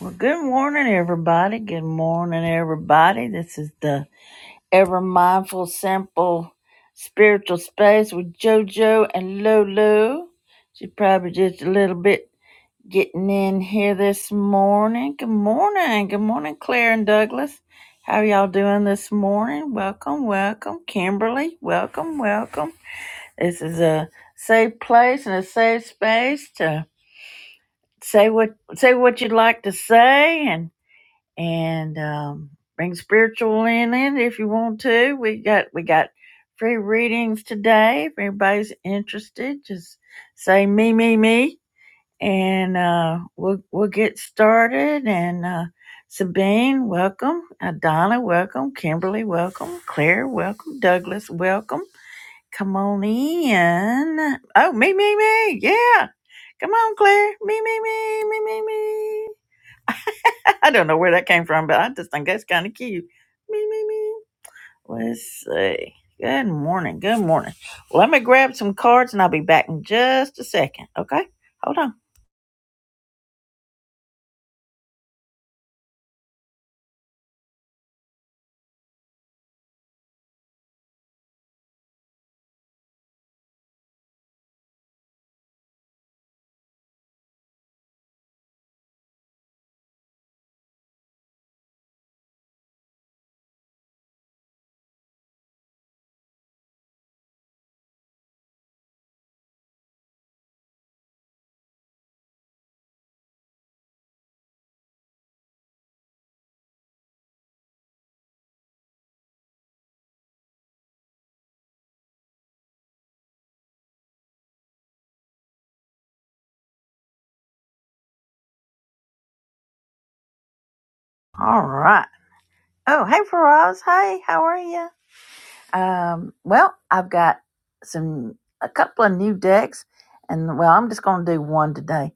Well, good morning, everybody. Good morning, everybody. This is the Ever Mindful Simple Spiritual Space with JoJo and Lulu. She's probably just a little bit getting in here this morning. Good morning. Good morning, Claire and Douglas. How are y'all doing this morning? Welcome, welcome. Kimberly, welcome, welcome. This is a safe place and a safe space to say what say what you'd like to say and and um, bring spiritual in it if you want to. We got we got free readings today. If anybody's interested, just say me me me, and uh, we'll we'll get started. And uh, Sabine, welcome. Adana, welcome. Kimberly, welcome. Claire, welcome. Douglas, welcome. Come on in. Oh, me me me. Yeah, come on, Claire. Me me me me me me. I don't know where that came from, but I just think that's kind of cute. Me, me, me. Let's see. Good morning. Good morning. Well, let me grab some cards and I'll be back in just a second. Okay? Hold on. All right. Oh, hey, Faraz. Hey, how are you? Um, well, I've got some, a couple of new decks and well, I'm just going to do one today.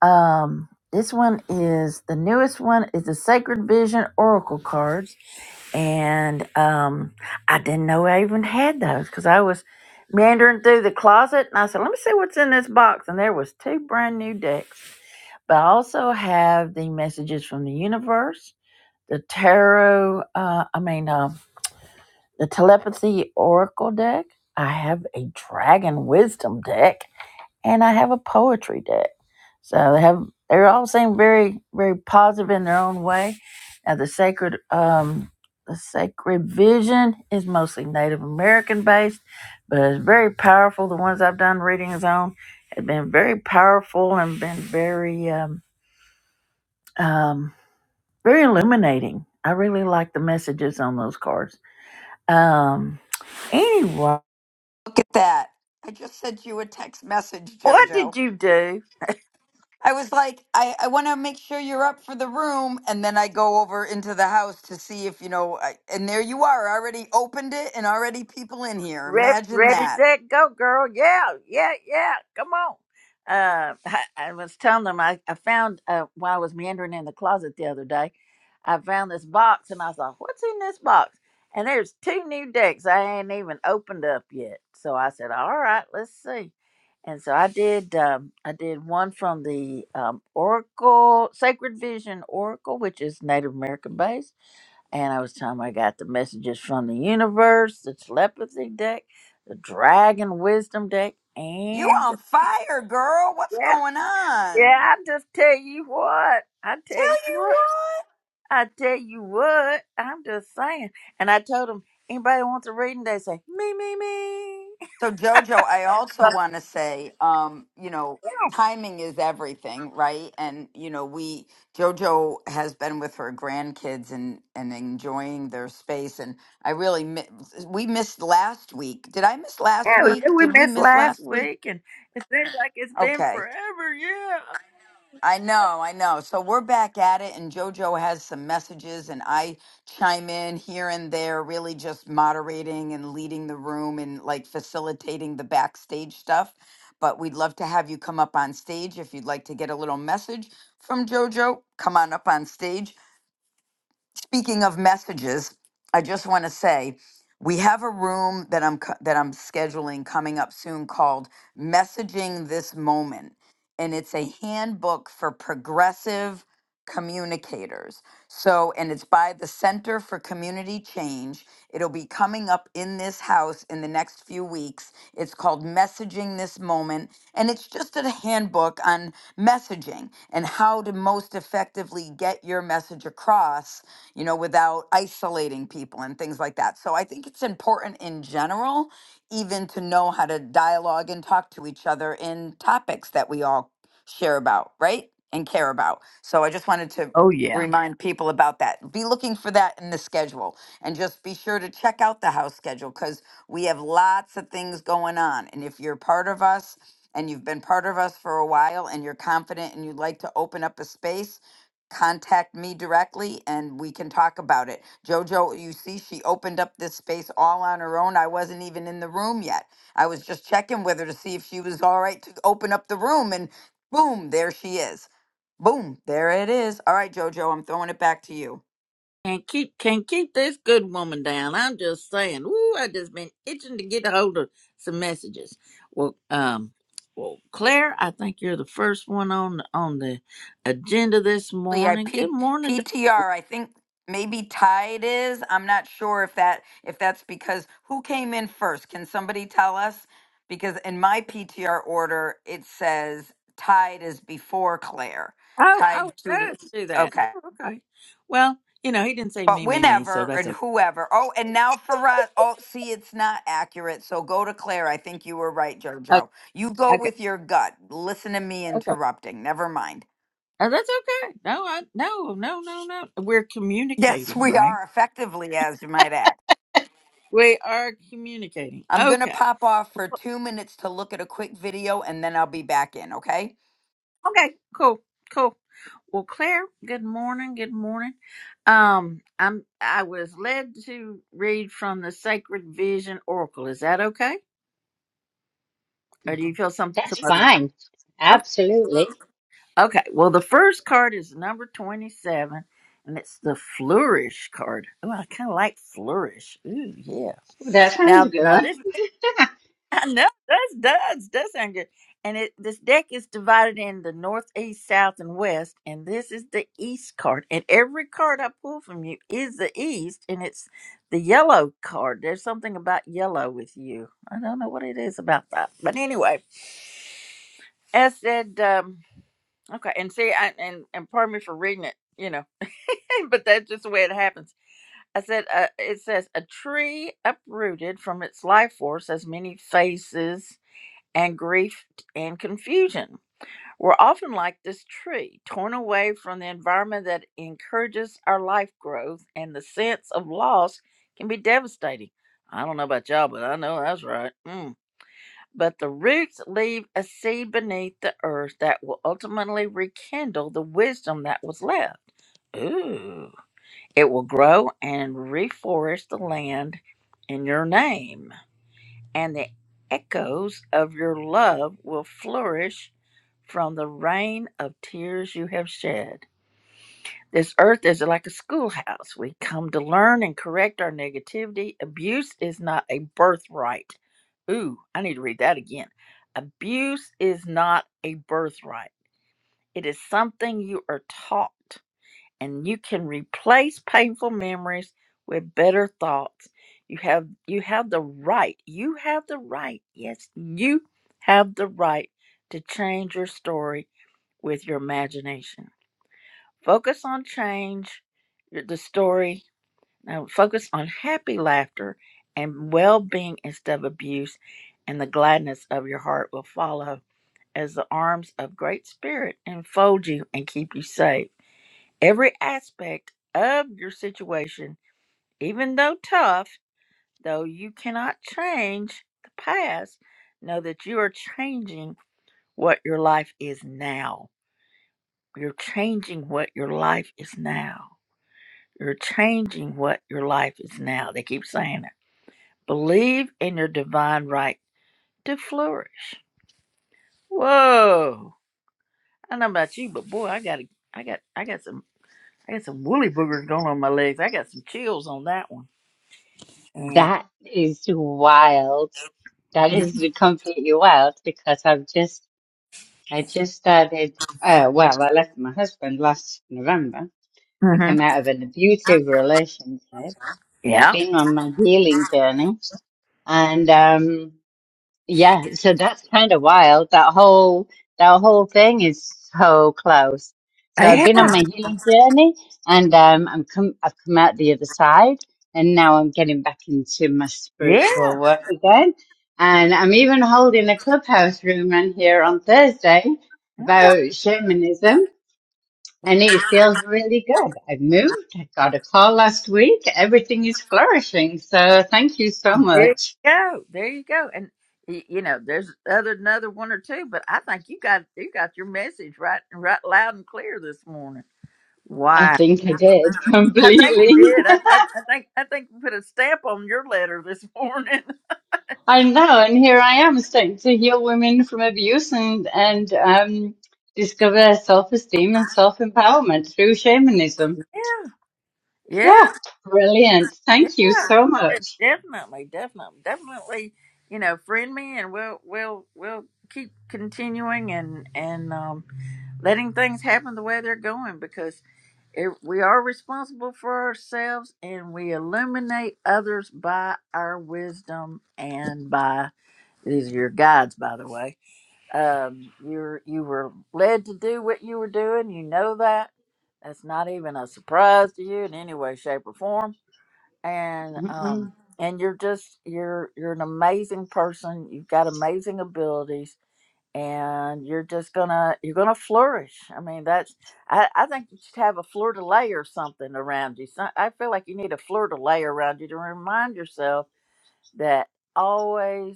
Um, this one is the newest one is the Sacred Vision Oracle cards and um, I didn't know I even had those because I was meandering through the closet, and I said, "Let me see what's in this box." And there was two brand new decks, but I also have the messages from the universe, the tarot. Uh, I mean, uh, the telepathy oracle deck. I have a dragon wisdom deck and I have a poetry deck. So they have they're all seem very very positive in their own way. Now the sacred um the sacred vision is mostly Native American based, but it's very powerful. The ones I've done readings on have been very powerful and been very um, um very illuminating. I really like the messages on those cards. Um anyway, Look at that. I just sent you a text message, what did Jojo. you do? I was like, I, I want to make sure you're up for the room. And then I go over into the house to see if, you know, I, and there you are. I already opened it and already people in here. Ready, Imagine ready, that. set, go, girl. Yeah, yeah, yeah. Come on. Uh, I, I was telling them I, I found uh, while I was meandering in the closet the other day, I found this box and I thought, what's in this box? And there's two new decks I ain't even opened up yet. So I said, all right, let's see. And so I did. Um, I did one from the um, Oracle Sacred Vision Oracle, which is Native American based and I was telling him I got the messages from the universe, the telepathy deck, the dragon wisdom deck, You and the- on fire, girl. What's yeah, going on? yeah. I just tell you what, I tell you Tell what, you I tell you what. I'm just saying. And I told him anybody wants a reading, they say me, me, me. So Jojo, I also want to say, um, you know, timing is everything, right? And you know, we Jojo has been with her grandkids and and enjoying their space. And I really mi- we missed last week. Did I miss last Hell yeah, week? we Did we missed miss last last week? week, and it seems like it's been Okay. forever. Yeah. I know, I know. So we're back at it, and JoJo has some messages, and I chime in here and there, really just moderating and leading the room and like facilitating the backstage stuff. But we'd love to have you come up on stage if you'd like to get a little message from JoJo. Come on up on stage. Speaking of messages, I just want to say we have a room that I'm co- that I'm scheduling coming up soon called Messaging This Moment, and it's a handbook for progressive communicators. So, and it's by the Center for Community Change. It'll be coming up in this house in the next few weeks. It's called Messaging This Moment, and it's just a handbook on messaging and how to most effectively get your message across you know, without isolating people and things like that. So I think it's important in general, even to know how to dialogue and talk to each other in topics that we all share about, right? And care about. So I just wanted to Oh yeah. remind people about that. Be looking for that in the schedule and just be sure to check out the house schedule because we have lots of things going on. And if you're part of us, and you've been part of us for a while and you're confident and you'd like to open up a space, contact me directly and we can talk about it. Jojo, you see, she opened up this space all on her own. I wasn't even in the room yet. I was just checking with her to see if she was all right to open up the room, and boom, there she is. Boom, there it is. All right, Jojo, I'm throwing it back to you. Can't keep can't keep this good woman down. I'm just saying. Ooh, I just been itching to get a hold of some messages. Well, um, well, Claire, I think you're the first one on on the agenda this Well, Yeah, morning. Good morning. to- PTR. I think maybe tied is. I'm not sure if that if that's because who came in first. Can somebody tell us? Because in my PTR order, it says tied is before Claire. Oh, oh, Tied Tudor. does do that. Okay. Oh, Okay. Well, you know, he didn't say But me, me, me, so whenever that's and okay. whoever. Oh, and now Faraz. Oh, see, it's not accurate. So go to Claire. I think you were right, Okay, JoJo. You go okay, with your gut. Listen to me okay. interrupting. Never mind. Oh, that's okay. No, I, no, no, no, no. We're Yes, communicating, we right? are effectively, as you might add. We are communicating. I'm going to Okay. pop off for two minutes to look at a quick video and then I'll be back in, okay? Okay, cool, cool. Well, Claire, good morning, good morning. Um, I'm I was led to read from the Sacred Vision Oracle. Is that okay? Or do you feel some some That's other? fine. Okay. Absolutely. Okay. Well, the first card is number 27 and it's the flourish card. Oh, I kind of like flourish. Ooh, yeah. That sounds Now, now good. this I know that's does does sound good. And it this deck is divided in the north, east, south, and west, and this is the east card. And every card I pull from you is the east, and it's the yellow card. There's something about yellow with you. I don't know what it is about that, but anyway, as said, um, okay. And see, I, and and pardon me for reading it, you know, but that's just the way it happens. I said, uh, it says a tree uprooted from its life force has many faces and grief and confusion. We're often like this tree, torn away from the environment that encourages our life growth, and the sense of loss can be devastating. I don't know about y'all, but I know that's right. Mm. But the roots leave a seed beneath the earth that will ultimately rekindle the wisdom that was left. Ooh. It will grow and reforest the land in your name and the echoes of your love will flourish from the rain of tears you have shed. This earth is like a schoolhouse. We come to learn and correct our negativity. Abuse is not a birthright. Ooh, I need to read that again. Abuse is not a birthright, it is something you are taught and you can replace painful memories with better thoughts. You have you have the right. You have the right. Yes, you have the right to change your story with your imagination. Focus on change, your- the story. Now focus on happy laughter and well-being instead of abuse, and the gladness of your heart will follow as the arms of great spirit enfold you and keep you safe every aspect of your situation, even though tough, though you cannot change the past, know that you are changing what your life is now. You're changing what your life is now. You're changing what your life is now. They keep saying it. Believe in your divine right to flourish. Whoa. I don't know about you, but boy, I got I got I got some I got some woolly boogers going on my legs. I got some chills on that one. And That is wild. That is completely wild because I've just I just started uh well, I left my husband last November. I hmm came out of an abusive relationship. I've Yeah. been on my healing journey and um Yeah, so that's kind of wild. That whole that whole thing is so close. So I've Yeah. been on my healing journey, and um, I'm come I've come out the other side, and now I'm getting back into my Yeah. spiritual work again. And I'm even holding a clubhouse room on here on Thursday about shamanism, and it feels really good. I've moved. I got a call last week. Everything is flourishing. So thank you so Okay. There you much. go. There you go. And y- you know, there's other another one or two, but I think you got you got your message right right loud and clear this morning. I Wow. think I did I think you completely. did. I, I, I think I think you put a stamp on your letter this morning. I know, and here I am starting to heal women from abuse and and um, discover self-esteem and self-empowerment through shamanism. Yeah. Yeah, Yeah. brilliant. Thank you so Yeah. De- much. Definitely, definitely, definitely, you know, friend me and we'll we'll we'll keep continuing and and um letting things happen the way they're going because it, we are responsible for ourselves and we illuminate others by our wisdom and by these are your guides by the way um you're you were led to do what you were doing you know that that's not even a surprise to you in any way shape or form and um Mm-mm. and you're just you're you're an amazing person you've got amazing abilities and you're just gonna you're gonna flourish i mean that's i, I think you should have a fleur-de-lis or something around you so i feel like you need a fleur-de-lis around you to remind yourself that always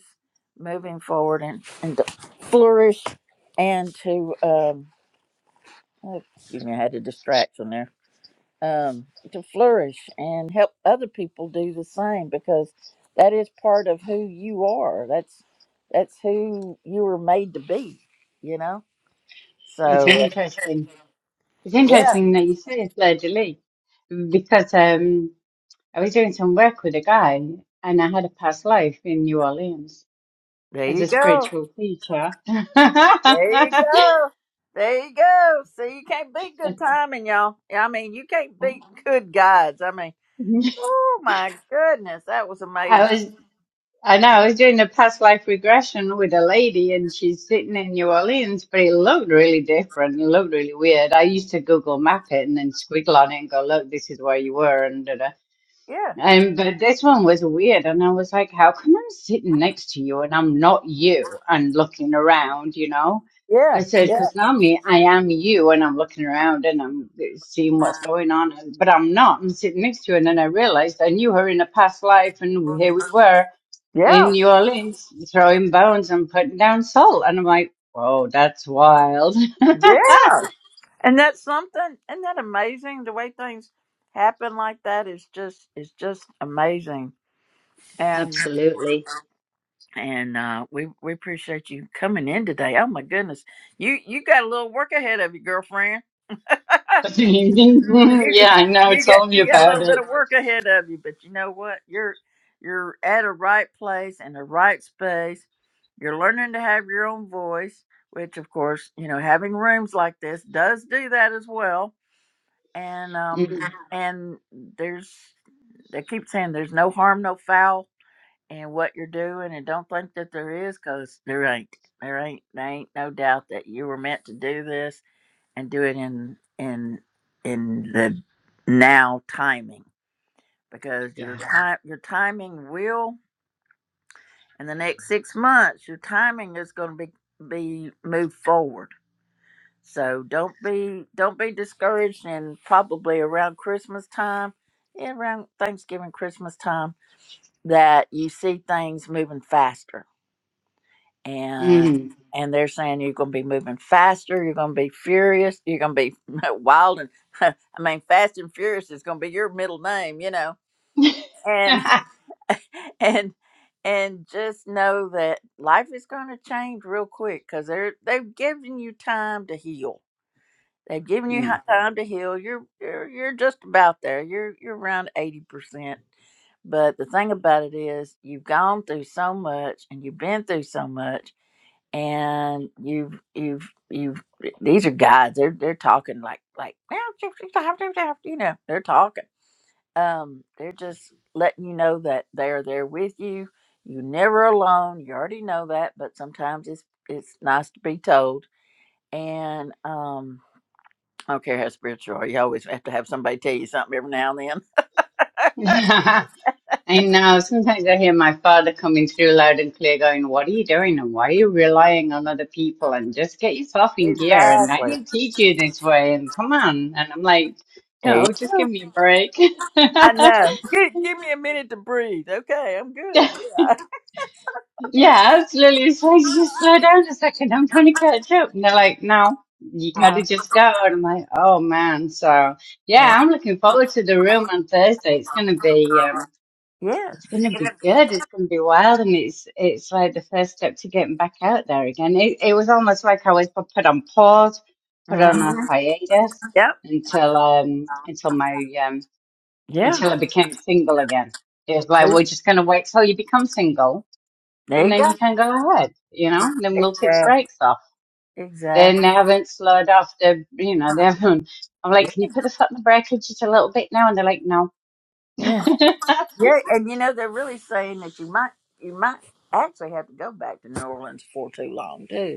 moving forward and, and to flourish and to um oh, excuse me i had a distraction there um to flourish and help other people do the same because that is part of who you are that's that's who you were made to be you know so It's uh, interesting. It's yeah, interesting that you say it's Fleur because um, I was doing some work with a guy and I had a past life in New Orleans there as you a go. spiritual teacher. There you go. There you go. So you can't beat good timing, y'all. I mean, you can't beat good guides. I mean, oh my goodness, that was amazing. I was, I know, I was doing a past life regression with a lady, and she's sitting in New Orleans, but it looked really different. It looked really weird. I used to Google map it and then squiggle on it and go, "Look, this is where you were," and da da. Yeah, And but this one was weird, and I was like, "How come I'm sitting next to you and I'm not you?" And looking around, you know. I yeah, said, yeah, because normally I am you and I'm looking around and I'm seeing what's going on, but I'm not. I'm sitting next to you. And then I realized I knew her in a past life and here we were in yeah, New Orleans throwing bones and putting down salt. And I'm like, whoa, that's wild. yeah. And that's something. Isn't that amazing? The way things happen like that is just is just amazing. And Absolutely. and uh, we we appreciate you coming in today. Oh my goodness, you you got a little work ahead of you, girlfriend. you yeah, I know. you got Tell me you got a about little bit it. of work ahead of you, but you know what? You're you're at a right place in the right space. You're learning to have your own voice, which of course, you know, having rooms like this does do that as well. And um Uh-huh. Mm, and there's they keep saying there's no harm, no foul in what you're doing, and don't think that there is, 'cause there ain't. There ain't there ain't no doubt that you were meant to do this and do it in in in the now timing because your yeah. time your timing will in the next six months your timing is going to be be moved forward so don't be don't be discouraged and probably around christmas time yeah, around thanksgiving christmas time that you see things moving faster and hmm and they're saying you're going to be moving faster you're going to be furious you're going to be wild and i mean fast and furious is going to be your middle name you know and and and just know that life is going to change real quick because they're they've given you time to heal they've given you Mm. hi- time to heal you're you're, you're just about there you're you're around 80% but the thing about it is, you've gone through so much and you've been through so much and you've you've you've these are guys they're they're talking like like you know they're talking um they're just letting you know that they're there with you you're never alone you already know that but sometimes it's it's nice to be told and um i don't care how spiritual you are you always have to have somebody tell you something every now and then I know. Sometimes I hear my father coming through loud and clear going, What are you doing? And why are you relying on other people? And just get yourself in gear. And I exactly didn't teach you this way. And come on. And I'm like, Hey, No, just give me a break. i know give, give me a minute to breathe okay i'm good Yeah, absolutely. So I just slow down a second. I'm trying to catch up. And they're like, no, you yeah got to just go. And I'm like, oh man. So yeah, I'm looking forward to the room on Thursday. It's going to be, um, yeah, it's going to be good. It's going to be wild. And it's, it's like the first step to getting back out there again. It, it was almost like I was pu- put on pause, put yeah. on a hmm hiatus until, um, until my, um, Yeah. until I became single again. It was like, There we're just going to wait till you become single there and you then go. you can go ahead, you know, then we'll take the Exactly. brakes off. Then Exactly. they haven't slowed off the, you know, they haven't, I'm like, can you put the foot on the brake just a little bit now? And they're like, no. Yeah. Yeah. And you know, they're really saying that you might, you might actually have to go back to New Orleans for too long, too.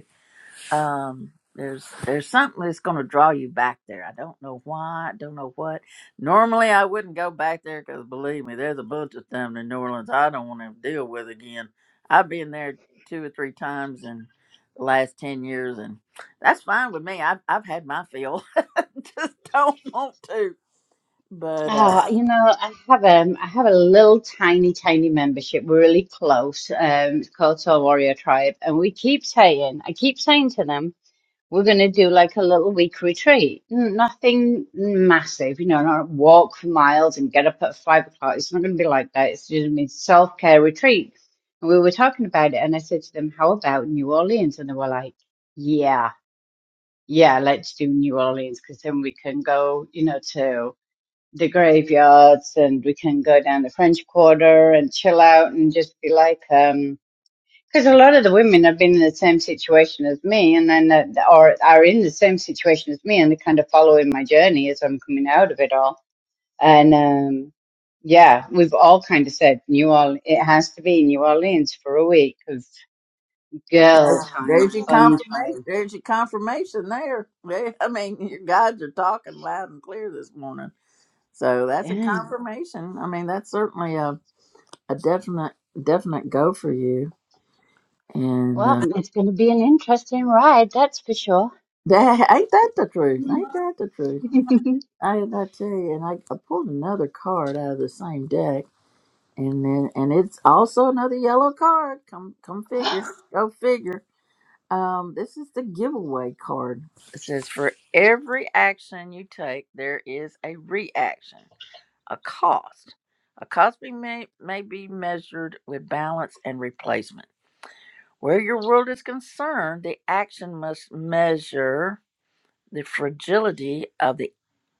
um there's there's something that's going to draw you back there i don't know why i don't know what normally i wouldn't go back there because believe me there's a bunch of them in new orleans i don't want to deal with again i've been there two or three times in the last 10 years and that's fine with me i've, I've had my fill just don't want to but Oh, uh you know, I have um, I have a little tiny, tiny membership. We're really close. Um, it's called Soul Warrior Tribe, and we keep saying, I keep saying to them. we're going to do like a little week retreat. N- Nothing massive, you know, not walk for miles and get up at five o'clock. It's not going to be like that. It's just going to be self care retreat. And we were talking about it, and I said to them, How about New Orleans? And they were like, Yeah, yeah, let's do New Orleans because then we can go, you know, to the graveyards and we can go down the French Quarter and chill out and just be like, um." Because a lot of the women have been in the same situation as me, and then uh, or are in the same situation as me, and they're kind of following my journey as I'm coming out of it all. And um, yeah, we've all kind of said New Orleans. It has to be New Orleans for a week of girl there's, time, there's your fun confirmation time. there's your confirmation there There- i mean your guides are talking loud and clear this morning So that's a Dang. confirmation. I mean, that's certainly a, a definite definite go for you. And Well, uh, it's going to be an interesting ride, that's for sure. that, ain't that the truth? Ain't that the truth? I, I tell you, and I, I pulled another card out of the same deck, and then and it's also another yellow card. Come come figure, go figure. Um, this is the giveaway card. It says for every action you take, there is a reaction. A cost. A cost be may, may be measured with balance and replacement. Where your world is concerned, the action must measure the fragility of the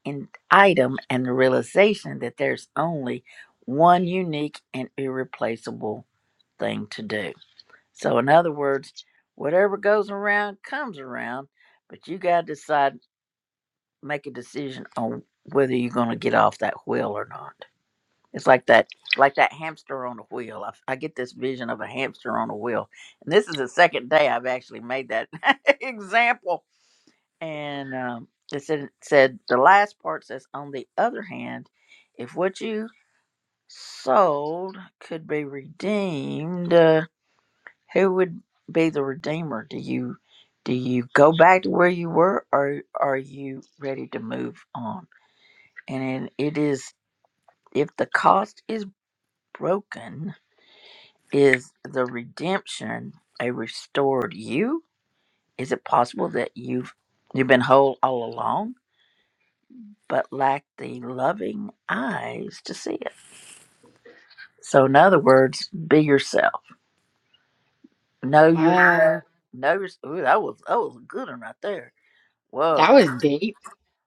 in- item and the realization that there's only one unique and irreplaceable thing to do. So, in other words, whatever goes around comes around, but you got to decide, make a decision on whether you're going to get off that wheel or not. It's like that, like that hamster on a wheel. I, I get this vision of a hamster on a wheel, and this is the second day I've actually made that example. And um, it said, it said the last part says, on the other hand, if what you sold could be redeemed, uh, who would be the redeemer? Do you do you go back to where you were, or are you ready to move on? And it it is if the cost is broken Is the redemption a restored you? Is it possible that you've you've been whole all along, but lack the loving eyes to see it? So, in other words, be yourself. Know yourself. wow, Know your. Ooh, that was that was a good one right there. that Whoa. was deep.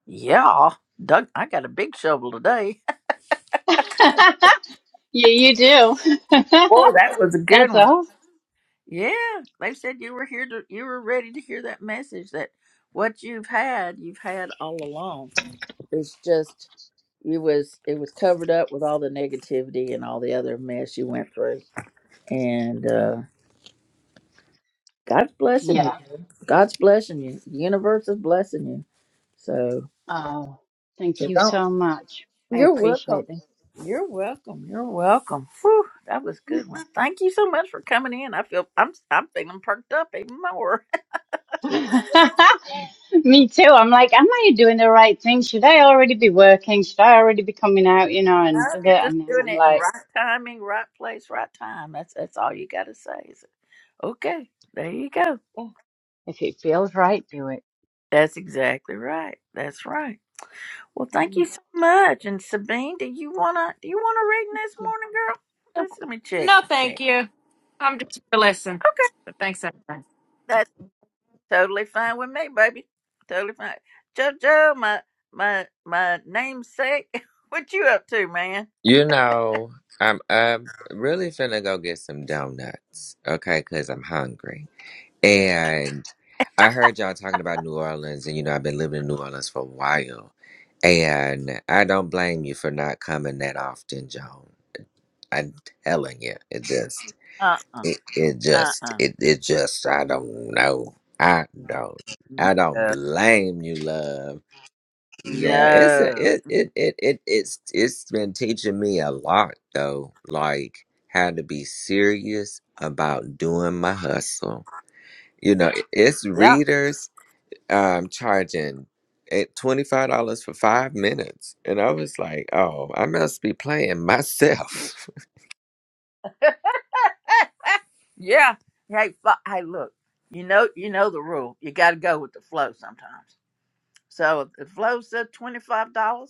Yeah, Doug, I got a big shovel today. yeah, you do. Boy, that was a good that's one. all. Yeah, they said you were here to, you were ready to hear that message that what you've had, you've had all along It's just it was it was covered up with all the negativity and all the other mess you went through. And uh God's blessing Yeah. you. God's blessing you. The universe is blessing you. So Oh, thank so you don't so much. I you're welcome. appreciate You're welcome. You're welcome. Whew, that was a that. good one. Thank you so much for coming in. I feel I'm I'm feeling perked up even more. Me too. I'm like, am I doing the right thing? Should I already be working? Should I already be coming out? You know, No, and da- you're da- just and then doing I'm it in like, right timing, right place, right time. That's that's all you got to say. Is okay, there you go. yeah, if it feels right, do That's exactly right. That's right. Well, thank you it. so much. And Sabine, do you wanna do you wanna read this morning, girl? Let's let me check No, the thank check. you. I'm just here to listen. Okay, But thanks anyway. that's totally fine with me, baby. Totally fine. JoJo, my my my namesake, what you up to, man? You know, I'm up, really finna go get some donuts, okay? Because I'm hungry. And I heard y'all talking about New Orleans, and you know, I've been living in New Orleans for a while. And I don't blame you for not coming that often, Joan. I'm telling you, it just, Uh uh it, it uh just, uh. it, it just, I don't know. I don't, No. I don't blame you, love. Yeah, it's a, no. it, it it it it's it's been teaching me a lot though, like how to be serious about doing my hustle. You know, it- it's Yeah. readers um charging at twenty five dollars for five minutes, and I was like, oh, I must be playing myself. yeah. Hey, fu- hey, look. You know, you know the rule. You got to go with the flow sometimes. So if the flow said twenty five dollars.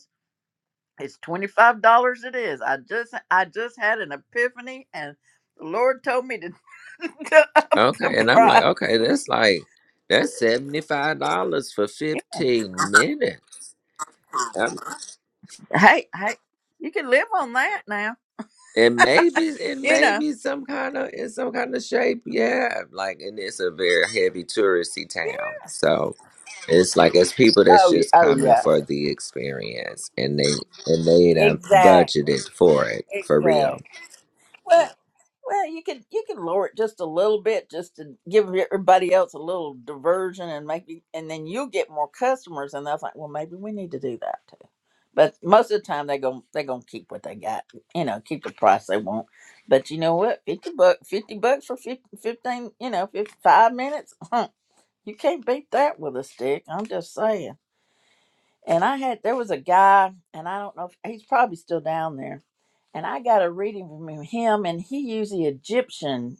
It's twenty five dollars. It is. I just I just had an epiphany, and the Lord told me to, to up the okay, and I'm like, price. okay, that's like that's seventy five dollars for fifteen minutes. Hey, hey, you can live on that now. And maybe and You know. maybe some kind of in some kind of shape, yeah. Like and it's a very heavy touristy town. So it's like it's people that's Oh yeah. just Oh coming yeah. for the experience and they and they done Exactly. budgeted for it for real. Exactly. Well, well, you can you can lower it just a little bit, just to give everybody else a little diversion, and maybe, and then you get more customers. And they're like, well, maybe we need to do that too. But most of the time, they are gonna they are gonna keep what they got. You know, keep the price they want. But you know what? Fifty buck, fifty bucks for 50, fifteen. You know, 55 minutes. Huh. You can't beat that with a stick. I'm just saying and I had there was a guy, and I don't know if he's probably still down there. And I got a reading from him, and he used the Egyptian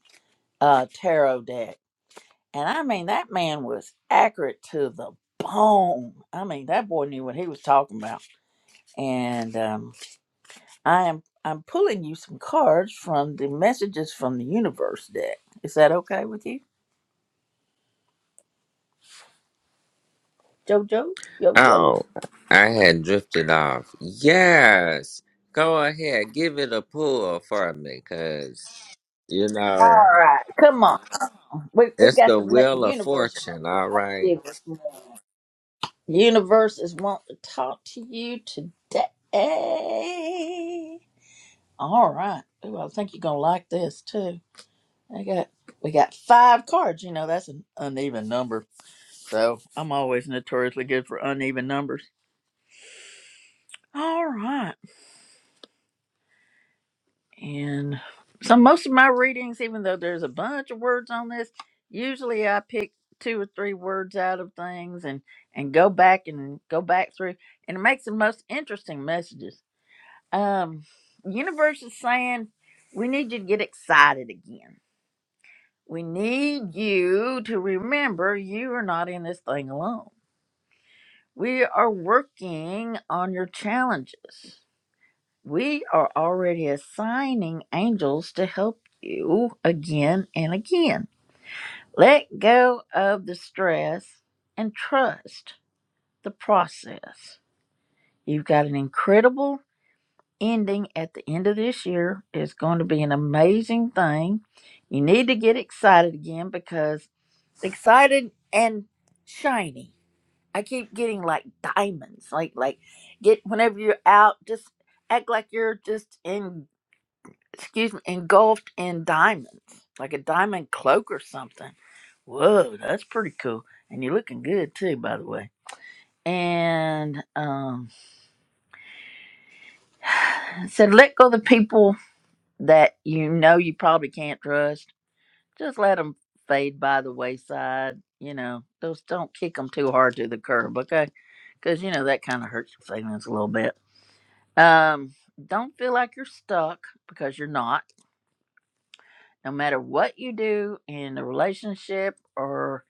uh, tarot deck, and I mean that man was accurate to the bone. I mean that boy knew what he was talking about. And um, I am I'm pulling you some cards from the messages from the universe deck. Is that okay with you, JoJo? Yo yo. Oh I had drifted off. Yes. Go ahead, give it a pull for me, cause you All know, right, come on. We we it's got the the, me- the wheel of universe. fortune, all right. Universe is want to talk to you today. All right. Ooh, I think you're gonna like this too. I got we got five cards. You know that's an uneven number, so I'm always notoriously good for uneven numbers. All right. And so most of my readings, even though there's a bunch of words on this, usually I pick two or three words out of things and and go back and go back through and it makes the most interesting messages Um, universe is saying we need you to get excited again. We need you to remember you are not in this thing alone. We are working on your challenges. We are already assigning angels to help you again and again. Let go of the stress and trust the process. You've got an incredible ending at the end of this year is going to be an amazing thing. You need to get excited again because excited and shiny. I keep getting like diamonds. Like like get whenever you're out, just act like you're just in excuse me, engulfed in diamonds. Like a diamond cloak or something. Whoa, that's pretty cool. And you're looking good too, by the way. And um said let go of the people that you know you probably can't trust, just let them fade by the wayside. You know, just don't kick them too hard to the curb, okay? Because you know that kind of hurts your feelings a little bit. Um, don't feel like you're stuck because you're not. No matter what you do in a relationship or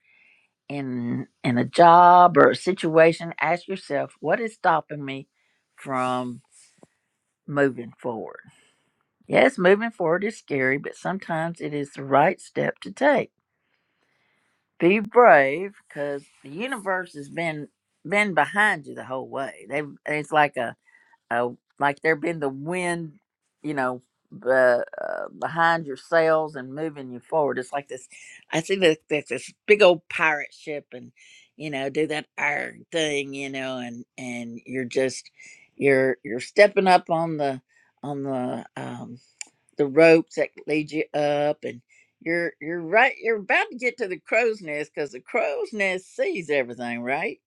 in in a job or a situation, ask yourself what is stopping me from moving forward. Yes, moving forward is scary, but sometimes it is the right step to take. Be brave, because the universe has been been behind you the whole way. They it's like a, a like there been the wind, you know, be, uh, behind your sails and moving you forward. It's like this. I see this this, this big old pirate ship, and you know, do that iron thing, you know, and and you're just you're you're stepping up on the on the um the ropes that lead you up and you're you're right you're about to get to the crow's nest because the crow's nest sees everything right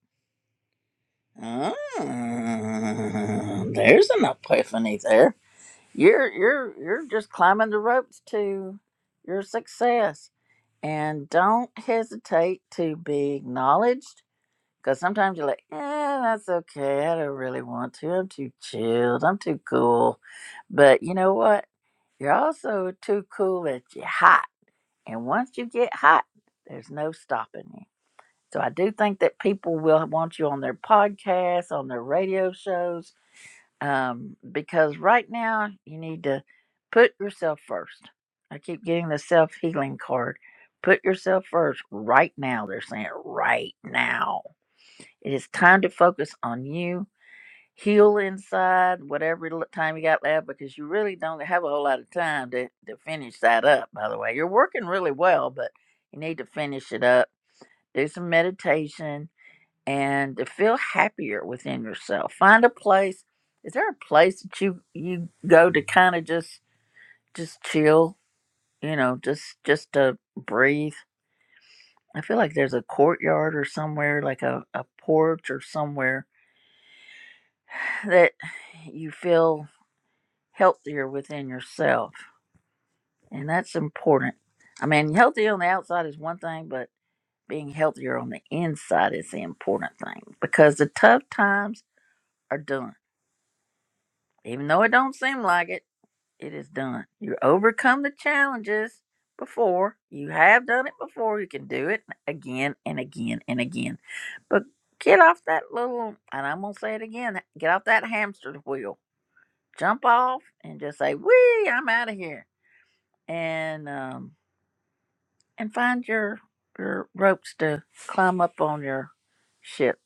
ah, there's an epiphany there you're you're you're just climbing the ropes to your success and don't hesitate to be acknowledged because sometimes you're like eh, that's okay i don't really want to i'm too chilled i'm too cool but you know what you're also too cool that you're hot and once you get hot, there's no stopping you. So I do think that people will want you on their podcasts, on their radio shows, um, because right now you need to put yourself first. I keep getting the self healing card. Put yourself first right now. They're saying right now. It is time to focus on you heal inside whatever l- time you got left because you really don't have a whole lot of time to, to finish that up by the way you're working really well but you need to finish it up do some meditation and to feel happier within yourself find a place is there a place that you you go to kind of just just chill you know just just to breathe i feel like there's a courtyard or somewhere like a, a porch or somewhere that you feel healthier within yourself. And that's important. I mean, healthy on the outside is one thing, but being healthier on the inside is the important thing because the tough times are done. Even though it don't seem like it, it is done. You overcome the challenges before. You have done it before. You can do it again and again and again. But get off that little, and I'm going to say it again, get off that hamster wheel. Jump off and just say, wee, I'm out of here. And, um, and find your your ropes to climb up on your ship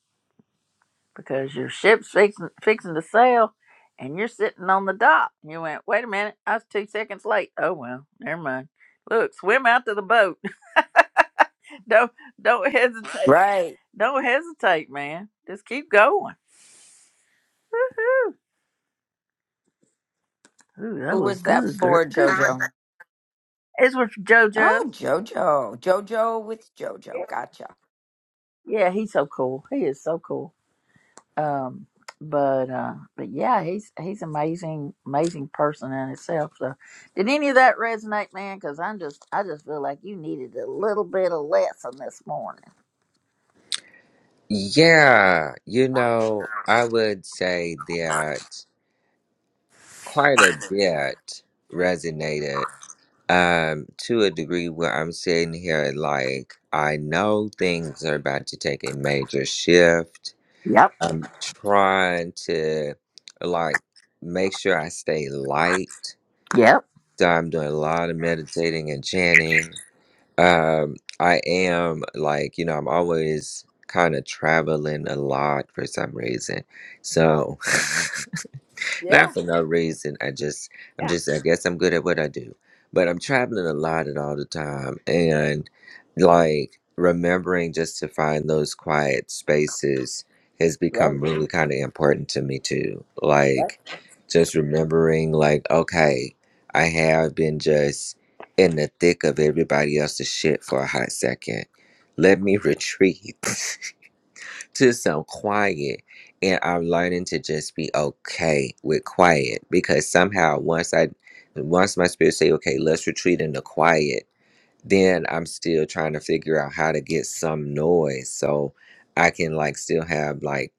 because your ship's fixing, fixing to sail and you're sitting on the dock. You went, wait a minute, I was two seconds late. Oh well, never mind. Look, swim out to the boat. Don't don't hesitate. Right. Don't hesitate, man. Just keep going. Ooh, that Who was was that good, girl. for, Good. one. JoJo? It's with JoJo. Oh, JoJo. JoJo with JoJo. Gotcha. Yeah, he's so cool. He is so cool. Um, but uh, but yeah, he's he's amazing, amazing person in itself. So, did any of that resonate, man? Because I'm just I just feel like you needed a little bit of lesson this morning. Yeah, you know, I would say that quite a bit resonated um to a degree where I'm sitting here like I know things are about to take a major shift. Yep. I'm trying to like make sure I stay light. Yep. So I'm doing a lot of meditating and chanting Um, I am like, you know, I'm always kind of traveling a lot for some reason. So Yeah. Not for no reason. I just, I'm Yeah. just, I guess I'm good at what I do. But I'm traveling a lot and all the time. And like remembering just to find those quiet spaces has Right. become really kind of important to me too. right. Like just remembering, like, okay, I have been just in the thick of everybody else's shit for a hot second. Let me retreat. to some quiet and I'm learning to just be okay with quiet because somehow once I once my spirit say okay let's retreat into quiet then I'm still trying to figure out how to get some noise so I can like still have like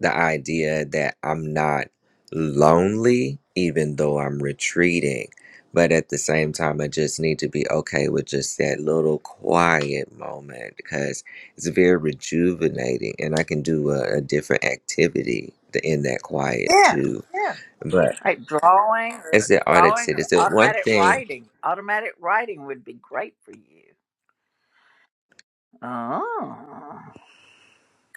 the idea that I'm not lonely even though I'm retreating. But at the same time, I just need to be okay with just that little quiet moment because it's very rejuvenating and I can do a, a different activity th- in that quiet Yeah. too. Yeah. But Like drawing as or the audit drawing said, or it's the one automatic thing writing. Automatic writing would be great for you. Oh.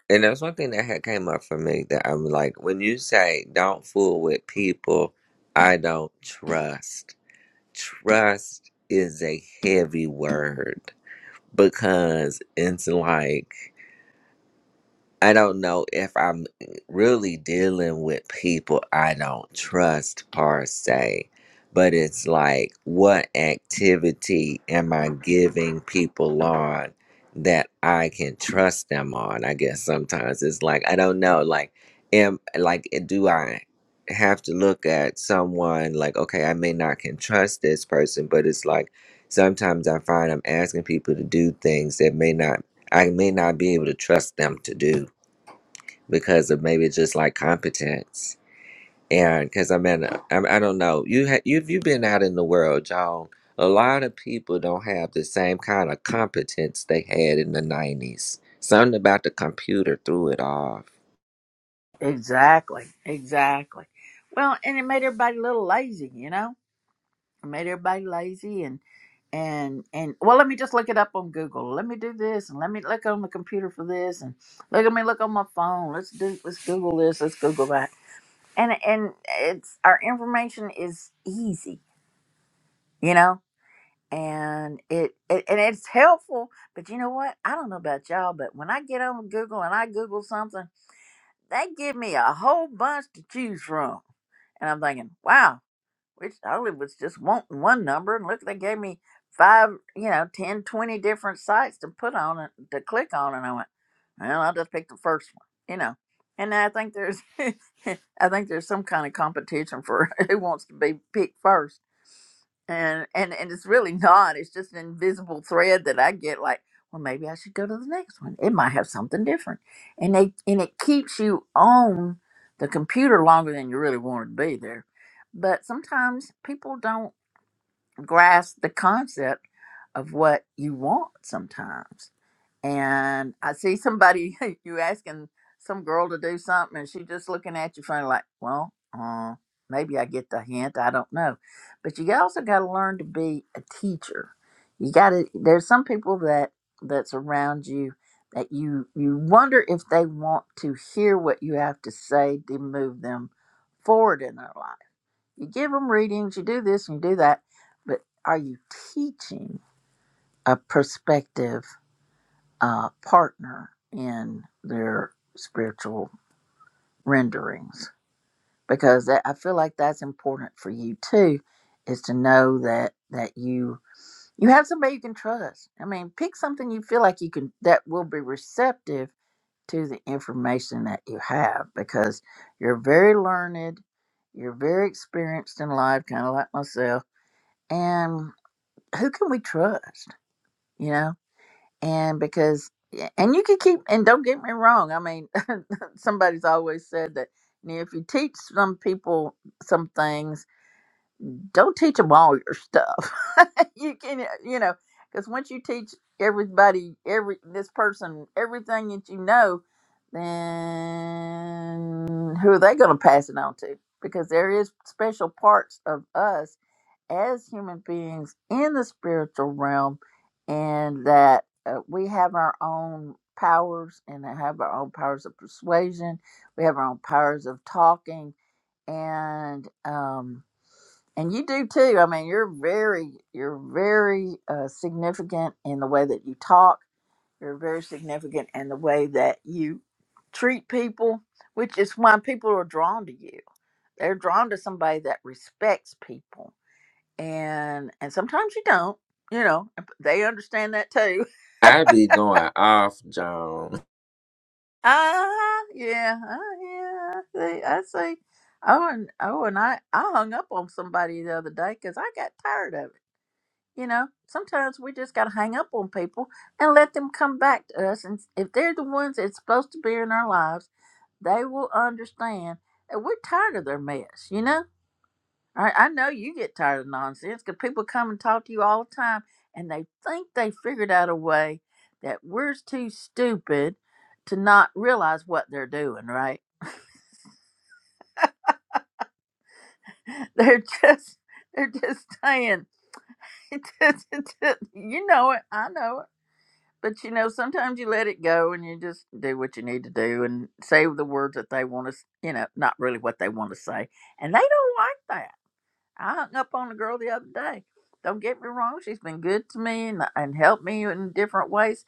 And there's one thing that had came up for me that I'm like, when you say don't fool with people, I don't trust. Trust is a heavy word because it's like I don't know if I'm really dealing with people I don't trust per se, but it's like, what activity am I giving people on that I can trust them on? I guess sometimes it's like, I don't know, like, am like, eh, do I have to look at someone like, okay, I may not can trust this person, but it's like, sometimes I find I'm asking people to do things that may not, I may not be able to trust them to do because of maybe just like competence. And because I'm in, a, I'm, I am in ai i do not know, you ha- you've you've been out in the world, Joan. A lot of people don't have the same kind of competence they had in the '90s. Something about the computer threw it off. Exactly. Exactly. Well, and it made everybody a little lazy, you know I made everybody lazy and and and well let me just look it up on google let me do this and let me look on the computer for this and look at me look on my phone let's do let's google this let's google that and and it's our information is easy you know and it, it and it's helpful but you know what i don't know about y'all but when i get on google and i google something they give me a whole bunch to choose from and i'm thinking wow which I was just wanting one number, and look, they gave me five, you know, 10, 20 different sites to put on and to click on, and I went, well, I'll just pick the first one, you know. And I think there's I think there's some kind of competition for who wants to be picked first. And and and it's really not. It's just an invisible thread that I get like, well maybe I should go to the next one. It might have something different. And they and it keeps you on the computer longer than you really wanted to be there. But sometimes people don't grasp the concept of what you want sometimes and I see somebody you asking some girl to do something, and she just looking at you funny, like, well, uh, maybe I get the hint. I don't know, but you also got to learn to be a teacher. You got to. There's some people that that's around you that you you wonder if they want to hear what you have to say to move them forward in their life. You give them readings, you do this and you do that, but are you teaching a perspective? uh, partner in their spiritual renderings because that, I feel like that's important for you too is to know that that you you have somebody you can trust. I mean, pick something you feel like you can that will be receptive to the information that you have because you're very learned, you're very experienced in life, kind of like myself, and who can we trust? You know, and because yeah, and you can keep and don't get me wrong i mean somebody's always said that you know, if you teach some people some things don't teach them all your stuff you can you know because once you teach everybody every this person everything that you know then who are they going to pass it on to because there is special parts of us as human beings in the spiritual realm and that uh, we have our own powers and have our own powers of persuasion we have our own powers of talking and um and you do too i mean you're very you're very uh, significant in the way that you talk you're very significant in the way that you treat people which is why people are drawn to you they're drawn to somebody that respects people and and sometimes you don't you know and p- they understand that too I be going off, Joan. ah yeah uh, yeah i see i see oh and oh and i i hung up on somebody the other day because i got tired of it you know sometimes we just gotta hang up on people and let them come back to us and s- if they're the ones that's supposed to be in our lives they will understand that we're tired of their mess you know I, I know you get tired of nonsense because people come and talk to you all the time and they think they figured out a way that we're too stupid to not realize what they're doing, right? They're just they're just saying it just- it just- you know it, I know it. But you know, sometimes you let it go and you just do what you need to do and say the words that they want to, you know, not really what they want to say. And they don't like that I hung up on a girl the other day. Don't get me wrong, she's been good to me and, and helped me in different ways.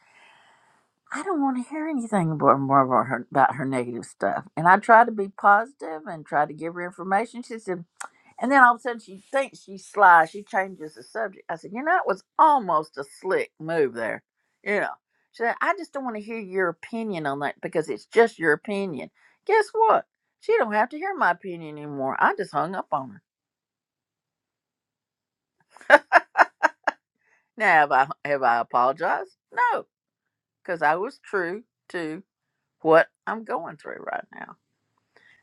I don't want to hear anything about, more about, her, about her negative stuff. And I try to be positive and try to give her information. She said, and then all of a sudden she thinks she's sly. She changes the subject. I said, you know, it was almost a slick move there. You know, she said, I just don't want to hear your opinion on that because it's just your opinion. Guess what? She don't have to hear my opinion anymore. I just hung up on her. Now, have I have I apologized? No, because I was true to what I'm going through right now.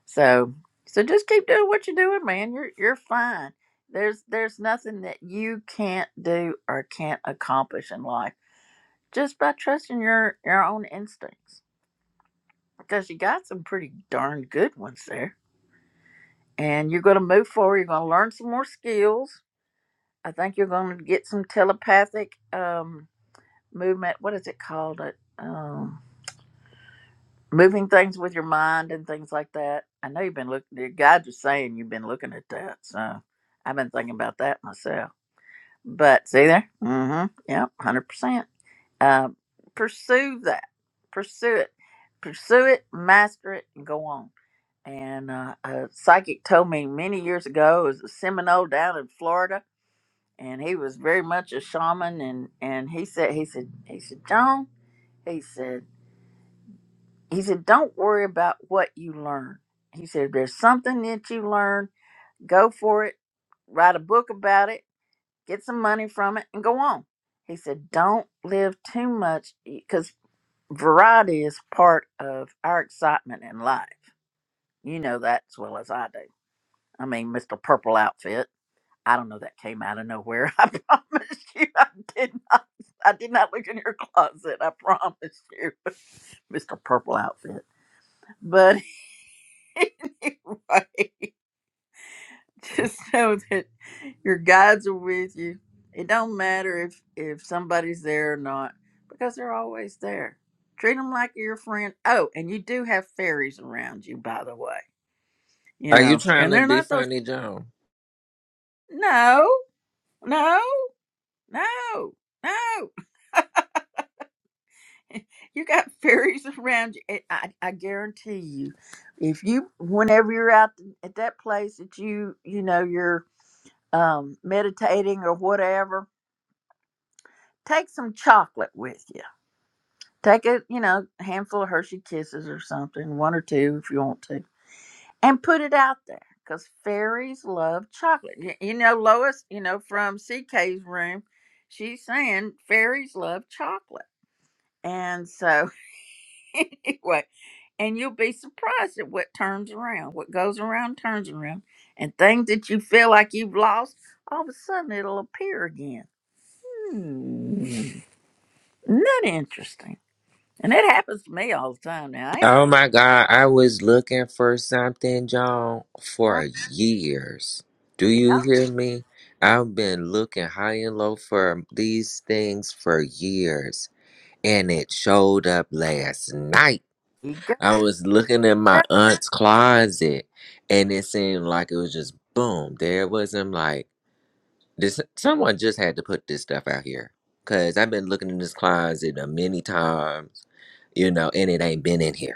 So, so just keep doing what you're doing, man. You're you're fine. There's there's nothing that you can't do or can't accomplish in life just by trusting your your own instincts. Because you got some pretty darn good ones there, and you're going to move forward. You're going to learn some more skills. I think you're going to get some telepathic um, movement. What is it called? It um, moving things with your mind and things like that. I know you've been looking. Your guide was saying you've been looking at that, so I've been thinking about that myself. But see there, mm-hmm, yep, one hundred percent. Um, pursue that, pursue it, pursue it, master it, and go on. And uh, a psychic told me many years ago it was a Seminole down in Florida, and he was very much a shaman. And and he said he said he said John. he said, He said, Don't worry about what you learn. He said, If there's something that you learn, go for it, write a book about it, get some money from it, and go on. He said, Don't live too much because variety is part of our excitement in life. You know that as well as I do. I mean, Mr. Purple Outfit. I don't know that came out of nowhere. I promise you, I did not. I did not look in your closet. I promise you, Mr. Purple Outfit. But." anyway, just know that your guides are with you. It don't matter if if somebody's there or not because they're always there. Treat them like your friend. Oh, and you do have fairies around you, by the way. You Are you know, trying and to they're be not those. funny, Joan? No, no, no, no. you got fairies around you. and I, I guarantee you, if you, whenever you're out at that place that you, you know, you're um meditating or whatever take some chocolate with you. Take a, you know, handful of Hershey Kisses or something, one or two if you want to, and put it out there because fairies love chocolate. You, you know, Lois, you know, from CK's room, she's saying fairies love chocolate. And so, anyway, and you'll be surprised at what turns around. What goes around turns around. And things that you feel like you've lost, all of a sudden it'll appear again. Hmm. Isn't that interesting? And it happens to me all the time now. I Oh my God, I was looking for something, John, ain't for years. Do you yeah. hear me? I've been looking high and low for these things for years, and it showed up last night. You go. I was looking in my aunt's closet, and it seemed like it was just boom. There it was. I'm like, this, someone just had to put this stuff out here. Because I've been looking in this closet uh, many times, you know, and it ain't been in here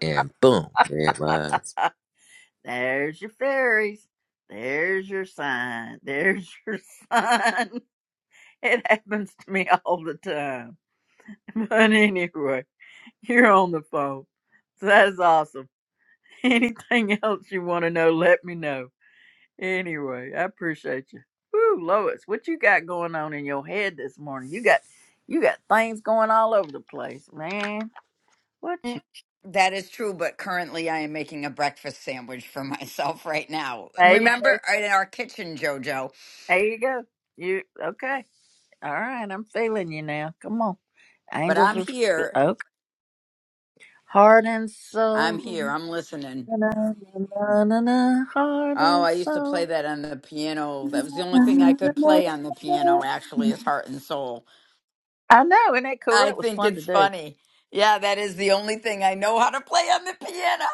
and boom, there it was. There's your fairies. There's your sign. There's your sign. It happens to me all the time. But anyway, you're on the phone. So that's awesome. Anything else you want to know, let me know. Anyway, I appreciate you. Woo, Lois, what you got going on in your head this morning? You got you got things going all over the place, man. What Mm, you That is true, but currently I am making a breakfast sandwich for myself right now. hey? Remember uh, in our kitchen, JoJo. There you go. You okay? All right, I'm feeling you now. Come on, But angels I'm are here. okay. Heart and I'm soul, here. I'm listening. na na na na, na. heart Oh, and I used to play soul. that on the piano. na, That was the only thing I na, na, could na, play on the piano, actually, na. is Heart and Soul. I know, isn't that cool? I That was think fun to it's do. funny. Yeah, that is the only thing I know how to play on the piano.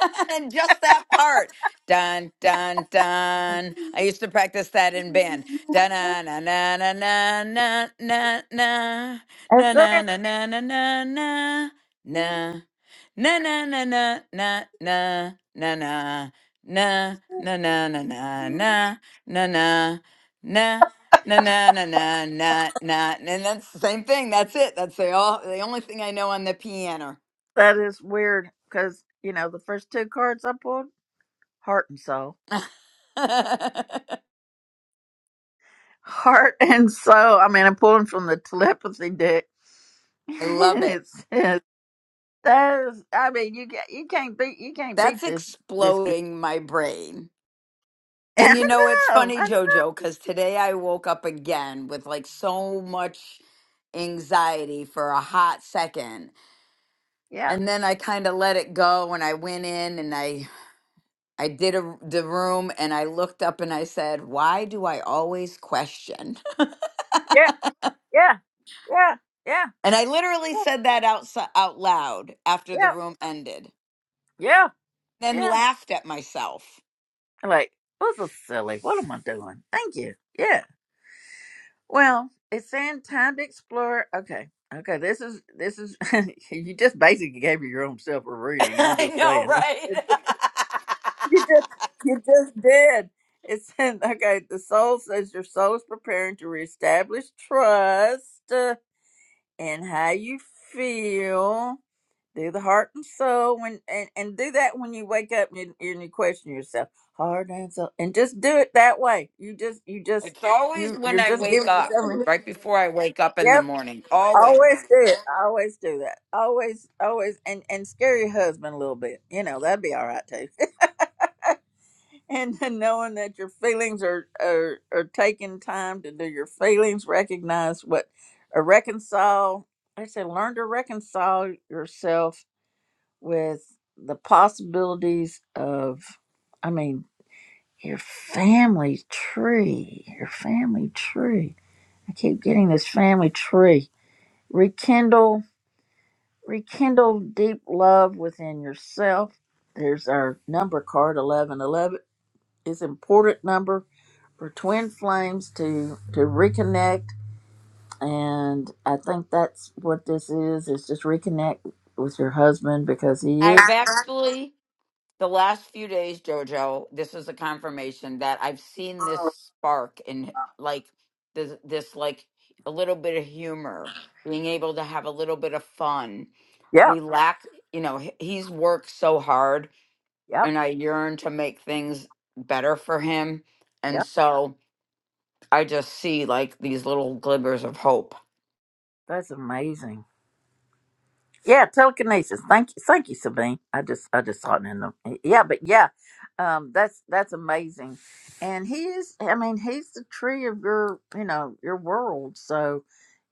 And just that part. Dun, dun, dun. I used to practice that in band. Dun, na, na, na, na, na, na, na, na, na, na, That's it. na, na, na, na, na, na. Na na na na na na na na na na na na na na na na na Na na na na na na, and that's the same thing. That's it. That's the all the only thing I know on the piano. That is weird because you know the first two cards I pulled, heart and soul, I heart and soul. I mean, I'm pulling from the telepathy deck. love it. it's There's, I mean, you can you can't beat you can't That's beat this this good. exploding my brain. I And you know, it's know, funny, I know. Jojo, because today I woke up again with like so much anxiety for a hot second, Yeah, and then I kind of let it go, and I went in and I I did a, the room, and I looked up and I said, "Why do I always question?" yeah, yeah, yeah, yeah, And I literally said that out, out loud after the yeah, room ended, yeah, then yeah. laughed at myself. Like, this is silly? What am I doing? Thank you. Yeah. Well, it's saying time to explore. Okay, okay. This is this is you just basically gave your own self a reading. I'm I just know, saying. right? you just you just did. It's said, okay, the soul says your soul is preparing to reestablish trust. uh, and how you feel through the heart and soul when and, and do that when you wake up and you, and you question yourself heart and soul and just do it that way you just you just it's always you you're when I just wake giving up, yourself right before I wake up in the yep morning. Always. always do it always do that always always and and scare your husband a little bit you know that'd be all right too and then knowing that your feelings are are, are taking time to do your feelings recognize what or reconcile like i said learn to reconcile yourself with the possibilities of, I mean, your family tree, your family tree. I keep getting this family tree. Rekindle, rekindle deep love within yourself. There's our number card, 1111. It's important number for twin flames to, to reconnect. And I think that's what this is, is just reconnect with your husband because he is. I've actually the last few days, Jojo, this is a confirmation that I've seen this spark in like this, this like a little bit of humor, being able to have a little bit of fun, Yeah, relax. You know, he- he's worked so hard, yep, and I yearn to make things better for him. yep. And so I just see like these little glimmers of hope. That's amazing. Yeah, telekinesis. Thank you, thank you, Sabine. I just, I just saw it in the. Yeah, but yeah, um, that's that's amazing. And he is. I mean, he's the tree of your, you know, your world. So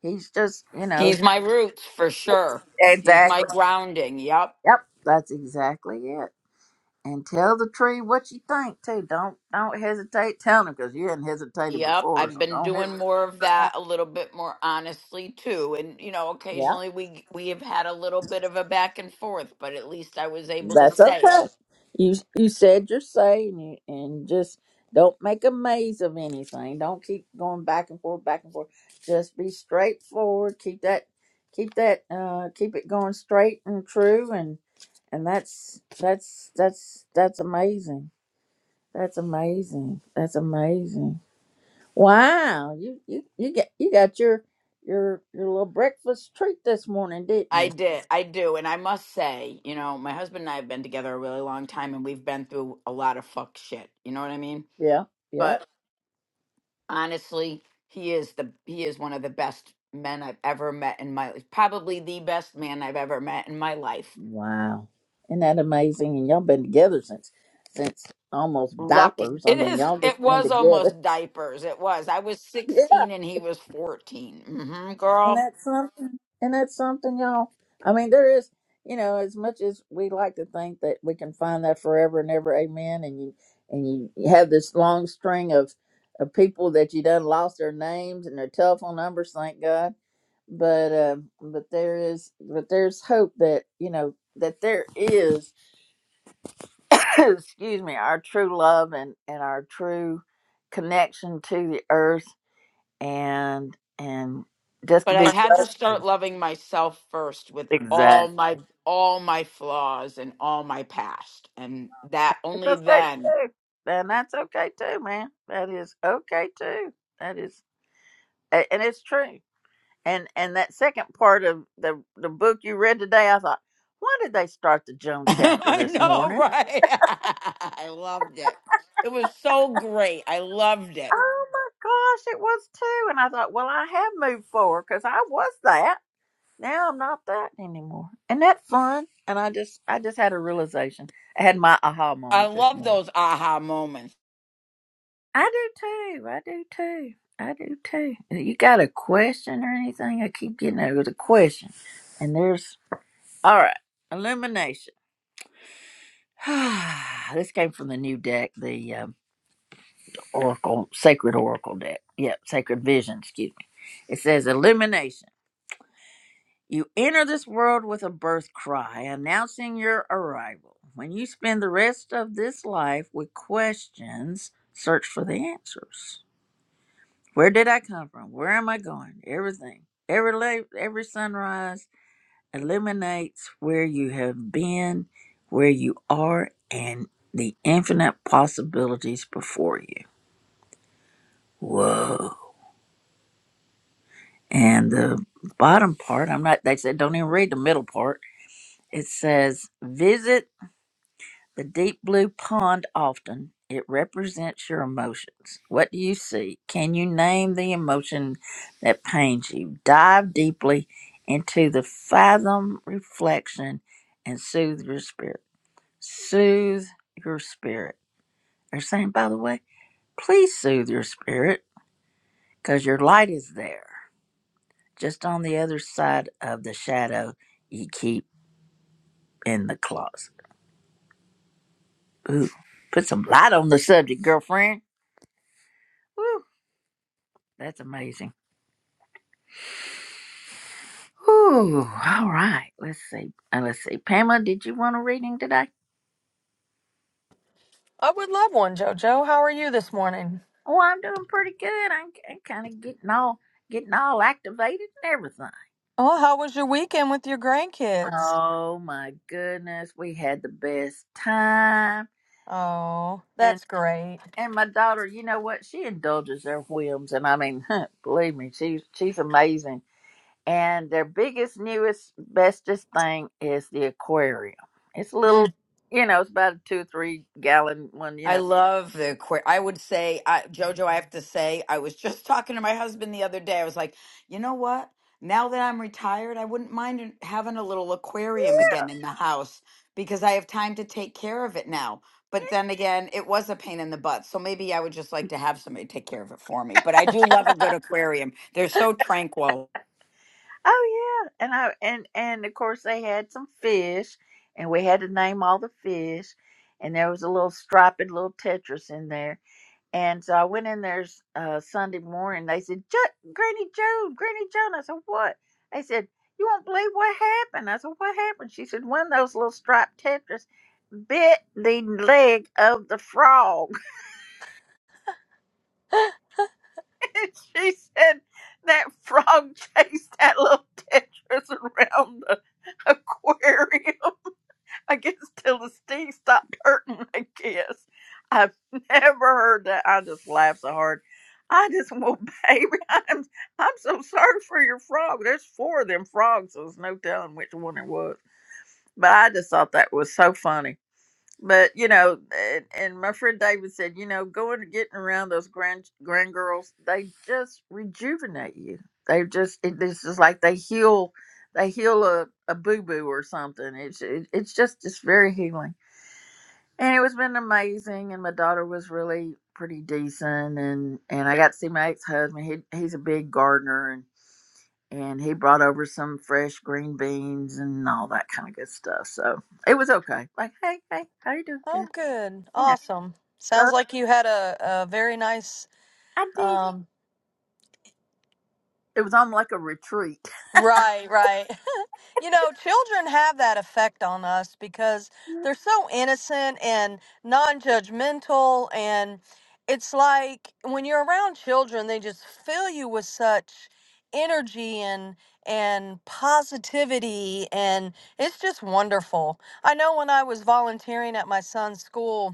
he's just, you know, He's my roots for sure. He's my exactly. grounding. Yep. Yep, that's exactly it. And tell the tree what you think too. Don't don't hesitate telling him because you hadn't hesitated Yep, before. I've So been don't doing hesitate. more of that a little bit more honestly too. And you know, occasionally we we have had a little bit of a back and forth, but at least I was able to That's say okay. it. You you said your say and, you, and just don't make a maze of anything. Don't keep going back and forth, back and forth. Just be straightforward. Keep that keep that uh keep it going straight and true and and that's that's that's that's amazing. That's amazing. That's amazing. Wow. You you you get you got your your your little breakfast treat this morning, didn't you? I did. I do. And I must say, you know, my husband and I have been together a really long time and we've been through a lot of fuck shit. You know what I mean? Yeah. yeah. But honestly, he is the he is one of the best men I've ever met in my life. Probably the best man I've ever met in my life Wow. Isn't that amazing? And y'all been together since since almost Lucky. diapers. I It mean, is y'all it just been was together. almost diapers. It was. I was Yeah. 16 and he was 14. hmm And girl. that's something and that's something y'all I mean, there is you know, as much as we like to think that we can find that forever and ever, amen, and you and you you have this long string of of people that you done lost their names and their telephone numbers, thank God. But um but there is but there's hope that, you know, that there is excuse me, our true love and, and our true connection to the earth and and just to But be I had to blessed. start loving myself first with all Exactly. my all my flaws and all my past. And that It's only okay then. too. And that's okay too, man. That is okay too. That is a- and it's true. And and that second part of the the book you read today, I thought, why did they start the Joan chapter I this know, morning? right? I loved it. It was so great. I loved it. Oh my gosh, it was too. And I thought, well, I have moved forward because I was that. Now I'm not that anymore. Isn't that fun? And I just I just had a realization. I had my aha I moment this love morning. those aha moments. I do too. I do too. I do too. You got a question or anything? I keep getting it with a question. And there's all right. Illumination. this came from the new deck, the um, Oracle Sacred Oracle deck. Yep, Sacred Vision. Excuse me. It says illumination. You enter this world with a birth cry announcing your arrival. When you spend the rest of this life with questions, search for the answers. Where did I come from? Where am I going? Everything. Every la- every sunrise illuminates where you have been, where you are, and the infinite possibilities before you. Whoa. And the bottom part, I'm not, they said don't even read the middle part. It says, visit The deep blue pond often. It represents your emotions. What do you see? Can you name the emotion that pains you? Dive deeply into the fathom reflection and soothe your spirit. Soothe your spirit. They're saying, by the way, please soothe your spirit because your light is there, just on the other side of the shadow you keep in the closet. Ooh, put some light on the subject, girlfriend. Woo, that's amazing. Ooh, all right. Let's see. Uh, let's see. Pamela, did you want a reading today? I would love one, Jojo. How are you this morning? Oh, I'm doing pretty good. I'm, I'm kind of getting all getting all activated and everything. Oh, how was your weekend with your grandkids? Oh my goodness, we had the best time. Oh, And that's great. and my daughter, you know what? She indulges their whims, and I mean, believe me, she's she's amazing. And their biggest, newest, bestest thing is the aquarium. It's a little, Mm. you know, it's about a two, three gallon one, you I know. love the queer. I would say, I, Jojo, I have to say, I was just talking to my husband the other day. I was like, you know what? Now that I'm retired, I wouldn't mind an- having a little aquarium again in the house because I have time to take care of it now. But then again, it was a pain in the butt. So maybe I would just like to have somebody take care of it for me. But I do love a good aquarium, they're so tranquil. Oh yeah, and I and and of course they had some fish, and we had to name all the fish, and there was a little striped little Tetris in there, and so I went in there s- uh, Sunday morning. They said, "Jo- "Granny Joan, Granny Joan." I said, "What?" They said, "You won't believe what happened." I said, "What happened?" She said, "One of those little striped Tetris bit the leg of the frog." she said that frog chased that little tetras around the aquarium. I guess till the sting stopped hurting, I guess. I've never heard that. I just laughed so hard. I just, well, baby, I'm, I'm so sorry for your frog. There's four of them frogs, so there's no telling which one it was. But I just thought that was so funny. But you know, and, and my friend David said, you know, going and getting around those grand grand girls, they just rejuvenate you. They just it, it's just like they heal, they heal a, a boo boo or something. It's it, it's just it's very healing, and it was been amazing. And my daughter was really pretty decent, and and I got to see my ex husband. He he's a big gardener, and and he brought over some fresh green beans and all that kind of good stuff. So it was okay. Like hey hey, how you doing? oh, Good. good. you know. Awesome. So Sounds like you had a, a very nice I did. um It was on like a retreat. right, right. You know, children have that effect on us because they're so innocent and non judgmental. And it's like when you're around children, they just fill you with such energy and and positivity and it's just wonderful. I know when I was volunteering at my son's school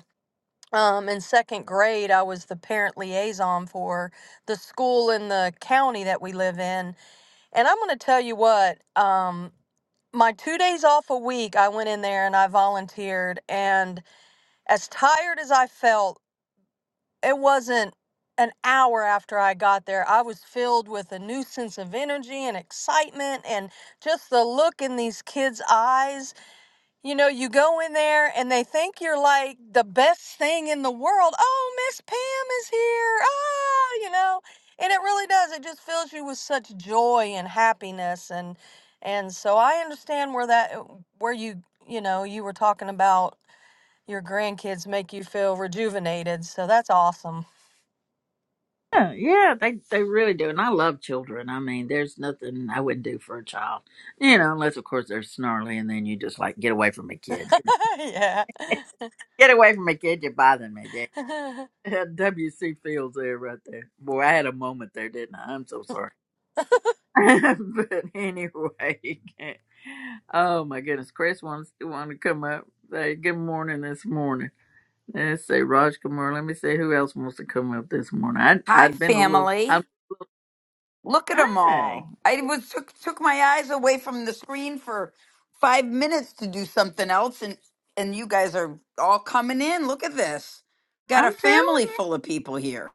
um, in second grade, I was the parent liaison for the school in the county that we live in and I'm going to tell you what, um, my two days off a week, I went in there and I volunteered. And as tired as I felt, it wasn't an hour after I got there. I was filled with a new sense of energy and excitement and just the look in these kids' eyes you know, you go in there and they think you're like the best thing in the world. Oh, Miss Pam is here. Oh, you know. And it really does. It just fills you with such joy and happiness and and so I understand where that uh, where you, you know, you were talking about your grandkids make you feel rejuvenated. So that's awesome. Yeah, yeah, they they really do, and I love children. I mean, there's nothing I wouldn't do for a child, you know, unless of course they're snarly, and then you just like get away from me, kid, yeah. get away from me, kid, you're bothering me. There, W. C. Fields there, right there. Boy, I had a moment there, didn't I? I'm so sorry. but anyway, oh my goodness, Chris wants want to come up. Say good morning this morning. Let's see, Raj Kumar. Let me see who else wants to come up this morning. I Hi, I'd been a little. I, family. Look at them hey, all. I was took took my eyes away from the screen for five minutes to do something else, and and you guys are all coming in. Look at this. Got I'm a family telling you, full of people here.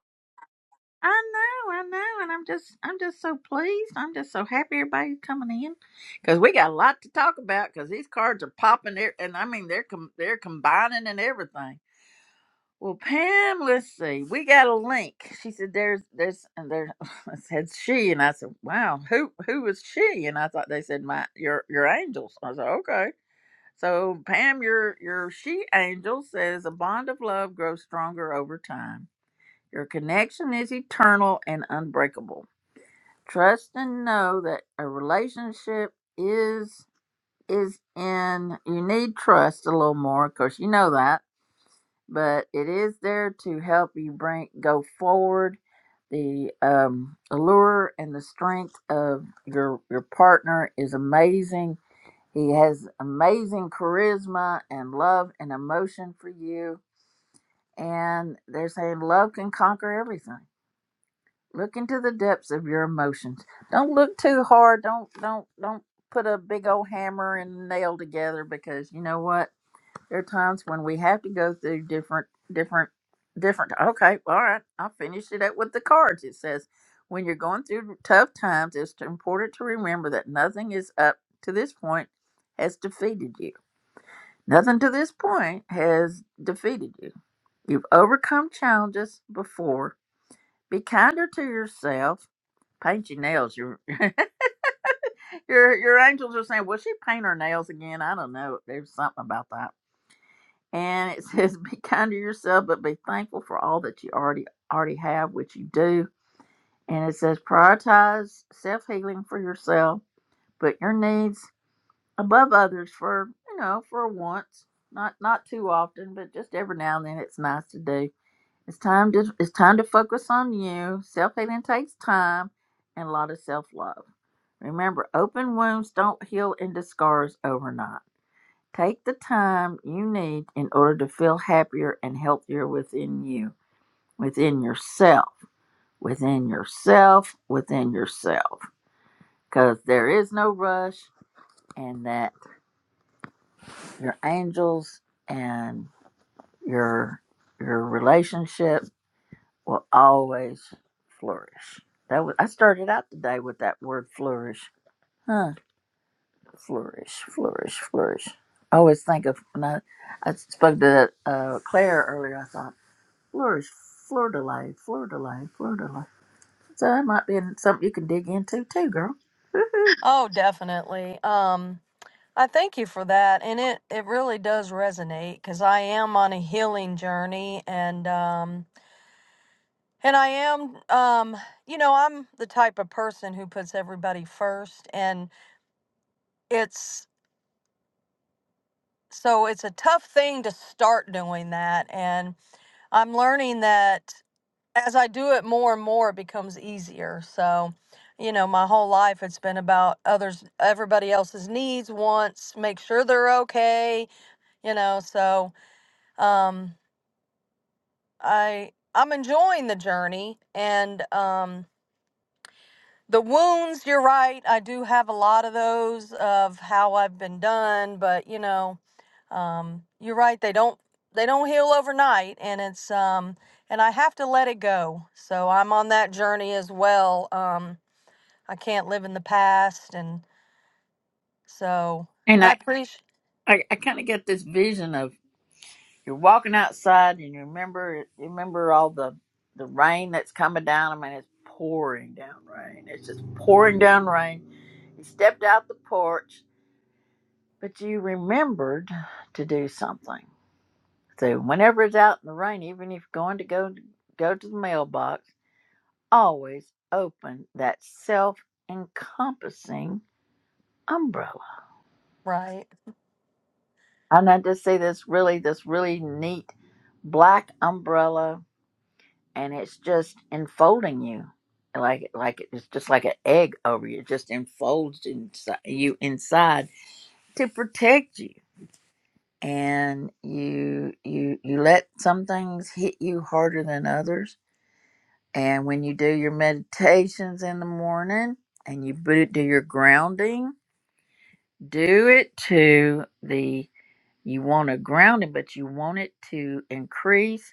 I know, I know, and I'm just I'm just so pleased. I'm just so happy everybody's coming in because we got a lot to talk about because these cards are popping there, and I mean they're com- they're combining and everything. Well, Pam, let's see. We got a link. She said, "There's, there's, and there." I said, "She," and I said, "Wow, who, who was she?" And I thought they said, "My, your, your angels." I said, "Okay." So Pam, your your she angel says a bond of love grows stronger over time. Your connection is eternal and unbreakable. Trust and know that a relationship is is in you need trust a little more, of course you know that, but it is there to help you bring go forward. The um, allure and the strength of your your partner is amazing he has amazing charisma and love and emotion for you. And they're saying love can conquer everything. Look into the depths of your emotions. Don't look too hard. Don't don't don't put a big old hammer and nail together because you know what? There are times when we have to go through different different different okay, all right. I finished it up with the cards. It says when you're going through tough times, it's important to remember that nothing is up to this point has defeated you. Nothing to this point has defeated you. You've overcome challenges before. Be kinder to yourself. Paint your nails. Your your your angels are saying, "Will she paint her nails again?" I don't know. There's something about that. And it says, "Be kind to yourself, but be thankful for all that you already already have, which you do." And it says, "Prioritize self healing for yourself. Put your needs above others for you know for once not not too often but just every now and then it's nice to do it's time to it's time to focus on you self-healing takes time and a lot of self-love remember open wounds don't heal into scars overnight take the time you need in order to feel happier and healthier within you within yourself within yourself within yourself because there is no rush and that your angels and your your relationship will always flourish. That was, I started out today with that word flourish. Huh? Flourish, flourish, flourish. I always think of when I, I spoke to uh, Claire earlier. I thought flourish, fleur de lis, fleur de lis, fleur de lis. So that might be something you can dig into too, girl. oh, definitely. Um I thank you for that, and it it really does resonate because I am on a healing journey, and um and I am um you know I'm the type of person who puts everybody first, and it's so it's a tough thing to start doing that, and I'm learning that as I do it more and more, it becomes easier. So. You know, my whole life it's been about others, everybody else's needs, wants, make sure they're okay, you know, so, um I I'm enjoying the journey and um the wounds, you're right. I do have a lot of those of how I've been done, but you know, um you're right, they don't they don't heal overnight and it's um and I have to let it go. So I'm on that journey as well. Um I can't live in the past and so And I I appreciate I, I kind of get this vision of you're walking outside and you remember remember all the the rain that's coming down. I mean, it's pouring down rain. It's just pouring down rain. You stepped out the porch, but you remembered to do something. So whenever it's out in the rain, even if you're going to go go to the mailbox, always open that self-encompassing umbrella. right. And I just see this really this really neat black umbrella and it's just enfolding you like like it's just like an egg over you it just enfolds inside you inside to protect you and you you you let some things hit you harder than others and when you do your meditations in the morning and you bo- do your grounding do it to the you want to ground it but you want it to increase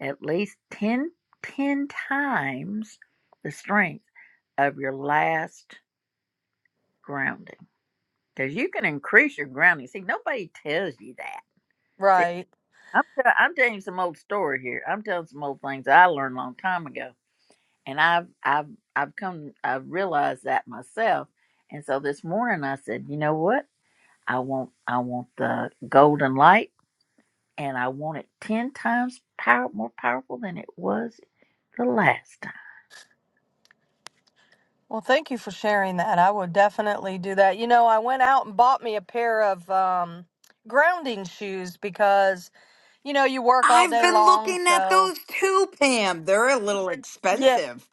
at least 10, 10 times the strength of your last grounding because you can increase your grounding. See, nobody tells you that. See, Right. I'm, tell- I'm telling you some old story here. I'm telling some old things I learned a long time ago, and I've I've I've come I've realized that myself. And so this morning I said, you know what? I want I want the golden light, and I want it ten times power more powerful than it was the last time. Well, thank you for sharing that. I would definitely do that. You know, I went out and bought me a pair of um, grounding shoes because, you know, you work all I've day been long. looking at So, those too, Pam. They're a little yeah, expensive.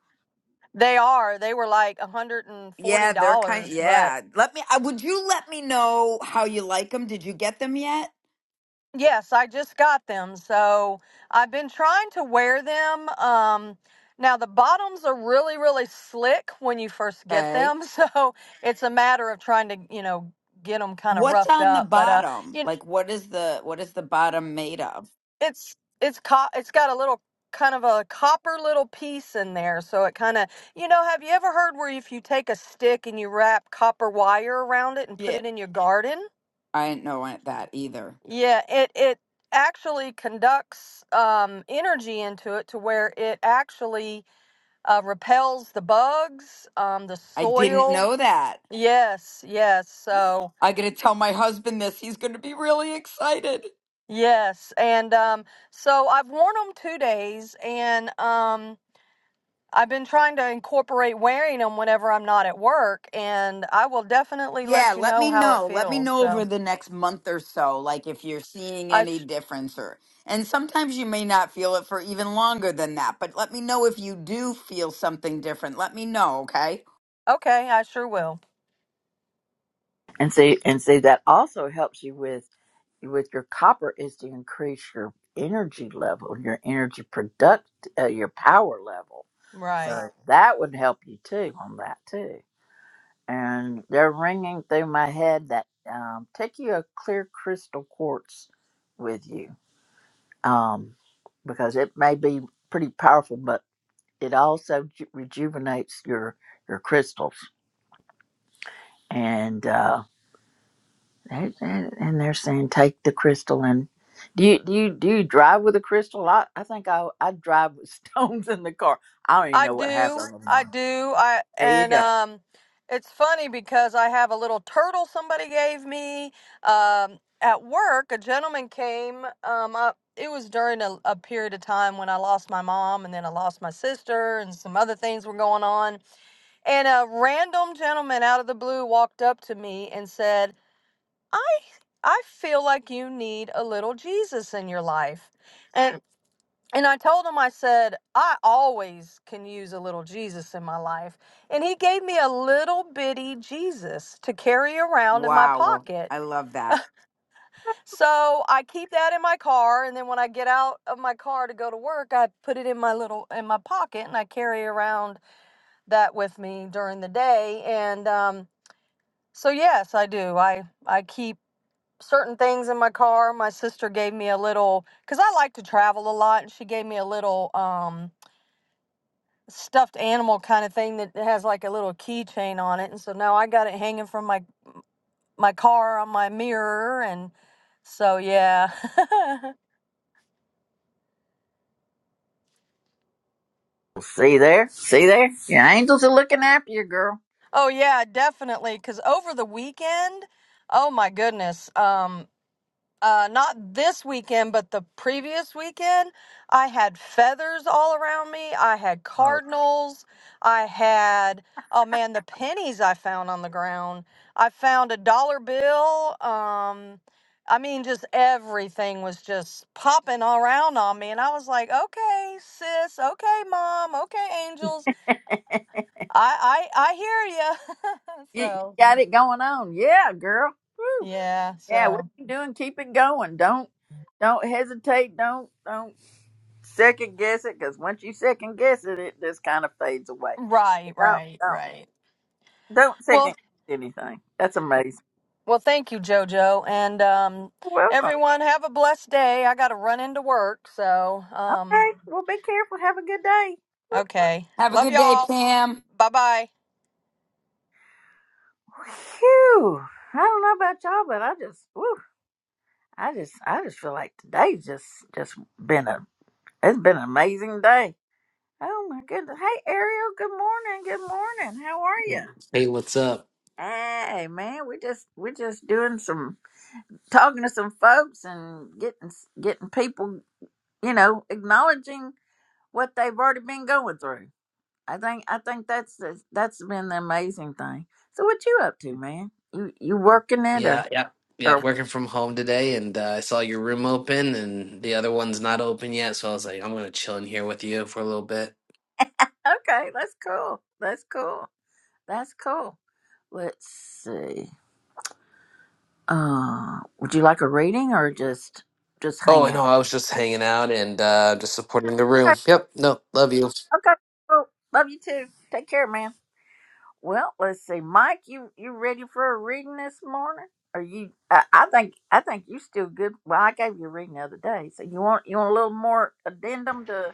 they are. They were like Yeah, they're kind. $140. But Yeah, let me. Uh, would you let me know how you like them? Did you get them yet? yes, I just got them. So I've been trying to wear them. Um, now, the bottoms are really, really slick when you first get Okay. them. So it's a matter of trying to, you know, get them kind of What's roughed on the up. But, uh, bottom? you, Like, what is the what is the bottom made of? it's it's co- it's got a little kind of a copper little piece in there so it kind of you know have you ever heard where if you take a stick and you wrap copper wire around it and put Yeah, it in your garden I didn't know it- that either. yeah it it actually conducts um, energy into it to where it actually uh, repels the bugs um, the I didn't soil know that. yes yes so I gotta tell my husband this. He's gonna be really excited. yes and um, so i've worn them two days and um, I've been trying to incorporate wearing them whenever I'm not at work, and I will definitely Yeah, let you let know me how it know. Let me feels. know So over the next month or so, like if you're seeing I, any sh- difference or and sometimes you may not feel it for even longer than that, but let me know if you do feel something different. Let me know, okay? okay, I sure will. and see and see that also helps you with with your copper is to increase your energy level your energy product uh, your power level Right. so that would help you too on that too and they're ringing through my head that um, take you a clear crystal quartz with you um, because it may be pretty powerful but it also ju- rejuvenates your your crystals and Uh, They- they- And they're saying take the crystal and do you do you do you drive with a crystal? I, I think I I drive with stones in the car. I don't even I know what half do. of them I are. do. I There you and go. um, it's funny because I have a little turtle somebody gave me. Um, at work, a gentleman came. Um, I, it was during a, a period of time when I lost my mom, and then I lost my sister, and some other things were going on And a random gentleman out of the blue walked up to me and said, I, I feel like you need a little Jesus in your life. And and I told him, I said, I always can use a little Jesus in my life. And he gave me a little bitty Jesus to carry around in my Wow. pocket. I love that. So I keep that in my car, and then when I get out of my car to go to work, I put it in my little in my pocket, and I carry around that with me during the day. And um, So yes, I do. I I keep certain things in my car. My sister gave me a little cuz I like to travel a lot and she gave me a little um stuffed animal kind of thing that has like a little keychain on it. And so now I got it hanging from my my car on my mirror and so yeah. See there, see there. Your angels are looking after you, girl. oh yeah, definitely cuz over the weekend, oh my goodness. Um uh, not this weekend, but the previous weekend, I had feathers all around me. I had Oh, cardinals. I had, oh man, the pennies I found on the ground. I found a dollar bill. Um, I mean, just everything was just popping all around on me. And I was like, okay, sis, okay, mom, okay, angels. I, I, I hear you. you you so, got it going on. Yeah, girl. Woo. yeah, Yeah, what so, you doing? Keep it going. Don't don't hesitate. Don't don't second guess it because once you second guess it, it just kind of fades away. right, Don't right, don't right. don't Well, second guess anything. That's amazing. Well, thank you, JoJo. And um, Welcome. everyone, have a blessed day. I got to run into work. So, um, Okay. Well, be careful. Have a good day. okay. Have a Love good day, y'all. Pam. Bye bye. Phew. I don't know about y'all, but I just, whew, I just, I just feel like today's just, just been a, it's been an amazing day. Oh my goodness. Hey, Ariel. Good morning. Good morning. How are you? Hey, what's up? Hey, man. We just, we just doing some talking to some folks and getting, getting people, you know, acknowledging what they've already been going through. I think I think that's the- that's been the amazing thing. So what you up to, man? You you working it or Yeah, yeah, or yeah. Working from home today, and uh, I saw your room open, and the other one's not open yet. So I was like, I'm gonna chill in here with you for a little bit. okay? That's cool. That's cool. That's cool. Let's see. Uh, would you like a reading or just just hang Oh, out? no, I was just hanging out and uh, just supporting the room. Okay. Yep. No, love you. okay, Cool. Love you too. Take care, man. Well, let's see, Mike. You you ready for a reading this morning? Are you? I, I think I think you still good. Well, I gave you a reading the other day, so you want you want a little more addendum to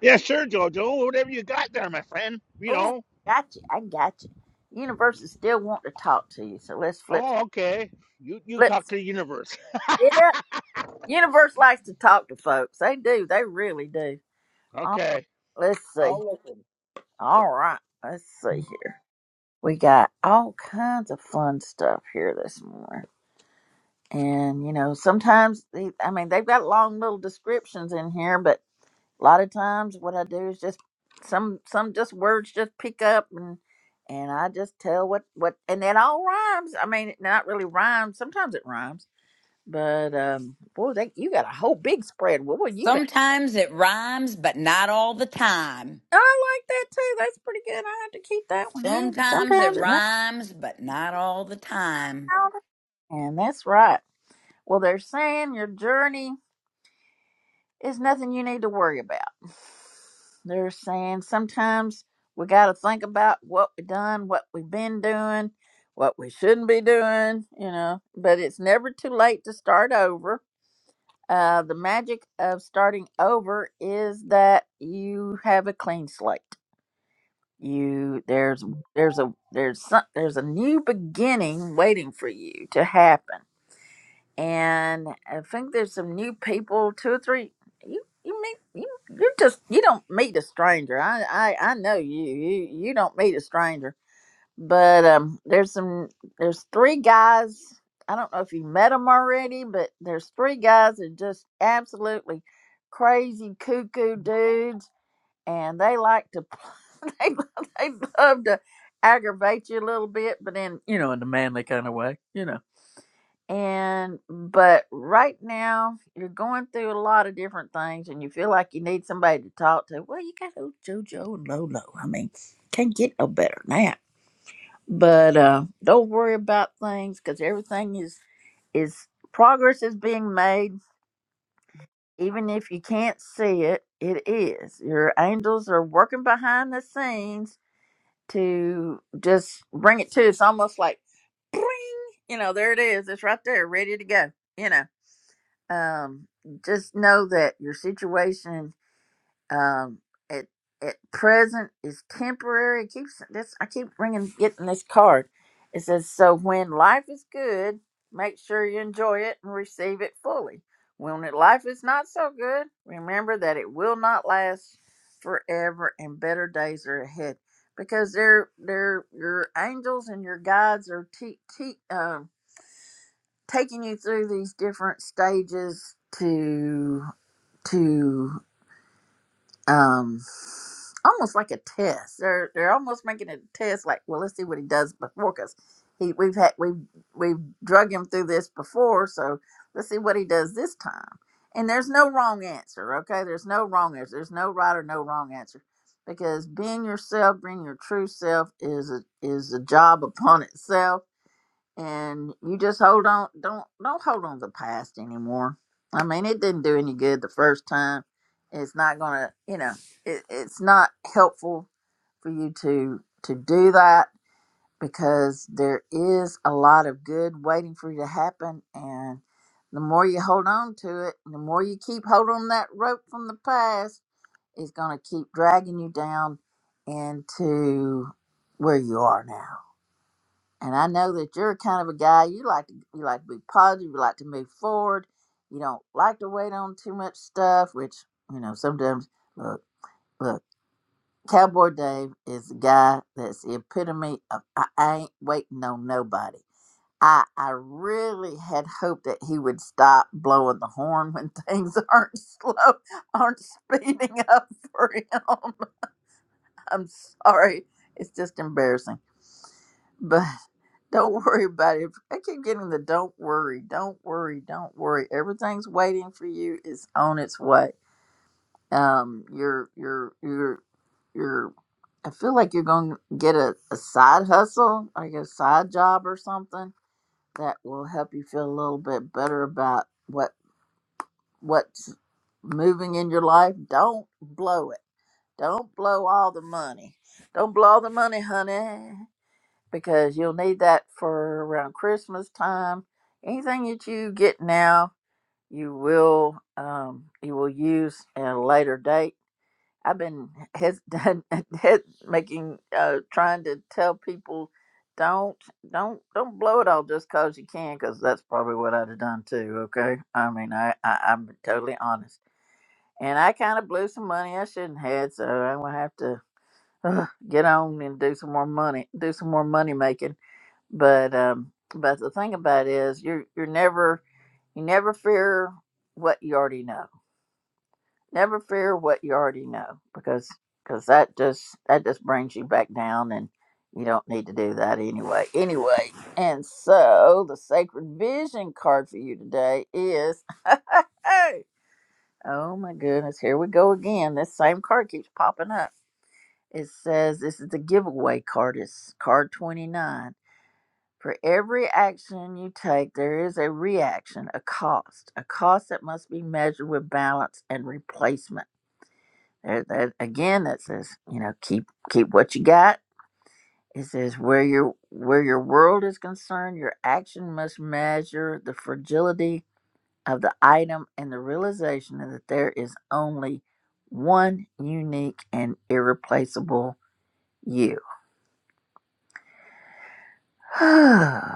Yeah, sure, Jojo. Whatever you got there, my friend. You Oh, know. got you. I got you. Universe is still wanting to talk to you, so let's flip. Oh, okay. You you Flip. talk to the universe. Yeah. Universe likes to talk to folks. They do. They really do. All right. Okay. Let's see. I'll listen. All right. Let's see here. We got all kinds of fun stuff here this morning. And, you know, sometimes, they, I mean, they've got long little descriptions in here, but a lot of times what I do is just some some just words just pick up and and I just tell what what and it all rhymes. I mean, not really rhymes. Sometimes it rhymes, but um, boy, they you got a whole big spread. What would you been? Sometimes it rhymes, but not all the time. I like that too. That's pretty good. I have to keep that one handy. Sometimes Sometimes it it runs rhymes, but not all the time. out, and that's right. Well, they're saying your journey. It's nothing you need to worry about. They're saying sometimes we got to think about what we done, what we've been doing, what we shouldn't be doing, you know, but it's never too late to start over. Uh, the magic of starting over is that you have a clean slate. You there's there's a there's some, there's a new beginning waiting for you to happen and I think there's some new people, two or three. You you meet you you just you don't meet a stranger. I I, I know you you you don't meet a stranger. But um, there's some there's three guys. I don't know if you met them already, but there's three guys that are just absolutely crazy cuckoo dudes, and they like to they they love to aggravate you a little bit, but in you know in the manly kind of way, you know and but right now you're going through a lot of different things and you feel like you need somebody to talk to. Well, you got old JoJo and Lolo. I mean, can't get no better than that. But uh don't worry about things because everything is is progress is being made. Even if you can't see it, it is. Your angels are working behind the scenes to just bring it to. It's almost like you know, there it is. It's right there, ready to go. You know. um, just know that your situation um, at at present is temporary. It keeps this. I keep bringing getting this card. It says, "So when life is good, make sure you enjoy it and receive it fully. When it- life is not so good, remember that it will not last forever, and better days are ahead." Because they're, they're your angels and your guides are te- te- um taking you through these different stages to to um almost like a test. They're they're almost making it a test. Like, well, let's see what he does before, because he we've had we've we've drug him through this before, so let's see what he does this time. And there's no wrong answer, okay? There's no wrong answer. There's no right or no wrong answer, because being yourself, being your true self, is a, is a job upon itself and you just hold on don't don't hold on to the past anymore i mean it didn't do any good the first time it's not gonna you know it, it's not helpful for you to to do that because there is a lot of good waiting for you to happen and the more you hold on to it the more you keep holding on that rope from the past it's gonna keep dragging you down into where you are now and I know that you're a kind of a guy you like to you like to be positive, you like to move forward. You don't like to wait on too much stuff, which you know sometimes. Look, look, Cowboy Dave is the guy that's the epitome of I, I ain't waiting on nobody. I I really had hoped that he would stop blowing the horn when things aren't slow, aren't speeding up for him. I'm sorry. It's just embarrassing. But don't worry about it. I keep getting the don't worry, don't worry, don't worry. Everything's waiting for you. It's on its way. Um, you're, you're, you're, you're, I feel like you're going to get a, a side hustle, like a side job or something that will help you feel a little bit better about what, what's moving in your life. Don't blow it don't blow all the money. Don't blow all the money, honey, because you'll need that for around Christmas time. Anything that you get now, you will um, you will use at a later date. I've been hes- hes- making uh, trying to tell people don't don't don't blow it all just cause you can because that's probably what I'd have done too. Okay, I mean I, I I'm totally honest and I kind of blew some money I shouldn't had, so I'm gonna have to uh, get on and do some more money, do some more money making. But um, but the thing about it is, you're you're never you never fear what you already know. Never fear what you already know because because that just that just brings you back down, and you don't need to do that anyway. Anyway, and so the sacred vision card for you today is. Oh my goodness, here we go again. This same card keeps popping up it says this is the giveaway card. It's card 29. For every action you take, there is a reaction, a cost, a cost that must be measured with balance and replacement. There, that again, that says you know keep keep what you got. It says where your where your world is concerned, your action must measure the fragility of the item and the realization that there is only one unique and irreplaceable you okay,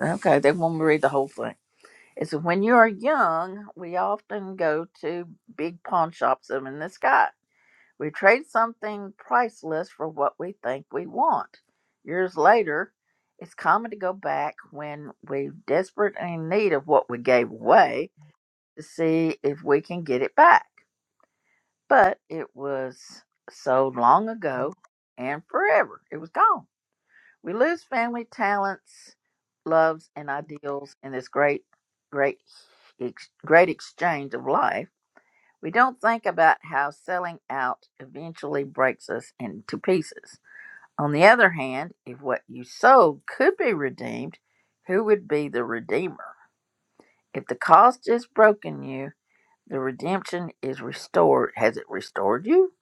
okay. They want me to read the whole thing. It says, when you are young, we often go to big pawn shops up in the sky. We trade something priceless for what we think we want. Years later, it's common to go back when we're desperate and in need of what we gave away to see if we can get it back. But it was so long ago and forever. It was gone. We lose family talents, loves, and ideals in this great, great, ex- great exchange of life. We don't think about how selling out eventually breaks us into pieces. On the other hand, if what you sold could be redeemed, who would be the redeemer? If the cost has broken you, the redemption is restored. Has it restored you?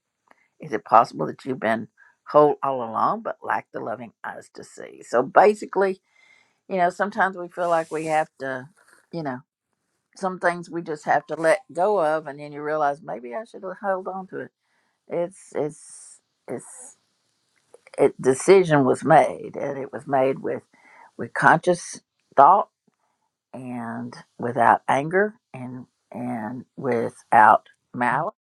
Is it possible that you've been whole all along but lack the loving eyes to see? So basically, you know, sometimes we feel like we have to, you know, some things we just have to let go of, and then you realize maybe I should have held on to it. It's it's it's it decision was made, and it was made with with conscious thought and without anger and and without malice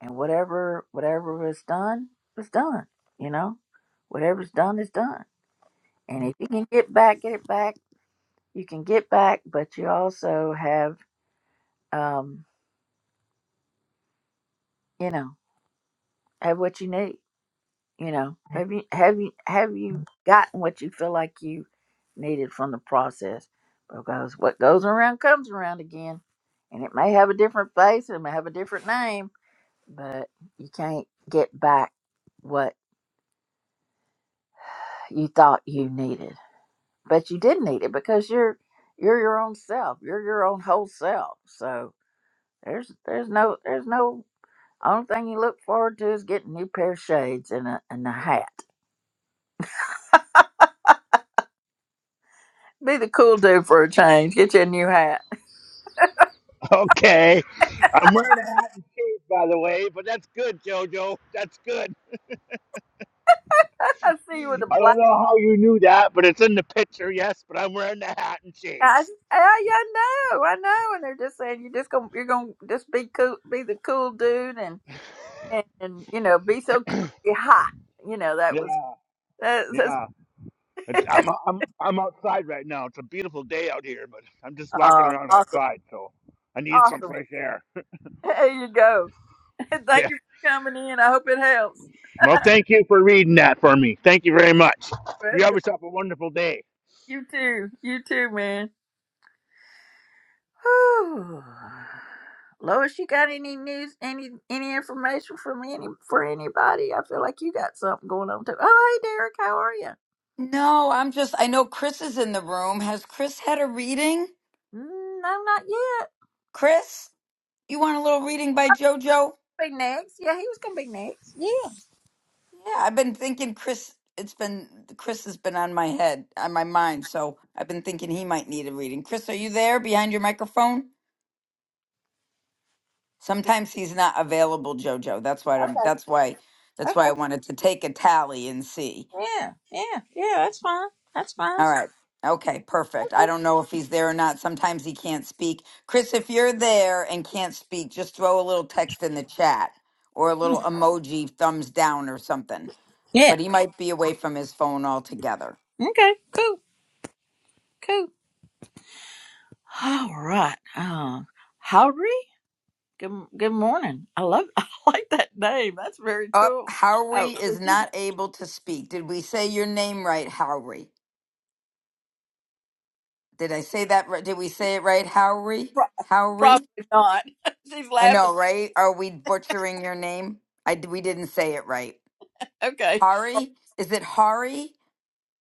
and whatever whatever was done was done. You know, whatever's done is done, and if you can get back, get it back. You can get back, but you also have um, you know, have what you need. You know, have you have you have you gotten what you feel like you needed from the process? Because what goes around comes around again, and it may have a different face, and it may have a different name, but you can't get back what you thought you needed, but you did need it because you're you're your own self, you're your own whole self. So there's there's no there's no only thing you look forward to is getting a new pair of shades and a and a hat Be the cool dude for a change. Get you a new hat. Okay. I'm wearing a hat and cape, by the way, but that's good, Jojo. That's good. I see you with a I black don't know how you knew that, but it's in the picture, yes. But I'm wearing the hat and hat. I shades. "Hey, I know, I know. And they're just saying you're just gonna you're gonna just be cool, be the cool dude, and and, and you know be so cool, be hot. You know that Yeah, was that, yeah. It's, I'm that's I'm I'm outside right now. It's a beautiful day out here, but I'm just walking uh, around awesome, outside, so I need some awesome. fresh air. There you go. Thank you for coming in. I hope it helps. Well, thank you for reading that for me. Thank you very much. You have Welcome. yourself a wonderful day. You too. You too, man. Whew. Lois, you got any news, any any information from any for anybody? I feel like you got something going on too. Oh, hey, Derek, how are you? No, I'm just, I know Chris is in the room. Has Chris had a reading? Mm, no, not yet. Chris, you want a little reading by JoJo? Be next. Yeah, he was gonna be next. Yeah. Yeah, I've been thinking Chris, it's been, Chris has been on my head, on my mind. So I've been thinking he might need a reading. Chris, are you there behind your microphone? Sometimes he's not available, JoJo. That's why I'm, Okay. that's why, that's why I Okay. wanted to take a tally and see. Yeah. Yeah. Yeah. That's fine. That's fine. All right. Okay, perfect. I Okay. don't know if he's there or not. Sometimes he can't speak. Chris, if you're there and can't speak, just throw a little text in the chat or a little emoji thumbs down or something. Yeah. But he might be away from his phone altogether. Okay. Cool. Cool. All right. Um, Howry. Good. Good morning. I love. I like that name. That's very Up, cool. Howry Oh. is not able to speak. Did we say your name right, Howry? Did I say that right? Did we say it right, Howry? Pro- Howry? Probably not. She's I laughing. know, right? Are we butchering your name? I d- we didn't say it right. Okay. Hari? Is it Hari?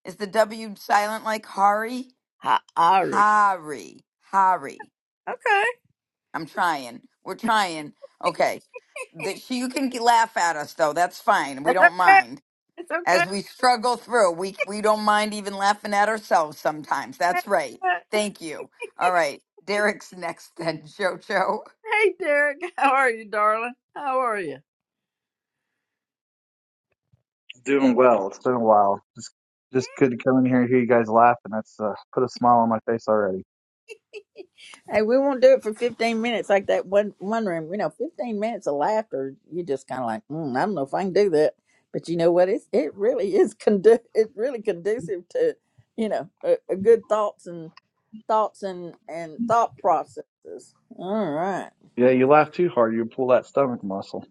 Is the W silent like Hari? Hi, Irie. Hari. Hari. Okay. I'm trying. We're trying. Okay. The, she, you can g- laugh at us though. That's fine. We It's don't okay. mind. It's okay. As we struggle through, we we don't mind even laughing at ourselves sometimes. That's right. Thank you. All right. Derek's next then, Jojo. Hey, Derek. How are you, darling? How are you? Doing well. It's been a while. Just just good to come in here and hear you guys laugh, and that's uh, put a smile on my face already. Hey, we won't do it for 15 minutes like that one, one room. You know, 15 minutes of laughter, you just kind of like, mm, I don't know if I can do that. But you know what? It's, it really is condu- it's really conducive to, you know, a, a good thoughts and thoughts and, and thought processes. All right. Yeah, you laugh too hard, you pull that stomach muscle.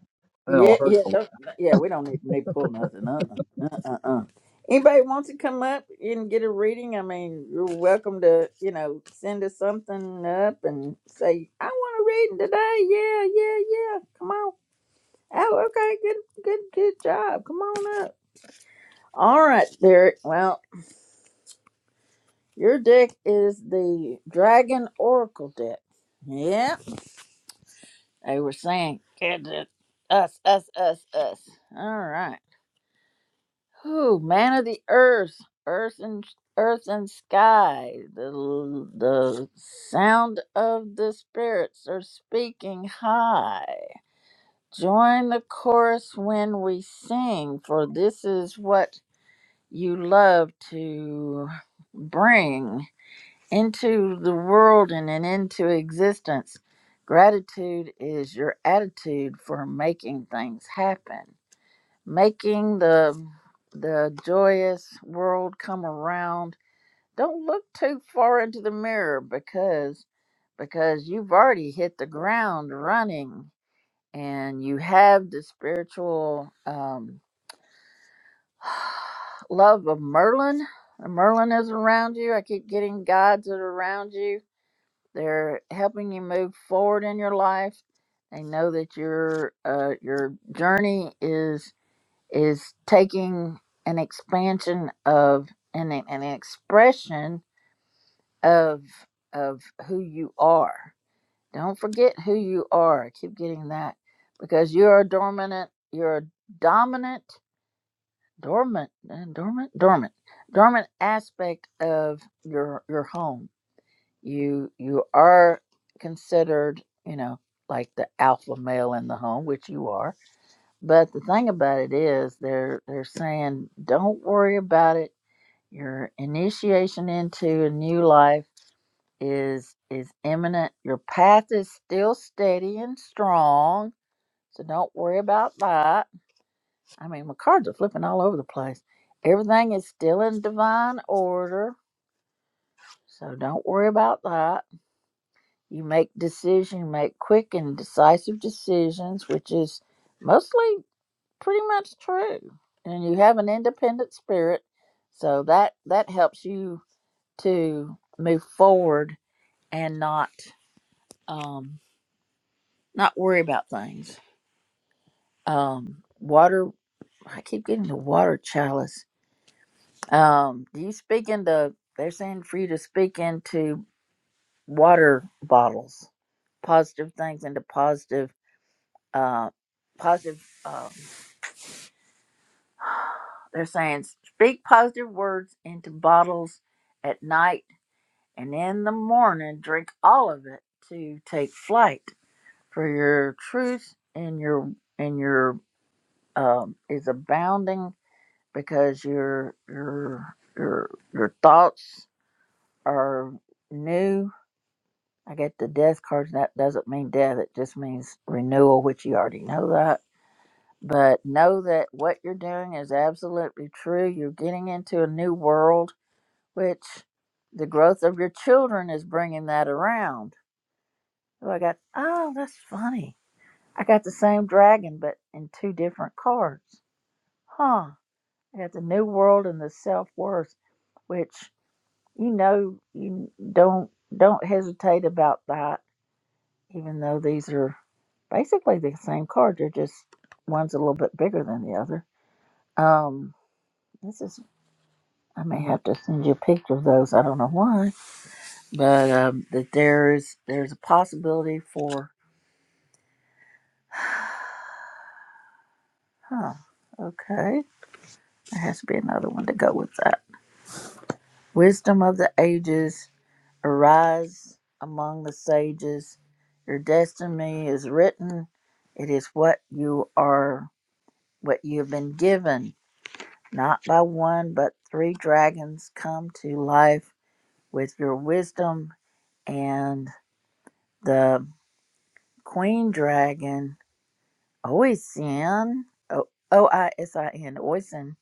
Then Yeah, it'll hurt yeah, a lot. don't, yeah. We don't need, need to pull nothing. Uh, uh, uh, uh. Anybody wants to come up and get a reading? I mean, you're welcome to, you know, send us something up and say, "I want a reading today." Yeah, yeah, yeah. Come on. Oh, okay. Good, good, good job. Come on up. All right, Derek. Well, your deck is the Dragon Oracle deck. Yeah, they were saying, "Get it, us, us, us, us." All right. Who man of the earth, earth and earth and sky, the the sound of the spirits are speaking high. Join the chorus when we sing, for this is what you love to bring into the world and, and into existence. Gratitude is your attitude for making things happen making the the joyous world come around don't look too far into the mirror because because you've already hit the ground running and you have the spiritual um, love of merlin merlin is around you i keep getting guides that are around you they're helping you move forward in your life they know that your uh, your journey is is taking an expansion of and an an expression of of who you are. Don't forget who you are. I keep getting that because you're a dormant, you're a dominant, dormant, uh, dormant, dormant, dormant aspect of your your home. You you are considered, you know, like the alpha male in the home, which you are but the thing about it is, they're they're saying, don't worry about it. Your initiation into a new life is is imminent. Your path is still steady and strong, so don't worry about that. I mean, my cards are flipping all over the place. Everything is still in divine order, so don't worry about that. You make decision, you make quick and decisive decisions, which is mostly pretty much true and you have an independent spirit so that that helps you to move forward and not um not worry about things um water i keep getting the water chalice um do you speak into they're saying for you to speak into water bottles positive things into positive uh positive um they're saying speak positive words into bottles at night and in the morning drink all of it to take flight for your truth and your and your um, is abounding because your your your your thoughts are new i get the death cards. that doesn't mean death it just means renewal which you already know that but know that what you're doing is absolutely true you're getting into a new world which the growth of your children is bringing that around So I got, oh, that's funny. I got the same dragon, but in two different cards. Huh. I got the new world and the self worth, which you know you don't don't hesitate about that. Even though these are basically the same cards, they're just one's a little bit bigger than the other. Um, this is I may have to send you a picture of those. I don't know why, but um, that there is there's a possibility for huh. Okay, there has to be another one to go with that. Wisdom of the ages, arise among the sages. Your destiny is written. It is what you are, what you have been given, not by one, but three dragons come to life with your wisdom. And the queen dragon, Oisin, O O I S I N, Oisin,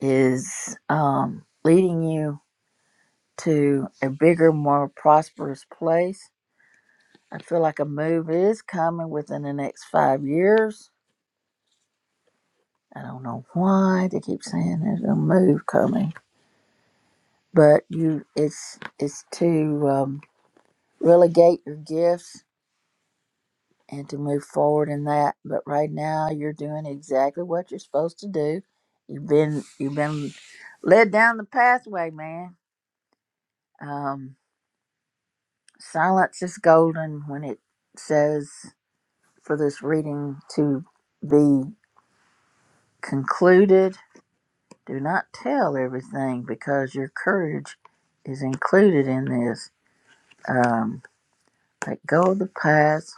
is um, leading you to a bigger, more prosperous place I feel like a move is coming within the next five years. I don't know why they keep saying there's a move coming, but you it's it's to um, relegate your gifts and to move forward in that. But right now, you're doing exactly what you're supposed to do. You've been you've been led down the pathway, man. Um, silence is golden when it says for this reading to be concluded Do not tell everything because your courage is included in this. Um, let go of the past.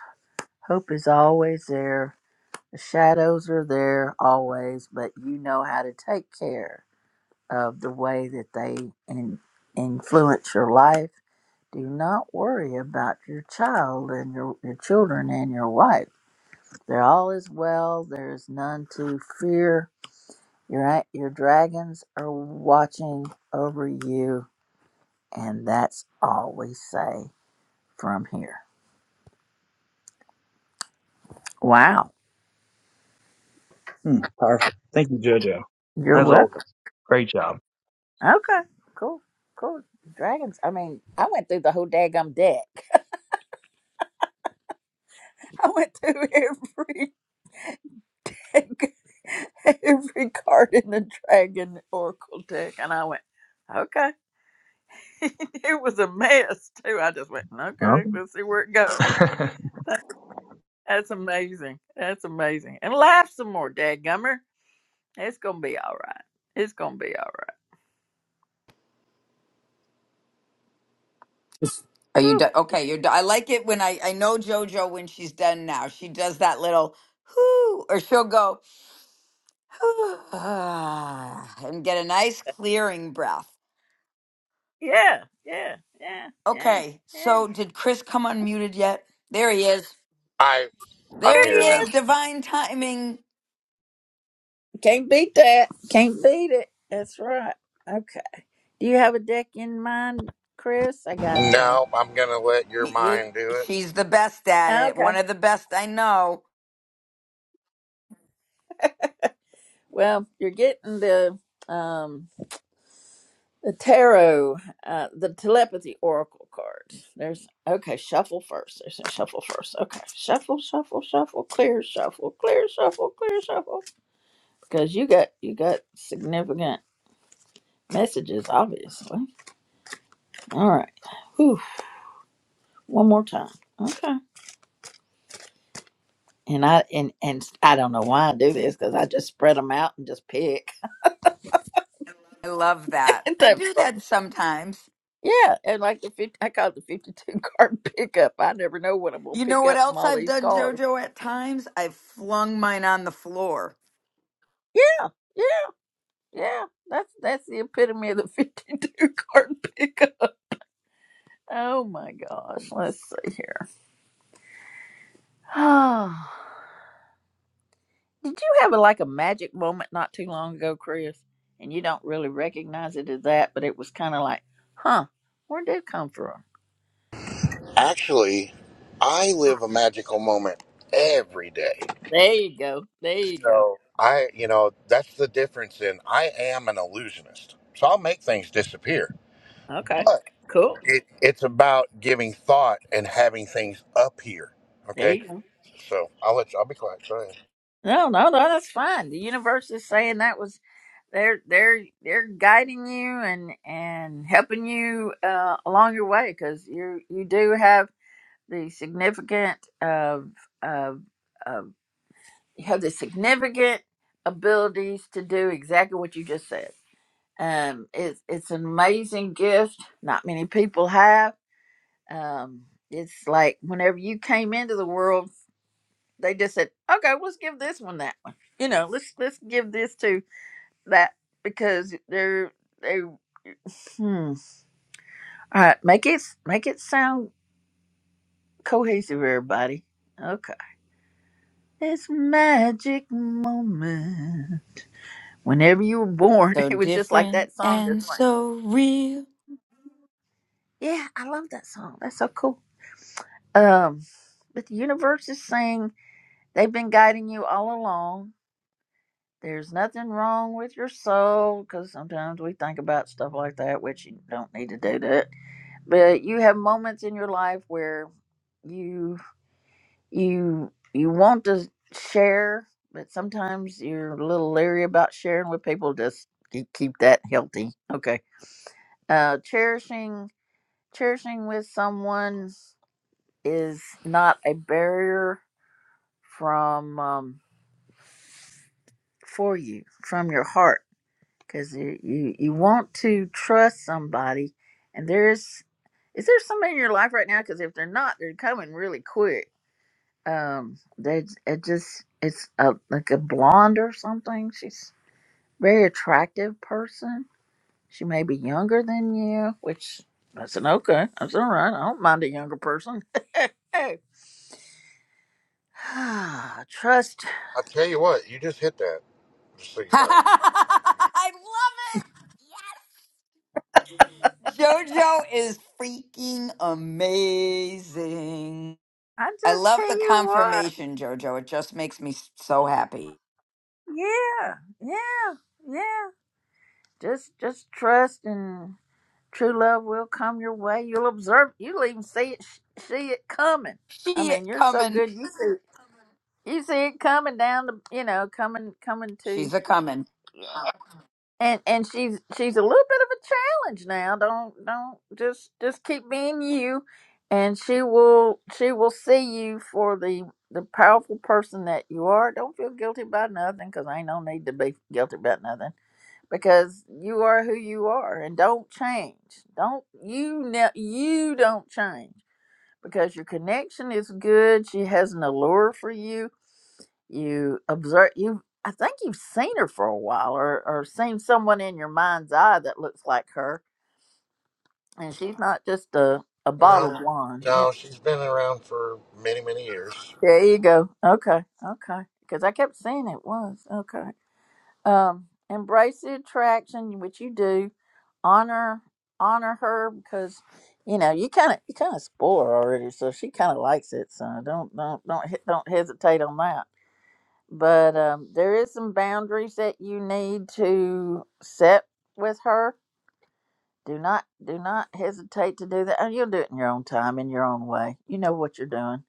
Hope is always there. The shadows are there always, but you know how to take care of the way that they in, influence your life. Do not worry about your child and your, your children and your wife. They're all is well. There is none to fear. Your, a- your dragons are watching over you And that's all we say from here. Wow. Hmm, powerful. Thank you, JoJo. You're As always, welcome. great job. Okay. Cool. Cool. Dragons. I mean, I went through the whole daggum deck. I went through every every card in the dragon oracle deck, and I went, okay. it was a mess too. I just went, okay, let's see where it goes. Huh? That's amazing. That's amazing. And laugh some more, dadgummer. It's gonna be all right. It's gonna be all Are right. you done? Okay, you're done. I like it when I I know JoJo when she's done now. She does that little whoo, or she'll go. and get a nice clearing breath. Yeah, yeah, yeah, yeah, Okay, yeah. so did Chris come unmuted yet? There he is. I I'm There There he he here is. is. now. Divine timing. Can't beat that. Can't beat it. That's right. Okay. Do you have a deck in mind, Chris? I got the. No, I'm gonna let your He- you- mind do it. she's the best at ah, it. Okay. One of the best I know. Well, you're getting the um the tarot, uh, the telepathy oracle cards. There's okay. Shuffle first. There's a shuffle first. Okay. Shuffle, shuffle, shuffle. Clear, shuffle, clear, shuffle, clear, shuffle. Because you got you got significant messages, obviously. All right. Whew. One more time. Okay. And I and and I don't know why I do this because I just spread them out and just pick. I love that. And I that- do that sometimes. yeah, and like the 50, I call it the fifty-two card pickup. I never know what I'm gonna You know pick what up from else all I've these done, cards. JoJo, at times? I've flung mine on the floor. Yeah, yeah, yeah. That's that's the epitome of the fifty-two card pickup. Oh my gosh. Let's see here. Did you have a, like a magic moment not too long ago, Chris? And you don't really recognize it as that, but it was kind of like, huh, where did it come from? Actually, I live a magical moment every day. There you go. There you go. So I you know, that's the difference in I am an illusionist. So I'll make things disappear. Okay. But Cool. it, it's about giving thought and having things appear. There Okay? you go. So I'll let you I'll be quiet. Go ahead. No, no, no, that's fine. The universe is saying that was they're they're they're guiding you and and helping you uh, along your way because you you do have the significant of of of you have the significant abilities to do exactly what you just said. Um, it's it's an amazing gift. Not many people have. Um, it's like whenever you came into the world, they just said, "Okay, let's give this one that one." You know, let's let's give this to that because they're they. Hmm. All right, make it make it sound cohesive, everybody. Okay, it's magic moment. Whenever you were born, So it was just like different that song this and morning. so real. Yeah, I love that song. That's so cool. Um, but the universe is saying they've been guiding you all along. There's nothing wrong with your soul because sometimes we think about stuff like that, which you don't need to do that. But you have moments in your life where you you you want to share, but sometimes you're a little leery about sharing with people. Just keep keep that healthy, okay? Uh, cherishing cherishing with someone is not a barrier from um, for you from your heart because you, you you want to trust somebody and there's is there somebody in your life right now because if they're not they're coming really quick um they it just it's a like a blonde or something she's a very attractive person she may be younger than you which that's an okay that's all right i don't mind a younger person trust. I tell you what, you just hit that, just so you know. I love it. Yes! JoJo is freaking amazing. I I just tell love the you what. confirmation, JoJo. It just makes me s- so happy. Yeah, yeah, yeah. Just just trust and true love will come your way. You'll observe. You'll even see it sh- see it coming. I She mean, you're so good. coming. You see you see it coming down the you know coming coming to. She's a coming. and and she's she's a little bit of a challenge now don't don't just just keep being you and she will she will see you for the the powerful person that you are don't feel guilty about nothing because ain't no need to be guilty about nothing because you are who you are and don't change don't you ne- you don't change because your connection is good she has an allure for you you observe you i think you've seen her for a while or, or seen someone in your mind's eye that looks like her and she's not just a, a bottle No. Yeah. blonde you know? No, she's been around for many, many years. there you go okay okay because i kept seeing it was okay um embrace the attraction which you do honor honor her because you know you kind of you kind of spoil her already so she kind of likes it so don't don't don't he- don't hesitate on that but um, there is some boundaries that you need to set with her. Do not do not hesitate to do that. And you'll do it in your own time, in your own way. You know what you're doing.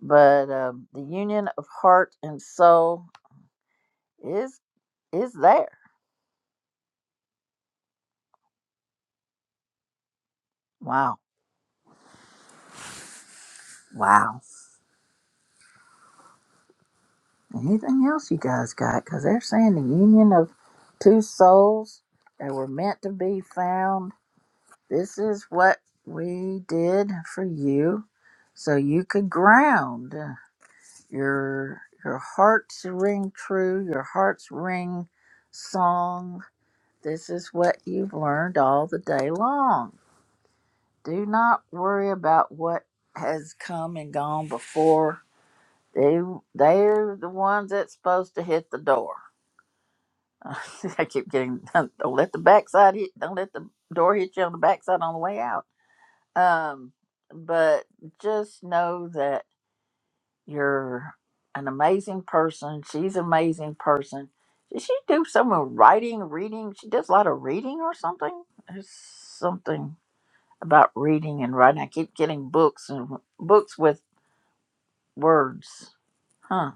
But um, the union of heart and soul is is there. Wow, wow. Anything else you guys got? Because they're saying the union of two souls that were meant to be found. This is what we did for you so you could ground. your your hearts ring true your hearts ring song this is what you've learned all the day long do not worry about what has come and gone before they they're the ones that's supposed to hit the door i keep getting don't let the backside hit don't let the door hit you on the backside on the way out um but just know that You're an amazing person. She's an amazing person. Did she do some writing, reading? She does a lot of reading or something. There's something about reading and writing. I keep getting books and books with words. Huh.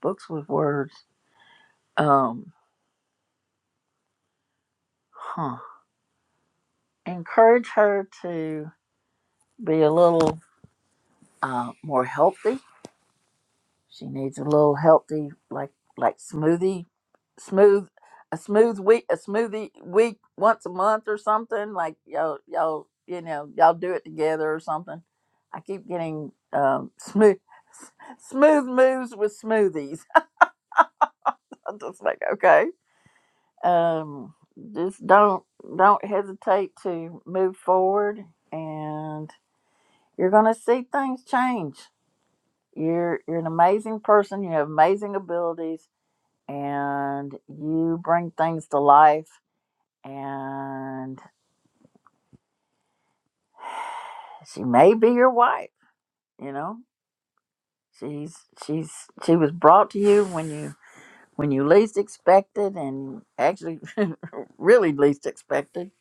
Books with words. Um, huh. Encourage her to be a little uh, more healthy. She needs a little healthy, like like smoothie smooth a smooth week a smoothie week once a month or something like y'all y'all you know y'all do it together or something i keep getting um smooth smooth moves with smoothies i'm just like okay um just don't don't hesitate to move forward and you're gonna see things change you're you're an amazing person you have amazing abilities and you bring things to life and she may be your wife. You know, she's she's she was brought to you when you when you least expected, and actually, really least expected.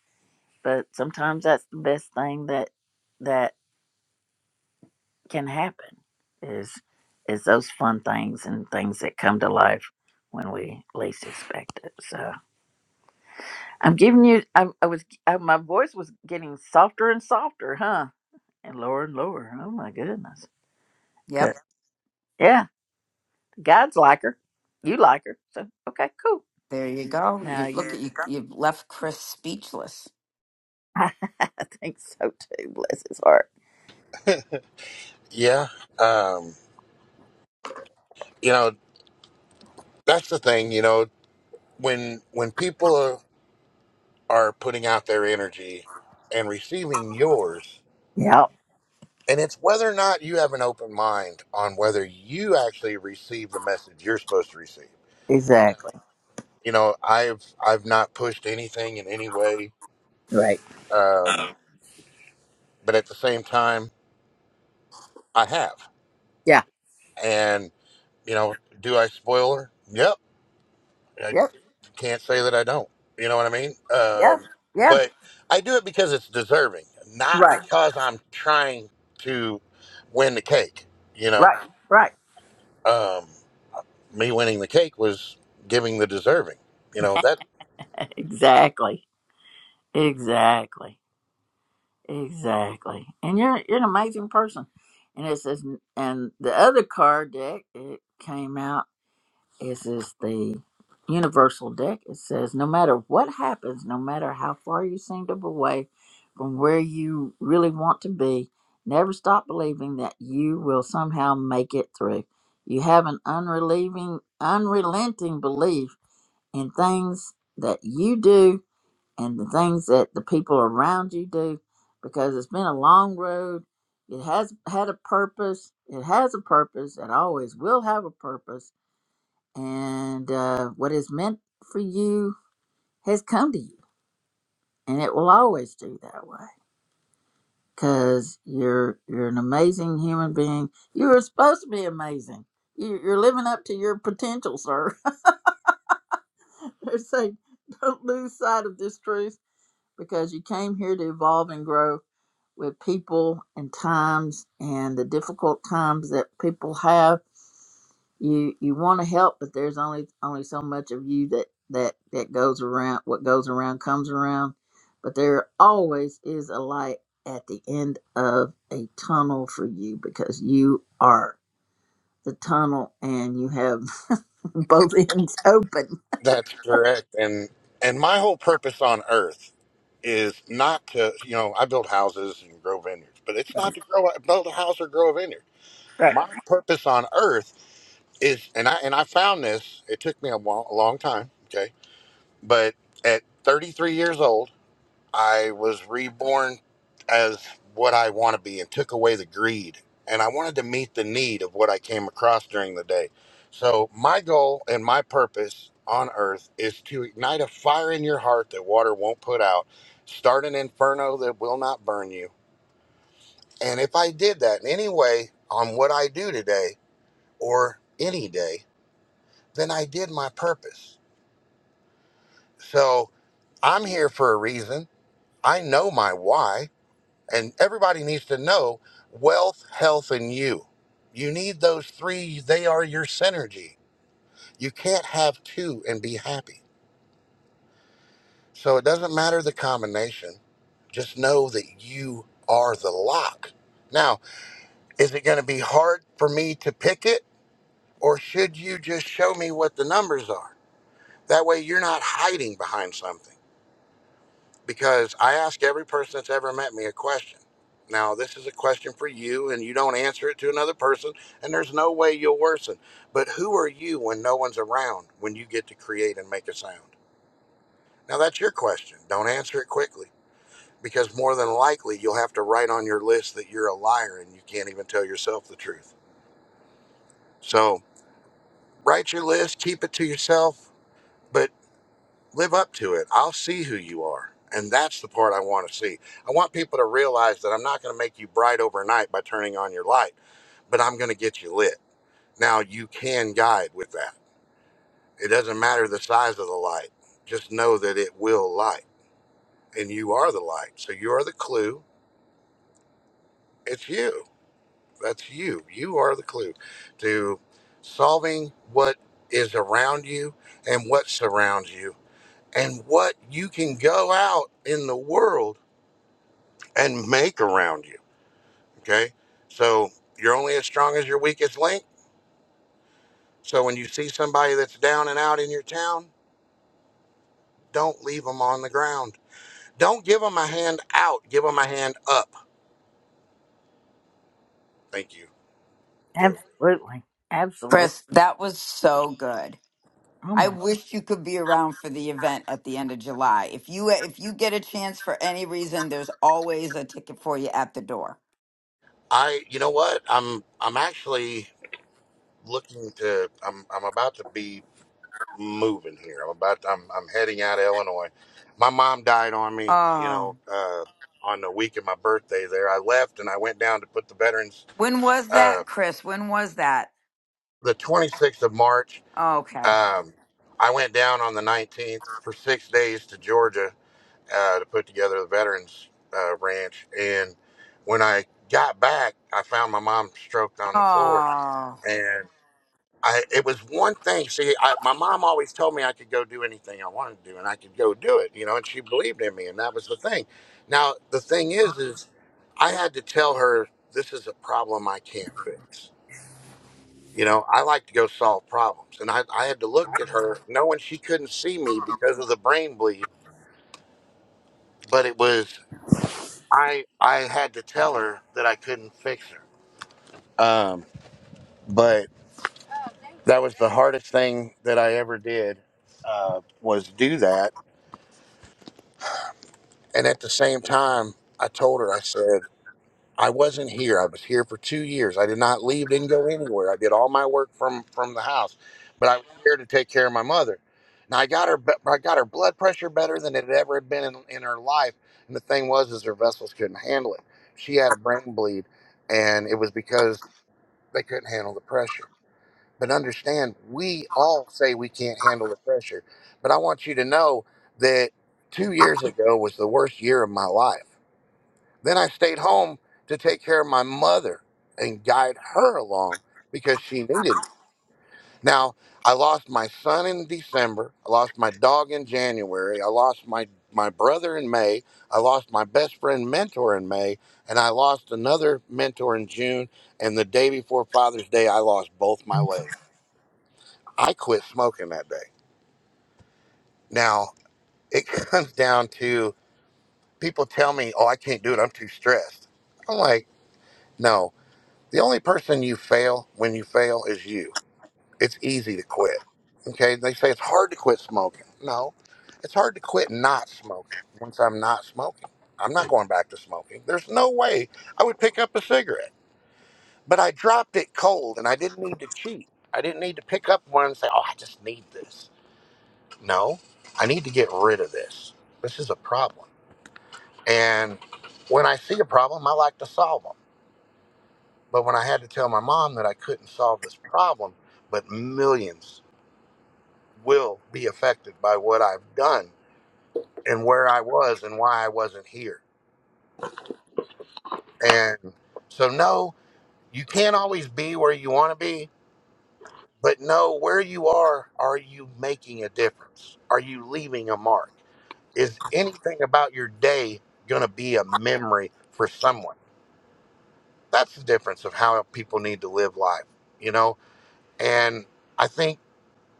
But sometimes that's the best thing that that can happen is is those fun things and things that come to life when we least expect it. So I'm giving you. I, I was. I, my voice was getting softer and softer, huh? And lower and lower. Oh my goodness. 'Cause- Yep. yeah. God's like her. You like her. So, okay, cool. There you go. Now You look at you. you you've left Chris speechless. I think so too. Bless his heart. Yeah. Um you know that's the thing you know when when people are, are putting out their energy and receiving yours Yep. and it's whether or not you have an open mind on whether you actually receive the message you're supposed to receive Yeah. Exactly. you know i've i've not pushed anything in any way Right. Um, um but at the same time i have Yeah. and you know do i spoil her yep Yep. can't say that I don't. You know what I mean? Yeah. Um, Yeah. but I do it because it's deserving, not Right. because I'm trying to win the cake. You know, Right. Right. um, me winning the cake was giving the deserving. You know that Exactly. Exactly. Exactly. And you're you're an amazing person. And it says, and the other card deck, it came out. This is the universal deck. It says no matter what happens, no matter how far you seem to be away from where you really want to be, never stop believing that you will somehow make it through. You have an unrelieving, unrelenting belief in things that you do and the things that the people around you do because it's been a long road. It has had a purpose. It has a purpose. It always will have a purpose and uh, what is meant for you has come to you, and it will always do that way because you're you're an amazing human being. You were supposed to be amazing. You, you're living up to your potential, sir. They're saying don't lose sight of this truth because you came here to evolve and grow with people and times and the difficult times that people have you you want to help but there's only only so much of you that that that goes around what goes around comes around but there always is a light at the end of a tunnel for you because you are the tunnel and you have both ends open that's correct. And and my whole purpose on Earth is not to you know I build houses and grow vineyards, but it's not to grow build a house or grow a vineyard. My purpose on Earth is, and I and I found this. It took me a, while, a long time. Okay. But at 33 years old, I was reborn as what I want to be and took away the greed. And I wanted to meet the need of what I came across during the day. So, my goal and my purpose on earth is to ignite a fire in your heart that water won't put out, start an inferno that will not burn you. And if I did that in any way on what I do today or any day, then I did my purpose. So, I'm here for a reason. I know my why, and everybody needs to know wealth, health, and you. You need those three, they are your synergy. You can't have two and be happy. So it doesn't matter the combination, just know that you are the lock. Now, is it going to be hard for me to pick it, or should you just show me what the numbers are? That way you're not hiding behind something. because I ask every person that's ever met me a question. Now, this is a question for you, and you don't answer it to another person, and there's no way you'll worsen. But who are you when no one's around when you get to create and make a sound? Now, that's your question. Don't answer it quickly because more than likely you'll have to write on your list that you're a liar and you can't even tell yourself the truth. So, write your list, keep it to yourself. but. live up to it. I'll see who you are. And that's the part I want to see. I want people to realize that I'm not going to make you bright overnight by turning on your light, but I'm going to get you lit. Now, you can guide with that. It doesn't matter the size of the light, just know that it will light. And you are the light. So you are the clue. It's you. That's you. You are the clue to solving what is around you and what surrounds you and what you can go out in the world and make around you. Okay. So you're only as strong as your weakest link. So when you see somebody that's down and out in your town, don't leave them on the ground. Don't give them a hand out. Give them a hand up. Thank you, Joe. Absolutely. Absolutely. Chris, that was so good. Oh I my. wish you could be around for the event at the end of July. If you if you get a chance for any reason, there's always a ticket for you at the door. I, you know what? I'm, I'm actually looking to, I'm, I'm about to be moving here. I'm about, I'm, I'm heading out of Illinois. My mom died on me, you Oh. know, uh, on the week of my birthday there. I left and I went down to put the veterans When was uh, that, Chris? When was that? the 26th of March. Okay. Um, I went down on the 19th for six days to Georgia uh, to put together the veterans uh, ranch. And when I got back, I found my mom stroked on the floor. Oh, And I, it was one thing. See, I, my mom always told me I could go do anything I wanted to do, and I could go do it. You know, and she believed in me, and that was the thing. Now the thing is, is I had to tell her this is a problem I can't fix you know, I like to go solve problems. And I, I had to look at her knowing she couldn't see me because of the brain bleed, but it was, I, I had to tell her that I couldn't fix her. Um, but that was the hardest thing that I ever did uh, was do that. And at the same time, I told her, I said, I wasn't here. I was here for two years. I did not leave, didn't go anywhere. I did all my work from from the house, but I was here to take care of my mother. Now I got her, be- I got her blood pressure better than it had ever had been in, in her life. And the thing was, is her vessels couldn't handle it. She had a brain bleed, and it was because they couldn't handle the pressure. But understand, we all say we can't handle the pressure, but I want you to know that two years ago was the worst year of my life. Then I stayed home to take care of my mother and guide her along because she needed me. Now, I lost my son in December. I lost my dog in January. I lost my, my brother in May. I lost my best friend mentor in May. And I lost another mentor in June. And the day before Father's Day, I lost both my legs. I quit smoking that day. Now, it comes down to people tell me, oh, I can't do it. I'm too stressed. I'm like, no, The only person you fail when you fail is you. It's easy to quit. Okay, they say it's hard to quit smoking. No, it's hard to quit not smoking. Once I'm not smoking, I'm not going back to smoking. There's no way I would pick up a cigarette. But I dropped it cold and I didn't need to cheat. I didn't need to pick up one and say, oh, I just need this. No, I need to get rid of this. This is a problem. And when I see a problem, I like to solve them. But when I had to tell my mom that I couldn't solve this problem, but millions will be affected by what I've done and where I was and why I wasn't here. And so, no, you can't always be where you want to be, but no, where you are, are you making a difference? Are you leaving a mark? Is anything about your day going to be a memory for someone? That's the difference of how people need to live life, you know? And I think.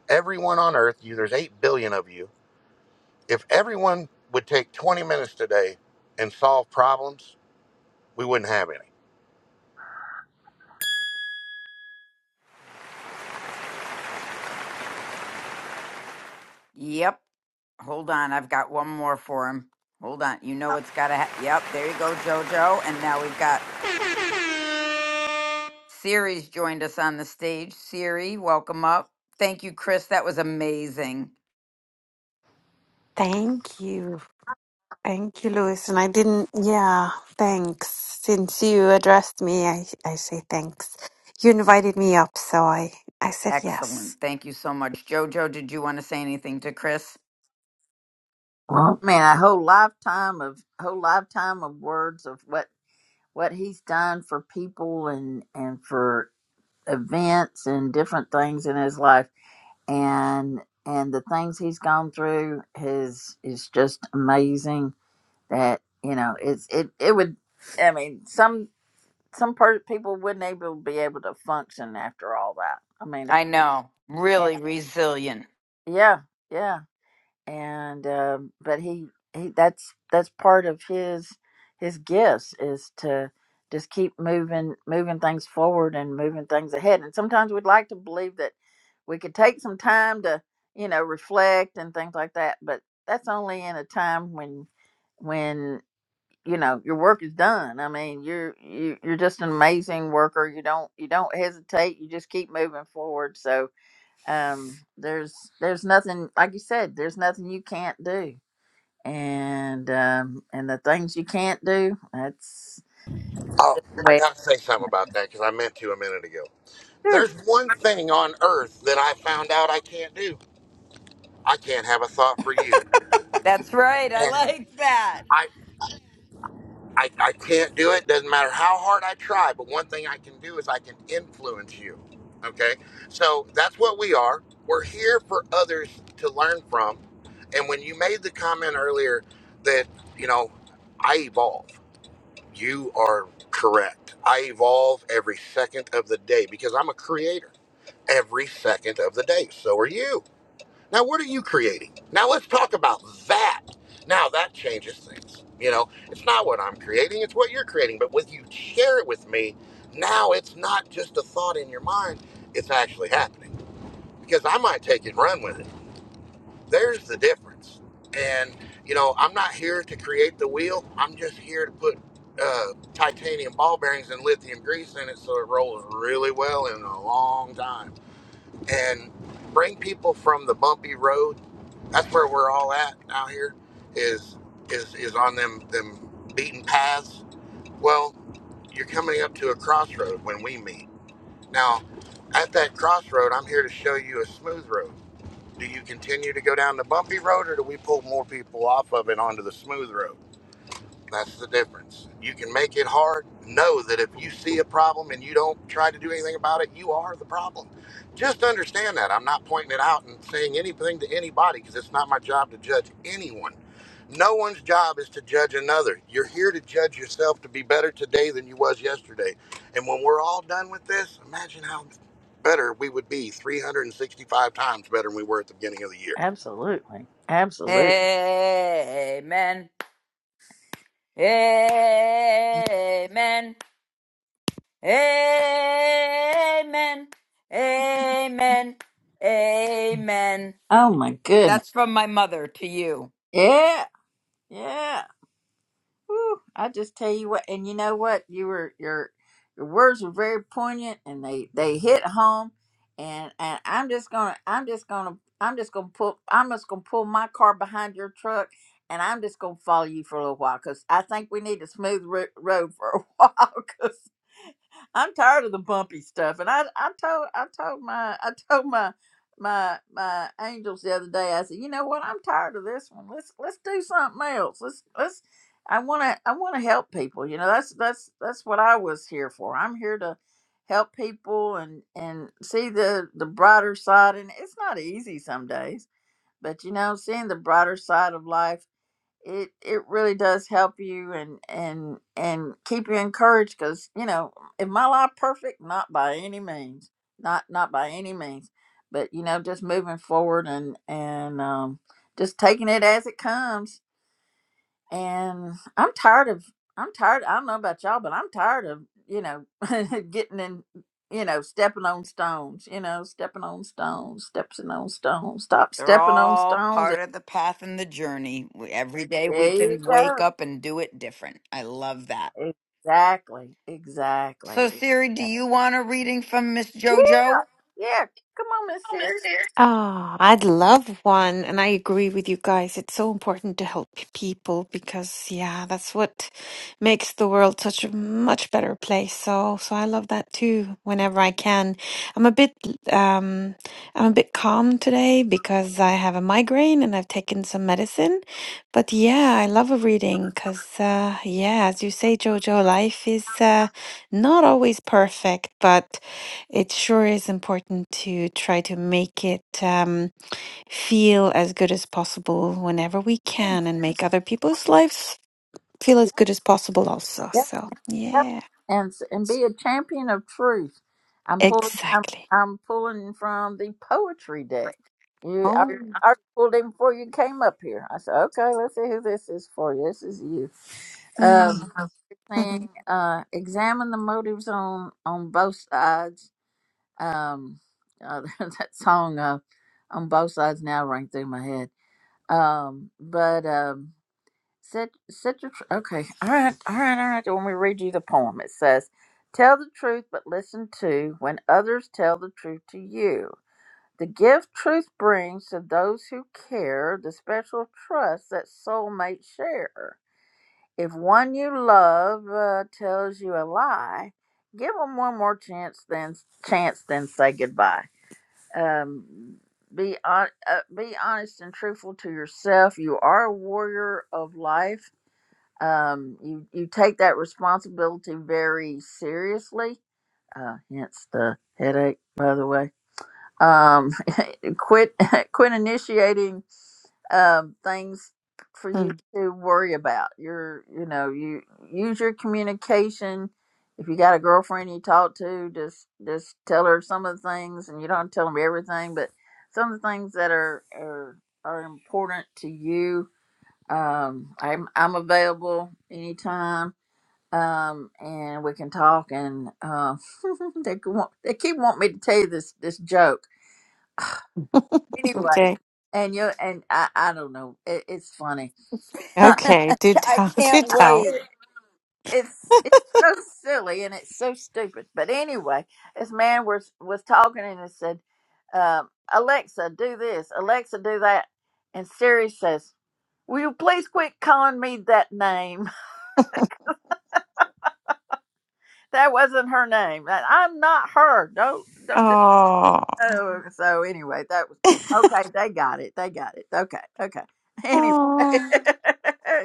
everyone on earth, you, there's 8 billion of you. If everyone would take 20 minutes today and solve problems, we wouldn't have any. yep. Hold on. I've got one more for him. Hold on. You know it's got to ha- Yep. There you go, JoJo. And now we've got Siri's joined us on the stage. Siri, welcome up. Thank you, Chris. That was amazing. Thank you. Thank you, Louis. And I didn't, yeah, thanks. Since you addressed me, I, I say thanks. You invited me up, so I, I said Excellent. yes. Thank you so much. JoJo, did you want to say anything to Chris? well man a whole lifetime of whole lifetime of words of what what he's done for people and and for events and different things in his life and and the things he's gone through is is just amazing that you know it's it it would i mean some some per- people wouldn't able be able to function after all that i mean I know. you Really resilient. know, yeah yeah and um, but he he that's that's part of his his gifts is to just keep moving moving things forward and moving things ahead and sometimes we'd like to believe that we could take some time to you know reflect and things like that but that's only in a time when when you know your work is done i mean you're you, you're just an amazing worker you don't you don't hesitate you just keep moving forward so um there's there's nothing like you said there's nothing you can't do and um and the things you can't do that's Oh, I way got to say something about that because I meant to a minute ago. sure There's one thing on earth that I found out I can't do. I can't have a thought for you. That's right. I And like that. I, I, I can't do it. Doesn't matter how hard I try. But one thing I can do is I can influence you. Okay. So that's what we are. We're here for others to learn from. And when you made the comment earlier that, you know, I evolve, you are correct. I evolve every second of the day because I'm a creator every second of the day. So are you. Now, what are you creating? Now, let's talk about that. Now, that changes things. You know, it's not what I'm creating, it's what you're creating. But when you share it with me, now it's not just a thought in your mind, it's actually happening. Because I might take it and run with it. There's the difference. And, you know, I'm not here to create the wheel, I'm just here to put uh, titanium ball bearings and lithium grease in it so it rolls really well in a long time. And bring people from the bumpy road that's where we're all at out here is is is on them them beaten paths. Well, you're coming up to a crossroad when we meet. Now, at that crossroad, I'm here to show you a smooth road. Do you continue to go down the bumpy road or do we pull more people off of it onto the smooth road? That's the difference. You can make it hard. Know that if you see a problem and you don't try to do anything about it, you are the problem. Just understand that. I'm not pointing it out and saying anything to anybody because it's not my job to judge anyone. No one's job is to judge another. You're here to judge yourself to be better today than you was yesterday. And when we're all done with this, imagine how better we would be 365 times better than we were at the beginning of the year. absolutely absolutely Amen. Amen. Amen. Amen. Amen. oh my goodness That's from my mother to you. yeah yeah Whew, I just tell you what, and you know what, you were your your words were very poignant, and they they hit home, and and I'm just gonna I'm just gonna I'm just gonna pull I'm just gonna pull my car behind your truck, and I'm just gonna follow you for a little while, cause I think we need a smooth ro- road for a while, I'm tired of the bumpy stuff. And I I told I told my I told my my my angels the other day, I said, you know what, I'm tired of this one. Let's let's do something else. Let's let's I wanna I wanna help people. You know, that's that's that's what I was here for. I'm here to help people and and see the the brighter side and it's not easy some days, but you know, seeing the brighter side of life it it really does help you and and and keep you encouraged because you know is my life perfect not by any means not not by any means but you know just moving forward and and um just taking it as it comes and i'm tired of i'm tired i don't know about y'all but i'm tired of you know getting in you know stepping on stones you know stepping on stones stepping on stones stop They're stepping on all stones part of the path and the journey. We- Every day we there you can go wake up and do it different. I love that. Exactly. So, Exactly. Siri, do you want a reading from Miss JoJo? Yeah. Come on, Miss Sears. Oh, I'd love one. And I agree with you guys. It's so important to help people because, yeah, that's what makes the world such a much better place. So, so I love that too, whenever I can. I'm a bit, um, I'm a bit calm today because I have a migraine and I've taken some medicine. But yeah, I love a reading because, uh, yeah, as you say, Jojo, life is uh, not always perfect, but it sure is important to try to make it um, feel as good as possible whenever we can and make other people's lives feel as good as possible, also. Yep. So, Yep. yeah, And s- and be a champion of truth. I'm pulling. I'm exactly. I'm pulling from the poetry deck. You, I, Oh, I pulled him before you came up here. I said, okay, let's see who this is for you. This is you. Mm. Um, Mhm. saying, uh, examine the motives on on both sides. Um, uh, that song, uh, on both sides now rang through my head. Um, but um Set, set your tr- okay. All right, all right, all right. When we read you the poem, it says, "Tell the truth, but listen to when others tell the truth to you. The gift truth brings to those who care the special trust that soulmates share. If one you love uh, tells you a lie, give them one more chance. Then chance, then say goodbye. Um, be on, uh, be honest and truthful to yourself. You are a warrior of life." Um, you you take that responsibility very seriously. Uh, hence the headache, by the way. Um, quit quit initiating um, things for you mm, to worry about. Your you know you use your communication. If you got a girlfriend you talk to, just just tell her some of the things, and you don't tell them everything, but some of the things that are are, are important to you. Um, I'm I'm available anytime um, and we can talk. And uh, they could want, they keep wanting me to tell you this this joke anyway. okay. And you and I I don't know. It, it's funny. Uh, Okay, do I tell, do can't I, tell. I- wait. it, it's it's so silly and it's so stupid. But anyway, this man was was talking and he said, um, "Alexa, do this. Alexa, do that." And Siri says, "Will you please quit calling me that name? That wasn't her name. That- I'm not her. Don't don't." Oh, Oh, so anyway, that was okay. They got it. They got it. Okay. Okay. Anyway. oh,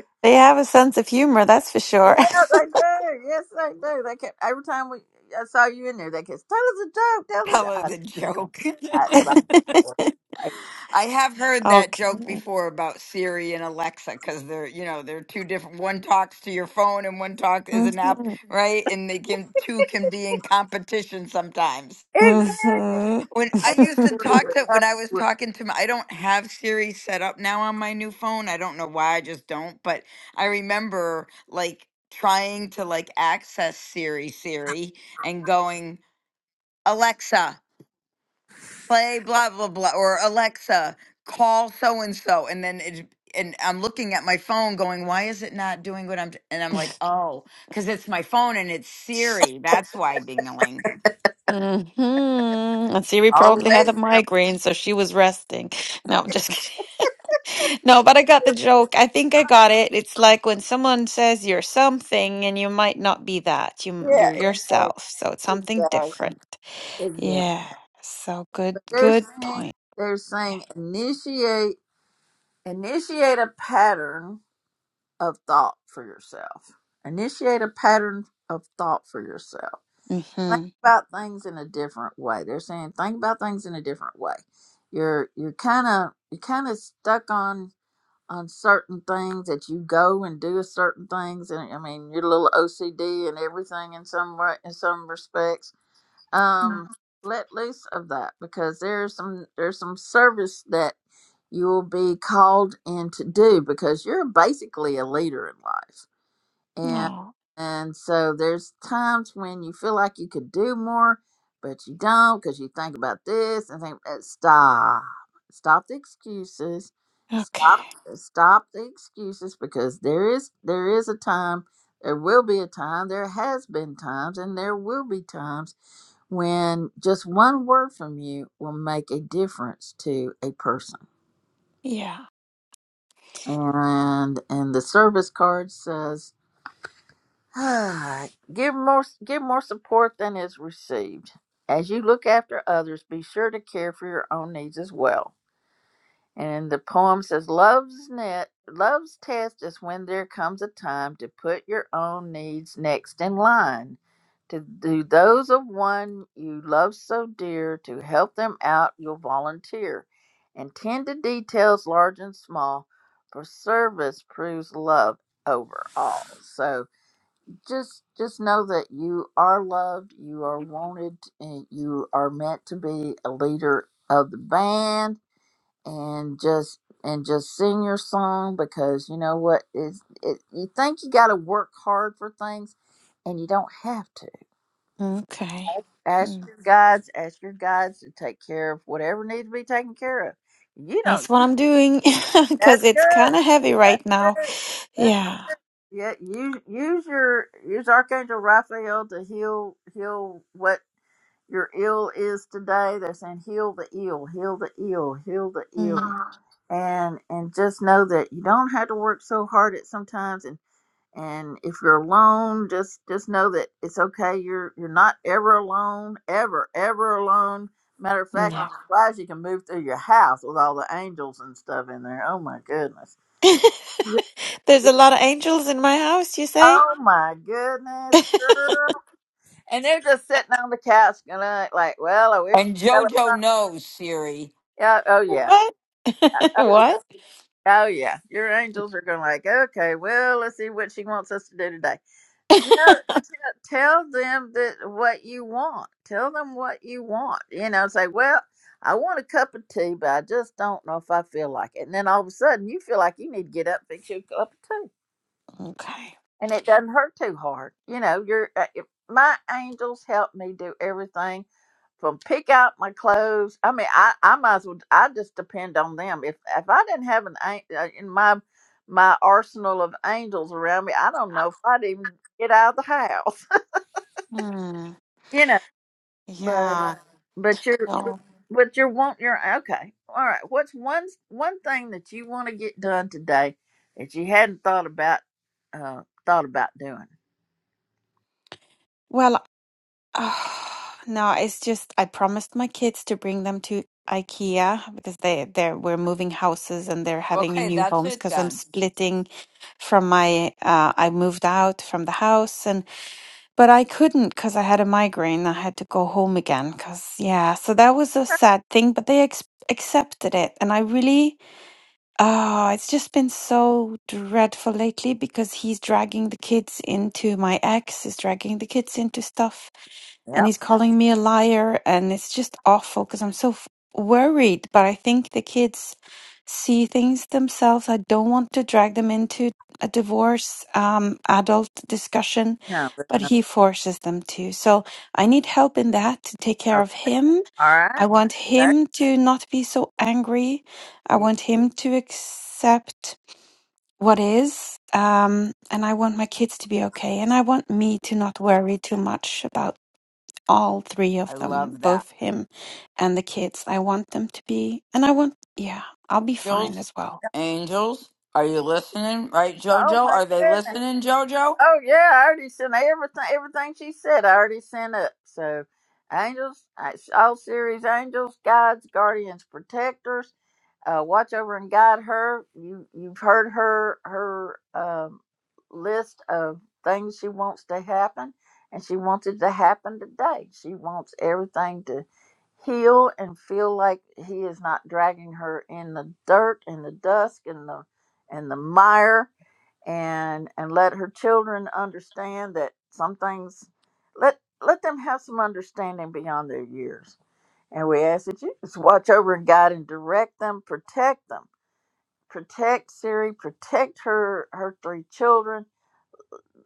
they have a sense of humor, that's for Yeah, sure. they do. Yes, they do. They kept every time we I saw you in there, they kept tell us a joke, tell us a Tell joke. I her said, the I ain't gonna joke. tell you that, but I I have heard that Okay. joke before about Siri and Alexa because they're, you know, they're two different. One talks to your phone and one talk is an app, hmm right? And they can two can be in competition sometimes. Exactly. When I used hmm to talk to when I was Absolutely. talking to my, I don't have Siri set up now on my new phone. I don't know why, I just don't. But I remember like trying to like access Siri, Siri, and going Alexa play blah blah blah or Alexa call so and so and then it and I'm looking at my phone going why is it not doing what I'm t-? and I'm like oh cuz it's my phone and it's Siri that's why dingling Mm-hmm. And Siri Absolutely. probably had Always. a something. migraine, so she was resting. No, I'm just kidding. No, but I got the joke. I think I got it. It's like when someone says you're something and you might not be that. You Yeah, you're yourself, exactly. so it's something Exactly. different. Exactly. Yeah. So good But they're good saying point. they're saying initiate initiate a pattern of thought for yourself. Initiate a pattern of thought for yourself. Think Mm-hmm. about things in a different way. They're saying think about things in a different way. You're you're kind of you're kind of stuck on on certain things that you go and do certain things, and I mean you're a little OCD and everything in some way in some respects. Um, let loose of that because there's some there's some service that you will be called in to do because you're basically a leader in life and Oh, and so there's times when you feel like you could do more but you don't because you think about this and think eh, stop stop the excuses okay. stop stop the excuses because there is there is a time there will be a time there has been times and there will be times when just one word from you will make a difference to a person Yeah. and and the service card says give more give more support than is received. As you look after others, be sure to care for your own needs as well. And the poem says, "Love's net, love's test is when there comes a time to put your own needs next in line, to do those of one you love so dear, to help them out you'll volunteer, and tend to details large and small, for service proves love over all." So just just know that you are loved, you are wanted, and you are meant to be a leader of the band. And just and just sing your song because you know what is it, you think you got to work hard for things, and you don't have to. Okay. Ask Mm. your guides, ask your guides to take care of whatever needs to be taken care of. You don't. That's what I'm doing That's because it's kind of heavy right now. good. That's good. Yeah. Yeah, use use your use Archangel Raphael to heal heal what your ill is today. They're saying heal the ill, heal the ill, heal the ill, Mm. and and just know that you don't have to work so hard at sometimes. And and if you're alone, just just know that it's okay. You're you're not ever alone, ever ever alone. Matter of fact, I'm No. surprised you can move through your house with all the angels and stuff in there. Oh my goodness. There's a lot of angels in my house, you say? Oh my goodness, And they're just sitting on the couch, going like, well, I wish and you'd tell us Jojo something. knows Siri Yeah, oh yeah, What? Uh, oh yeah, What? oh yeah. Your angels are going like, okay, well, let's see what she wants us to do today. Tell, tell, tell them that what you want. Tell them what you want. You know, say, well, I want a cup of tea, but I just don't know if I feel like it. And then all of a sudden, you feel like you need to get up, fix you a cup of tea, Okay. and it doesn't hurt too hard. You know, you're. Uh, my angels help me do everything from pick out my clothes. I mean, I, I might as well. I just depend on them. If if I didn't have an an- uh, in my my arsenal of angels around me, I don't know if I'd even get out of the house. Hmm. you know, but uh, Yeah. but you're No. but you're want your okay. All right. What's one one thing that you want to get done today that you hadn't thought about uh thought about doing? Well, ah, no, it's just I promised my kids to bring them to IKEA because they they're we're moving houses and they're having a okay new that's homes it because I'm then splitting from my uh I moved out from the house and but I couldn't because I had a migraine. I had to go home again because yeah, so that was a sad thing, but they ex accepted it and I really Oh, it's just been so dreadful lately because he's dragging the kids into my ex, is dragging the kids into stuff and Yep. he's calling me a liar and it's just awful because i'm so f- worried but i think the kids see things themselves i don't want to drag them into a divorce um, adult discussion No. there's but no- he forces them to so i need help in that to take care Okay. of him All i right. want him to not be so angry i Okay. want him to accept what is um, and i want my kids to be okay and i want me to not worry too much about all three of I them, love that both him and the kids. I want them to be, and I want, yeah, I'll be fine angels as well. angels are you listening right Oh Jojo my are they goodness. listening Jojo Oh yeah, I already sent everything. Everything she said, I already sent up. So, angels, I- all series angels, guides, guardians, protectors, uh, watch over and guide her. You you've heard her her um, list of things she wants to happen, and she wants it to happen today. She wants everything to heal and feel like he is not dragging her in the dirt and the dusk and the and the mire and and let her children understand that some things let let them have some understanding beyond their years and we ask that you just watch over and guide and direct them protect them protect siri protect her her three children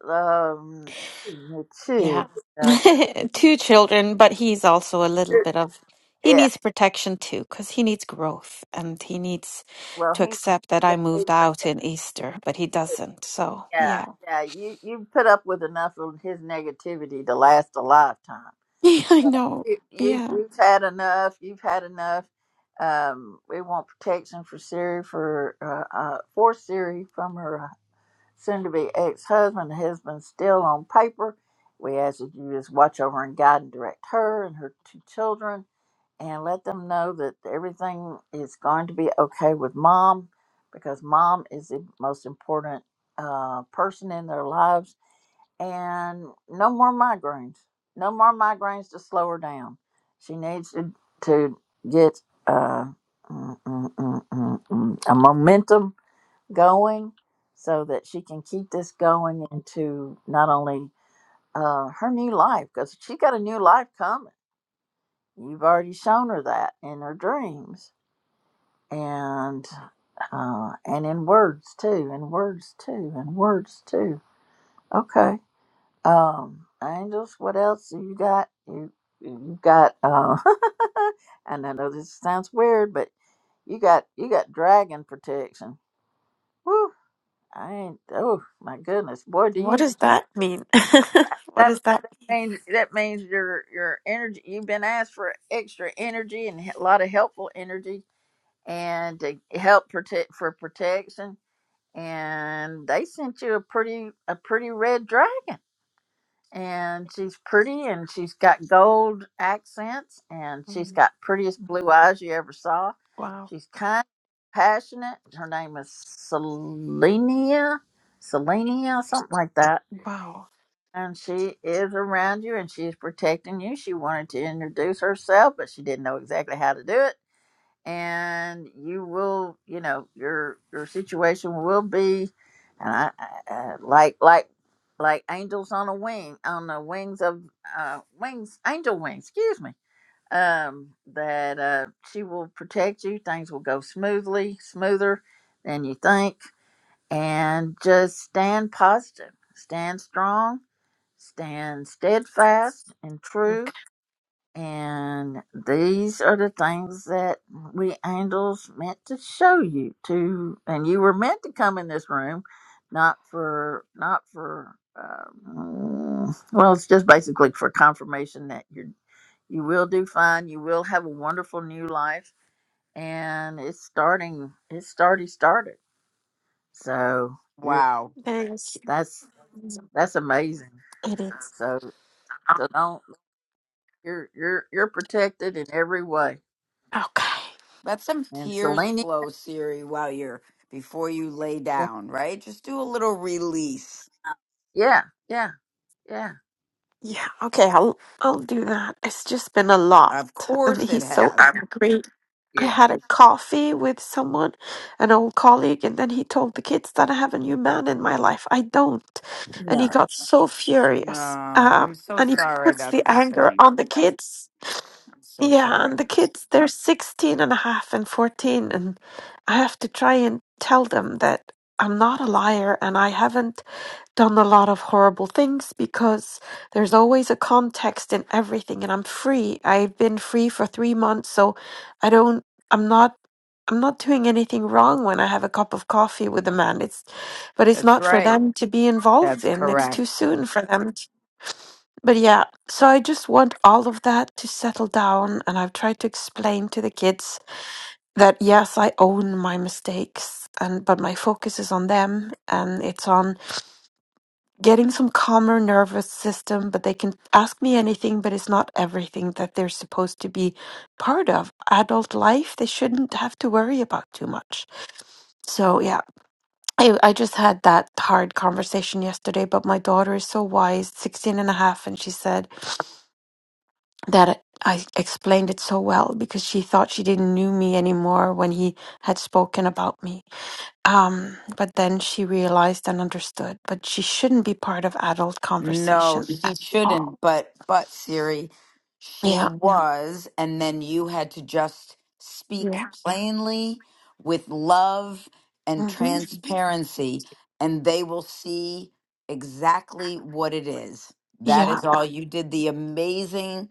um it's, Yeah. uh, Two children, but he's also a little bit of, he yeah needs protection too, because he needs growth and he needs well to he accept that yeah I moved out in Easter, but he doesn't. So, yeah yeah. yeah. you you put up with enough of his negativity to last a lifetime Yeah, I know. you, you Yeah. you've had enough. You've had enough. Um, we want protection for Siri for uh, uh, for Siri from her soon-to-be ex-husband. Husband still on paper. We ask that you just watch over and guide and direct her and her two children, and let them know that everything is going to be okay with mom, because mom is the most important uh, person in their lives and no more migraines. No more migraines to slow her down. She needs to to get uh, mm, mm, mm, mm, mm, a momentum going so that she can keep this going into not only uh, her new life because she got a new life coming. You've already shown her that in her dreams and uh, and in words too, in words too, in words too. Okay Um, angels, what else do you got? You you got uh and I know this sounds weird, but you got you got dragon protection. Woo! I ain't oh my goodness. Boy, do What you does that mean? What that does that mean? means that means your your energy you've been asked for extra energy and a lot of helpful energy and to help protect for protection and they sent you a pretty a pretty red dragon. and she's pretty and she's got gold accents and she's Mm, got prettiest blue eyes you ever saw. Wow. She's kind, passionate. Her name is Selenia, Selenia, something like that. Wow. And she is around you and she is protecting you. She wanted to introduce herself, but she didn't know exactly how to do it and you will you know your your situation will be and I, I, I- like like like angels on a wing on the wings of uh wings angel wings excuse me um that uh she will protect you things will go smoothly smoother than you think and just stand positive stand strong stand steadfast and true and these are the things that we angels meant to show you to, and you were meant to come in this room, not for, not for, um, well, it's just basically for confirmation that you you will do fine, you will have a wonderful new life, and it's starting, it's already started. So you're wow Thank that's you. that's amazing. It is. So so don't you're you're you're protected in every way. Okay. let some And tears Selene. flow Siri while you're before you lay down right just do a little release Yeah, yeah, yeah, Yeah. Okay. I'll I'll do that. It's just been a lot, Of and course it he's Yeah, so has. angry. I yeah. had a coffee with someone, an old colleague, and then he told the kids that I have a new man in my life. I don't, and no. he got so Oh, furious. Um, I'm so and he sorry puts that's the anger happening. on the kids. I'm so Yeah, and sorry. the kids, they're 165 and a half and 14, and I have to try and tell them that I'm not a liar and I haven't done a lot of horrible things because there's always a context in everything and I'm free. I've been free for 3 months so I don't I'm not I'm not doing anything wrong when I have a cup of coffee with a man. It's but it's That's not for right. them to be involved That's in. It's correct. too soon for them. to- but yeah, so I just want all of that to settle down and I've tried to explain to the kids that yes, I own my mistakes and but my focus is on them and it's on getting some calmer nervous system, but they can ask me anything, but it's not everything that they're supposed to be part of. Adult life, they shouldn't have to worry about too much. So, yeah, I, I just had that hard conversation yesterday, but my daughter is so wise, 16 and a half, and and she said that I explained it so well because she thought she didn't knew me anymore when he had spoken about me. Um, but then she realized and understood, but she shouldn't be part of adult No, conversation she shouldn't. But but Siri, she Yeah, No. was, and then you had to just speak yeah, plainly with love and hmm transparency, and they will see exactly what it is. That yeah, is all. You did the amazing.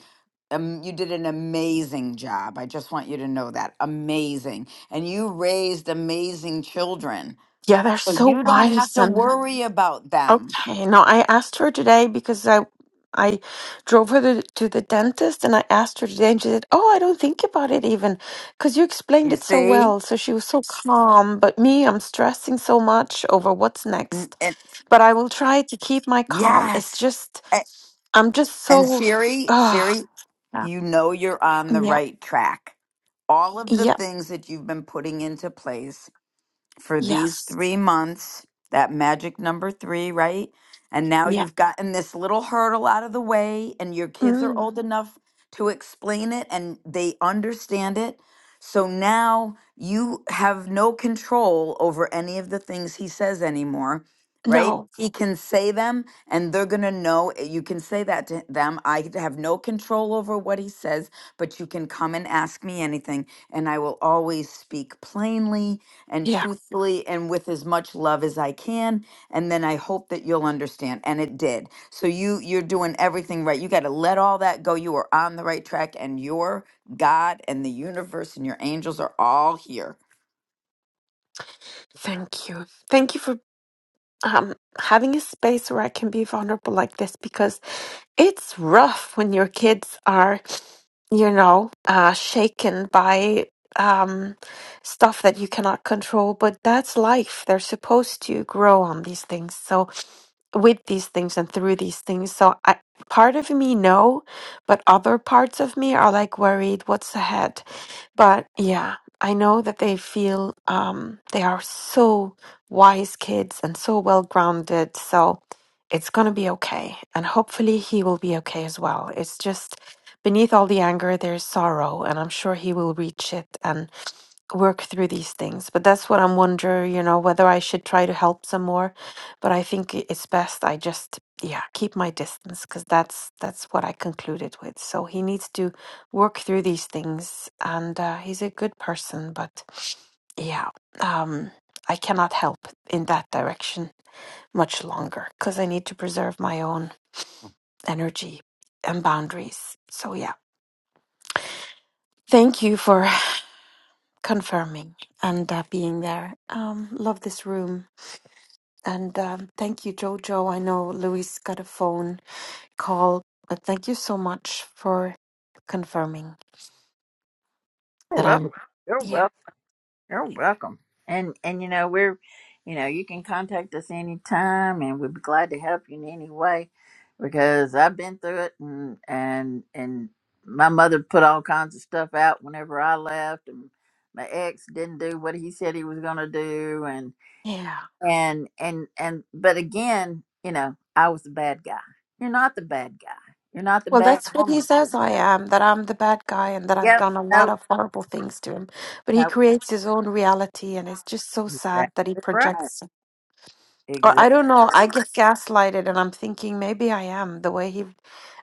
Um, you did an amazing job. I just want you to know that. Amazing. And you raised amazing children. yeah. They're So so you don't have wise, to and worry about them. okay. No, I asked her today because I, I drove her to, to the dentist, and I asked her today, and she said, "Oh, I don't think about it even, because you explained You it so see? well." So she was so calm. But me, I'm stressing so much over what's N- next. And But I will try to keep my calm. It's yes. just A- I'm just And so, Siri, ah, Siri, yeah, you know you're on the yeah, right track. All of the yeah, things that you've been putting into place for these yes, three months, that magic number three, right? And now yeah. you've gotten this little hurdle out of the way, and your kids are Mm, old enough to explain it and they understand it. So now you have no control over any of the things he says anymore, right? no, He can say them and they're going to know. eh, You can say that to them. I have no control over what he says, but you can come and ask me anything, and I will always speak plainly and yeah. truthfully and with as much love as I can and then I hope that you'll understand and it did. So you you're doing everything right. You got to let all that go. You are on the right track and your God and the universe and your angels are all here Thank you. Thank you for um, having a space where I can be vulnerable like this because it's rough when your kids are, you know, uh, shaken by um, stuff that you cannot control. But that's life. They're supposed to grow on these things. So, with these things and through these things. So, I, part of me, no, but other parts of me are like worried what's ahead? But yeah, I know that they feel um, they are so wise kids and so well grounded. So it's going to be okay. And hopefully he will be okay as well. It's just beneath all the anger, there's sorrow. And I'm sure he will reach it. and work through these things. But that's what I'm wondering, you know, whether I should try to help some more. But I think i- it's best I just, yeah, keep my distance because that's that's what I concluded with. So he needs to work through these things, and uh, he's a good person, but yeah, um, I cannot help in that direction much longer because I need to preserve my own energy and boundaries. So yeah, thank you for confirming and uh, being there. Um, love this room And um, thank you, Jojo. I know Luis got a phone call, but thank you so much for confirming You're that welcome. I'm. You're Yeah, welcome. You're welcome. And and you know we're, you know you can contact us anytime, and we'd be glad to help you in any way, because I've been through it, and and and my mother put all kinds of stuff out whenever I left, and my ex didn't do what he said he was going to do, and yeah. and and and but again, you know I was the bad guy. You're not the bad guy. You're not the Well, bad that's what he woman. says I am, that I'm the bad guy and that I've Yep. done a lot Nope. of horrible things to him. But he Nope. creates his own reality, and it's just so sad that he Exactly right. projects. Or I Exactly. don't know, I get gaslighted, and I'm thinking maybe I am the way he.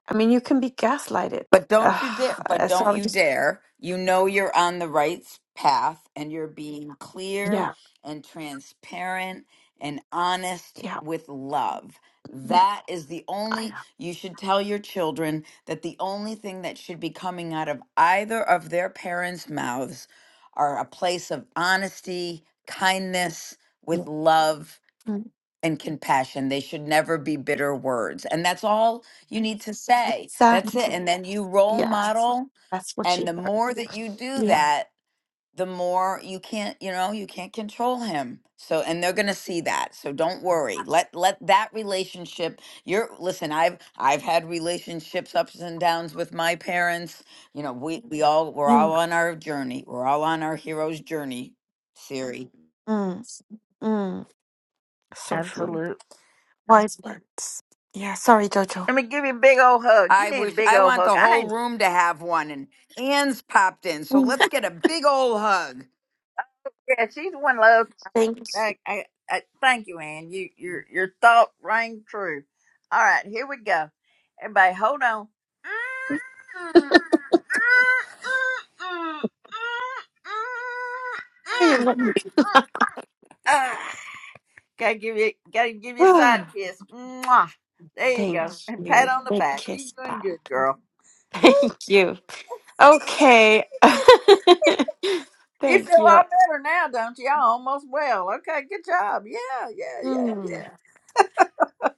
I mean, you can be gaslighted. But don't you dare, but Ugh, so don't I'm you just, dare. You know you're on the right s- path and you're being clear yeah, and transparent and honest yeah. with love. mm, That is the I only, you should tell your children that the only thing that should be coming out of either of their parents' mouths are a place of honesty, kindness, with am. love Yeah. and compassion. They should never be bitter words. And that's all you need to say. That's it. Exactly. And then you role Yes. model. That's what And she the heard. more that you do Yeah. that, the more you can't, you know, you can't control him. So and they're gonna see that. So don't worry. Let let that relationship you're listen, I've I've had relationships ups and downs with my parents. You know, we we all we're Mm, all on our journey. We're all on our hero's journey, Siri. mm, mm. So true. Absolutely. Wise words. Yeah. Sorry, Jojo. Let me give you a big old hug. You I need a wish big I old want hug. the I whole ain't. room to have one. And Anne's popped in, so Mm. let's get a big old hug. Yeah, she's one love. Thank you. I, I, I, thank you, Ann. You, your, your thought rang true. All right, here we go. Everybody, hold on. I am not- Ah, gotta give you, gotta give you a side Ah, kiss. Mwah. There you Thank go. And pat you. on the Big back. You kiss. doing Bye. good, girl. Thank you. Okay. You feel Thank a you. lot better now, don't you? Y'all almost well. Okay, good job. Yeah, yeah, yeah, Mm. yeah.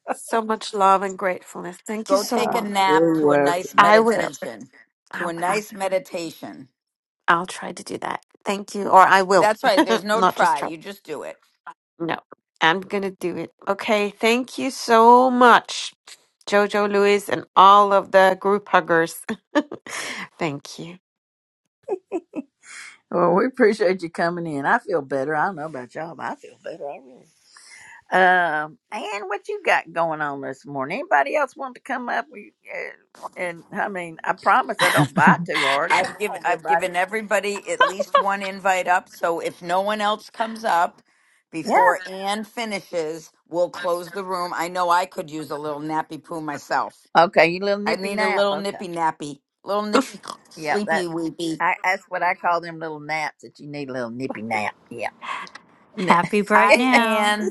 So much love and gratefulness. Thank you Go so take a much. nap You're to a nice welcome. I will. meditation. I To a will. nice meditation. I'll try to do that. Thank you. Or I will. That's right. There's no Not just try. try. You just do it. No, I'm gonna do it. Okay, thank you so much, Jojo Lewis, and all of the group huggers. thank you. Well, we appreciate you coming in. I feel better. I don't know about y'all, but I feel better. I really. Um, and what you got going on this morning? Anybody else want to come up? We, uh, and I mean, I promise I don't bite too hard. Come I've given on, I've everybody. given everybody at least one invite up. So if no one else comes up Yeah. before Anne finishes, we'll close the room. I know I could use a little nappy poo myself. Okay, you little I nippy need a nap. little Okay. nippy nappy, little nippy Yeah, That sleepy weepy. I, that's what I call them little naps that you need a little nippy nap. Yeah. Happy bright Hi, now. Anne.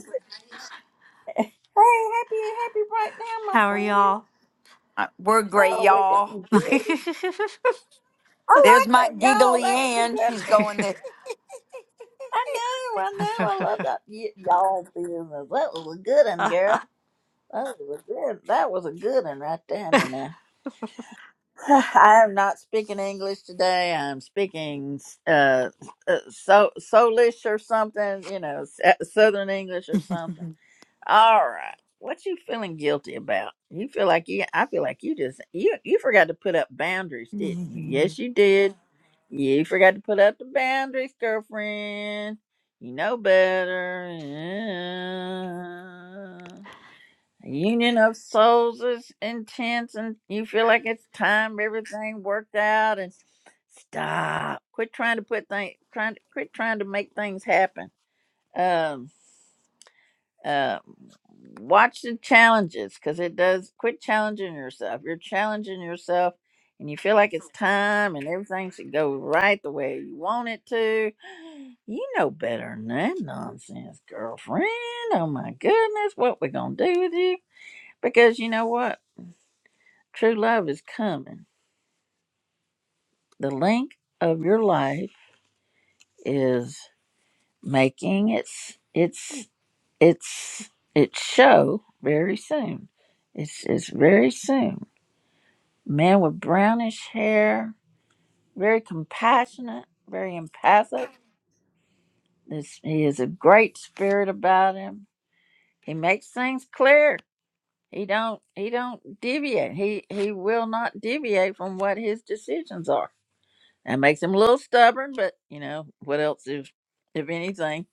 Hey, happy, happy right now, my How are friend. y'all? Uh, We're great, Oh, we y'all. doing good. I There's like my that, y'all. giggly That was a Ann. good She's one. going there. I know, I know. I love that. Y- y'all business. That was a good one, girl. That was a good. That was a good one right there and there. I am not speaking English today. I'm speaking uh, uh so Solish or something, you know, s- uh, Southern English or something. All right. What you feeling guilty about? You feel like you I feel like you just you you forgot to put up boundaries, didn't you? Yes, you did. Yeah, you forgot to put up the boundaries, girlfriend. You know better. Uh, union of souls is intense and you feel like it's time everything worked out and stop. Quit trying to put things trying to quit trying to make things happen. Um uh, watch the challenges because it does quit challenging yourself you're challenging yourself and you feel like it's time and everything should go right the way you want it to you know better than that nonsense girlfriend oh my goodness what we gonna do with you because you know what true love is coming the link of your life is making its its its its show very soon it's it's very soon man with brownish hair, very compassionate, very empathic. This, he has a great spirit about him. He makes things clear. He don't he don't deviate. He he will not deviate from what his decisions are. That makes him a little stubborn, but you know what else if if anything.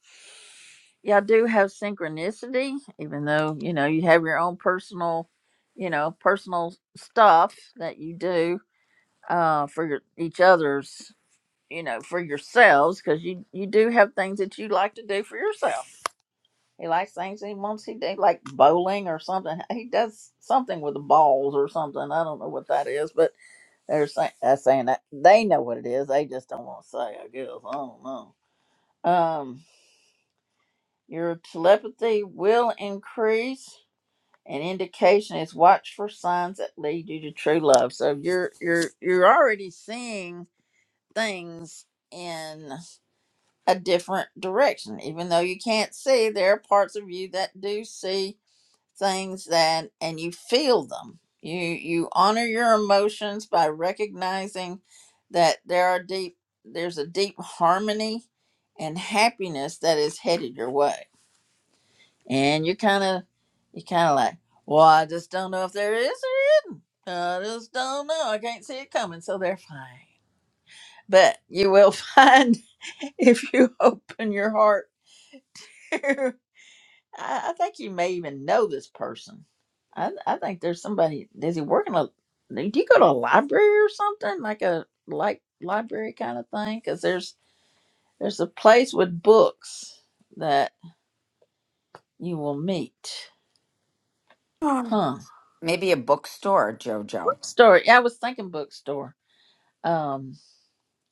Y'all do have synchronicity, even though you know you have your own personal, you know, personal stuff that you do uh, for your, each other's you know, for yourselves because you you do have things that you like to do for yourself. He likes things he wants. He do like bowling or something. He does something with the balls or something. I don't know what that is, but they're saying uh, saying that they know what it is. They just don't want to say. I guess I don't know. Um, your telepathy will increase. An indication is watch for signs that lead you to true love. So you're you're you're already seeing things in. a different direction even though you can't see there are parts of you that do see things that and you feel them you you honor your emotions by recognizing that there are deep there's a deep harmony and happiness that is headed your way and you kind of you kind of like well i just don't know if there is or isn't i just don't know i can't see it coming so they're fine but you will find if you open your heart I, I think you may even know this person. I, I think there's somebody. Does he work in a? Do you go to a library or something like a like library kind of thing? Because there's there's a place with books that you will meet. Huh? Maybe a bookstore, Jojo. Bookstore. Yeah, I was thinking bookstore. Um.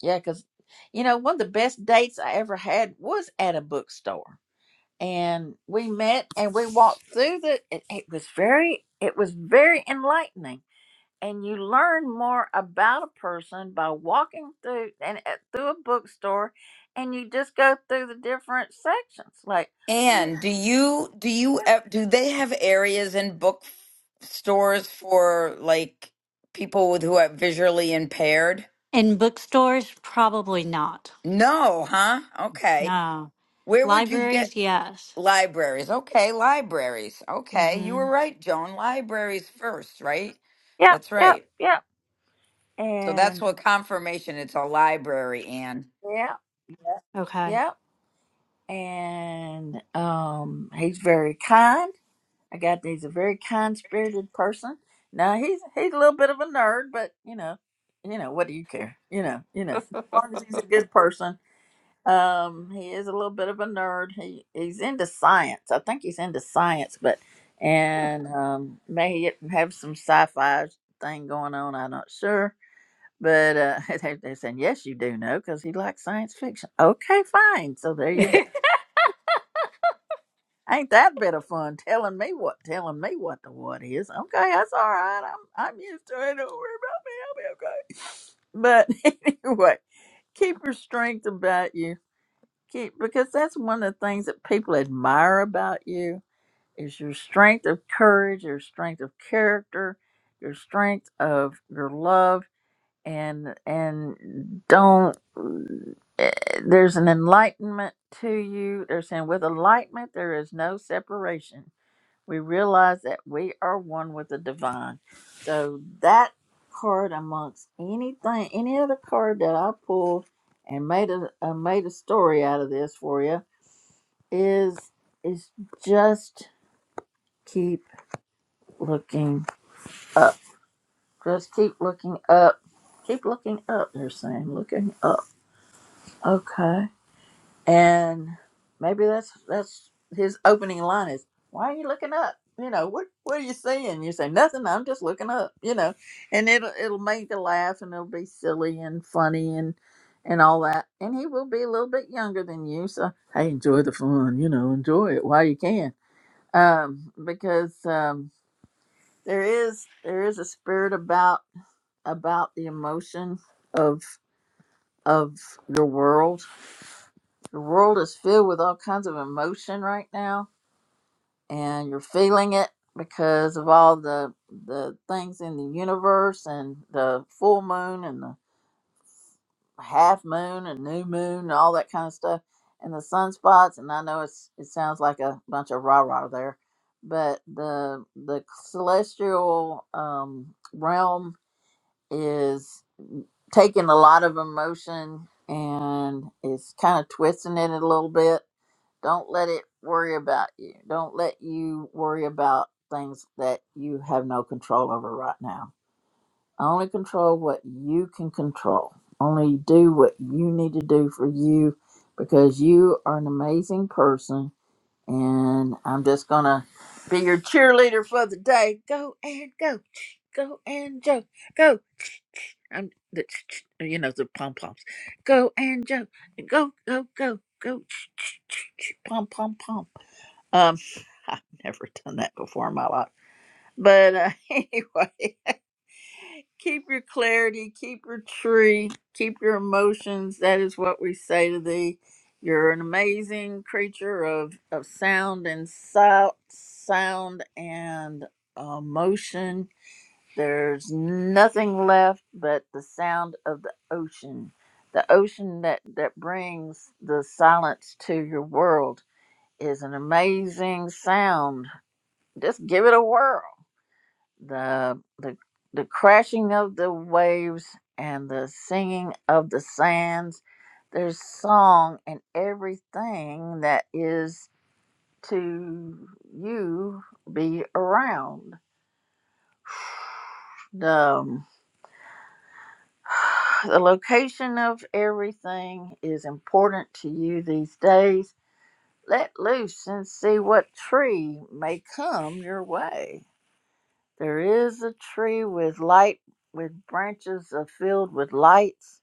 Yeah, because you know one of the best dates I ever had was at a bookstore, and we met and we walked through the. It, it was very. It was very enlightening and you learn more about a person by walking through and uh, through a bookstore and you just go through the different sections like Mm. Ann, do you do you ev- do they have areas in book stores for like people with who are visually impaired? In bookstores, probably not. No, huh? Okay. No. Where would you get Libraries, yes. libraries? Okay, libraries. Okay, you hmm were right, Joan. Libraries first, right? yep That's yep right. yep So that's and what confirmation. It's a library, Anne. yep yep Okay. yep and um he's very kind i got that he's a very kind spirited person now he's he's a little bit of a nerd but you know you know what do you care you know you know as long as he's a good person Um, he is a little bit of a nerd. He he's into science. I think he's into science, but and um, may he have some sci-fi thing going on. I'm not sure, but uh, they, they're saying yes, you do know because he likes science fiction. Okay, fine. So there you go. Ain't that bit of fun telling me what telling me what the what is? Okay, that's all right. I'm I'm used to it. Don't worry about me. I'll be okay. But anyway, keep your strength about you Keep, because that's one of the things that people admire about you is your strength of courage, your strength of character, your strength of your love, and and don't. eh, There's an enlightenment to you. They're saying with enlightenment there is no separation. We realize that we are one with the divine. So that card amongst anything, any other card that I pulled and made a, a made a story out of this for you is is just keep looking up. Just keep looking up. Keep looking up, they're saying. Looking up. Okay. And maybe that's that's his opening line is, Why are you looking up? You know, what what are you seeing? You say, Nothing, I'm just looking up, you know. And it'll it'll make you laugh and it'll be silly and funny and and all that. And he will be a little bit younger than you, so hey, enjoy the fun, you know, enjoy it while you can um, because um, there is there is a spirit about about the emotion of of your world. Your world is filled with all kinds of emotion right now, and you're feeling it because of all the the things in the universe and the full moon and the half moon and new moon and all that kind of stuff and the sunspots and I know it's it sounds like a bunch of rah rah there, but the the celestial um, realm is taking a lot of emotion and is kind of twisting it a little bit. Don't let it worry about you. Don't let you worry about things that you have no control over right now only control what you can control. Only do what you need to do for you because you are an amazing person. And I'm just going to be your cheerleader for the day. Go and go. Go and Joe. Go. I'm the, you know, the pom poms. Go and Joe. Go, go, go, go. Pom, pom, pom. Um, I've never done that before in my life. But uh, anyway keep your clarity, keep your tree, keep your emotions. That is what we say to thee. You're an amazing creature of, of sound and sound, sound and emotion. There's nothing left but the sound of the ocean. The ocean that, that brings the silence to your world is an amazing sound. Just give it a whirl the the the crashing of the waves and the singing of the sands there's song and everything that is to you be around the the location of everything is important to you these days let loose and see what tree may come your way there is a tree with light with branches filled with lights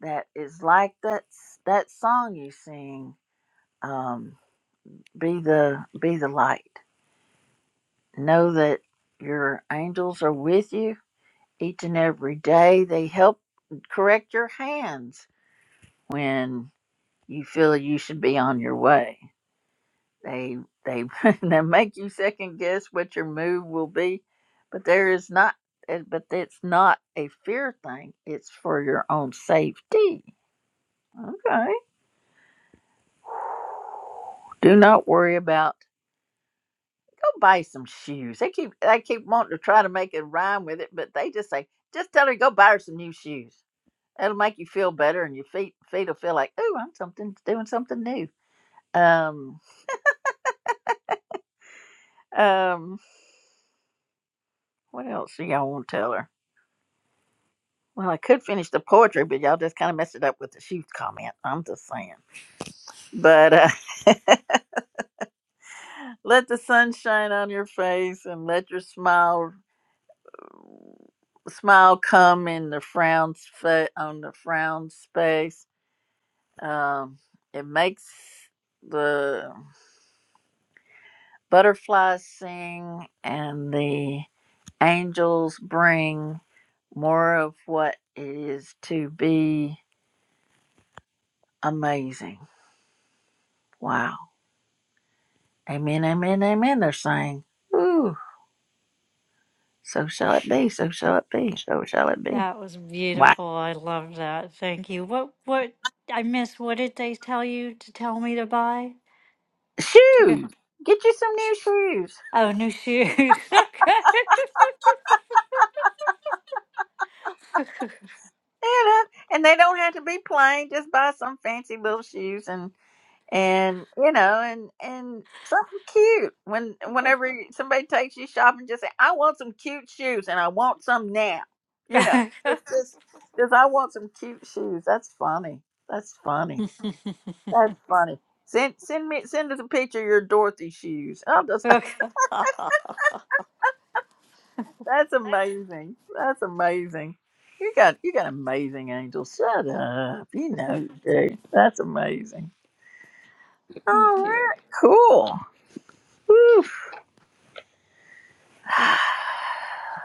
that is like that s- that song you sing um be the be the light know that your angels are with you each and every day they help correct your hands when you feel you should be on your way they they they make you second guess what your move will be but there is not eh, but it's not a fear thing it's for your own safety okay do not worry about go buy some shoes. They keep I keep wanting to try to make it rhyme with it, but they just say, just tell her to go buy her some new shoes. That'll make you feel better, and your feet feet will feel like, oh, I'm something doing something new. Um, um, what else do y'all want to tell her? Well, I could finish the poetry, but y'all just kind of messed it up with the shoes comment. I'm just saying. But uh, let the sun shine on your face and let your smile smile come in the frown fa- on the frown space Um, it makes the butterflies sing and the angels bring more of what it is to be amazing. Wow. Amen, amen, amen, they're saying. Ooh, so shall it be, so shall it be, so shall it be. That was Wow. beautiful. I love that. Thank you. What what I missed, what did they tell you to tell me to buy? To go Shoes! Get you some new shoes. Oh, new shoes. Okay. You know, and they don't have to be plain. Just buy some fancy little shoes and. and you know and and something cute when whenever somebody takes you shopping just say i want some cute shoes and i want some now you know just just just i want some cute shoes that's funny that's funny that's funny send send me send us a picture of your dorothy shoes oh Okay. that's that's amazing that's amazing you got you got amazing angels shut up you know you do. that's amazing all Thank you. right cool Whew.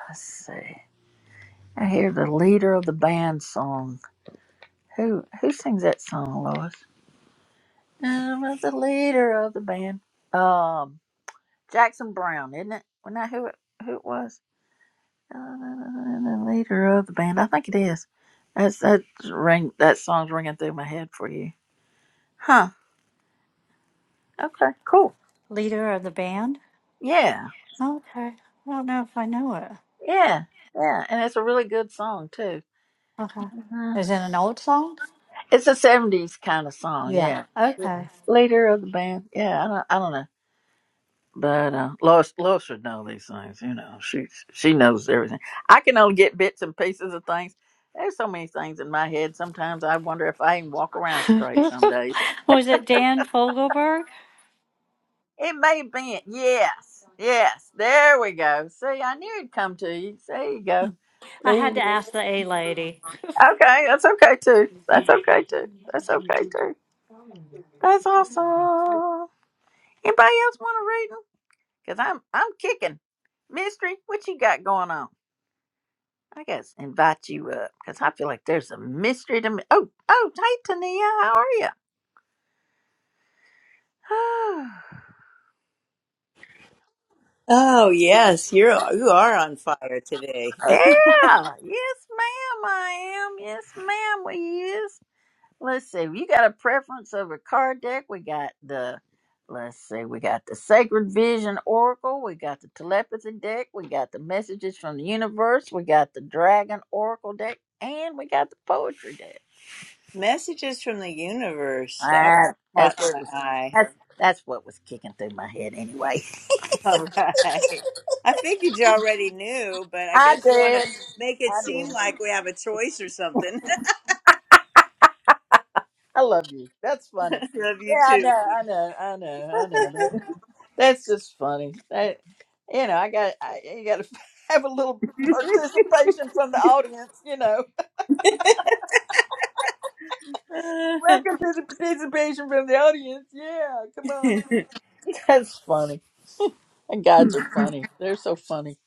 let's see I hear the leader of the band song. Who who sings that song, Lois? I'm the leader of the band. Um, Jackson Brown, isn't it? Well, not who it, who it was. Uh, the leader of the band. I think it is. That's that's ring. That song's ringing through my head for you. Huh. Okay. Cool. Leader of the band? Yeah. Okay. I don't know if I know it. Yeah. Yeah. And it's a really good song too. Okay. Mhm. Is it an old song? It's a '70s kind of song. Yeah. Yeah. Yeah. Okay. Leader of the band. Yeah. I don't. I don't know. But uh, Lois, Lois should know these things. You know, she she knows everything. I can only get bits and pieces of things. There's so many things in my head. Sometimes I wonder if I even walk around straight. Some days Was it Dan Fogelberg? it may have been. Yes, yes. There we go. See, I knew it'd come to you. There you go. I Leave. had to it. ask the A lady. Okay, that's okay too. That's okay too. That's okay too. That's awesome. Anybody else want to read them? Cause I'm I'm kicking. Mystery, what you got going on? I guess invite you up because I feel like there's a mystery to me. Oh, oh, hey Tania, how are you? Oh, yes, you're you are on fire today. yeah, yes, ma'am, I am. Yes, ma'am, we is. Let's see. You got a preference of a card deck? We got the. Let's see. We got the Sacred Vision Oracle. We got the Telepathy deck. We got the Messages from the Universe. We got the Dragon Oracle deck, and we got the Poetry deck. Messages from the universe. That Ah, caught that's where it my was. eye. That's that's what was kicking through my head anyway. All right. I figured you already knew, but I I guess you want to did. make it I seem did. like we have a choice or something. I love you. That's funny. Love you Yeah, I too. know. I know. I know. I know. That- That's just funny. That you know, I got. I, you got to have a little participation from the audience. You know, welcome to the participation from the audience. Yeah, come on. That's funny. And guides are funny. They're so funny.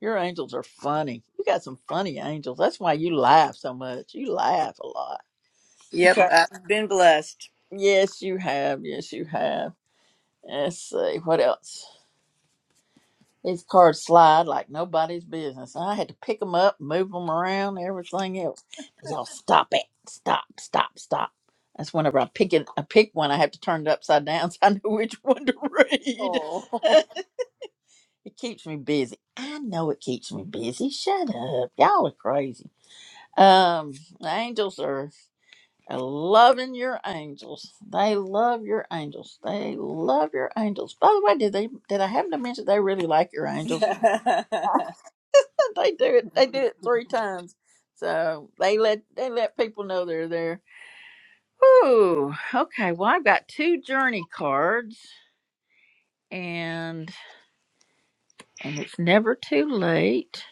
Your angels are funny. You got some funny angels. That's why you laugh so much. You laugh a lot. You yep, try. I've been blessed. Yes, you have. Yes, you have. Let's see what else. These cards slide like nobody's business. I had to pick them up, move them around, everything else. Y'all stop it! Stop! Stop! Stop! That's whenever I pick it, I pick one, I have to turn it upside down so I know which one to read. Oh. it keeps me busy. I know it keeps me busy. Shut up, y'all are crazy. Um, the angels are. and loving your angels. They love your angels. They love your angels. By the way, did they did I happen to mention they really like your angels? they do it. They did it three times. So they let they let people know they're there. Ooh, okay. Well, I've got two journey cards, and and it's never too late.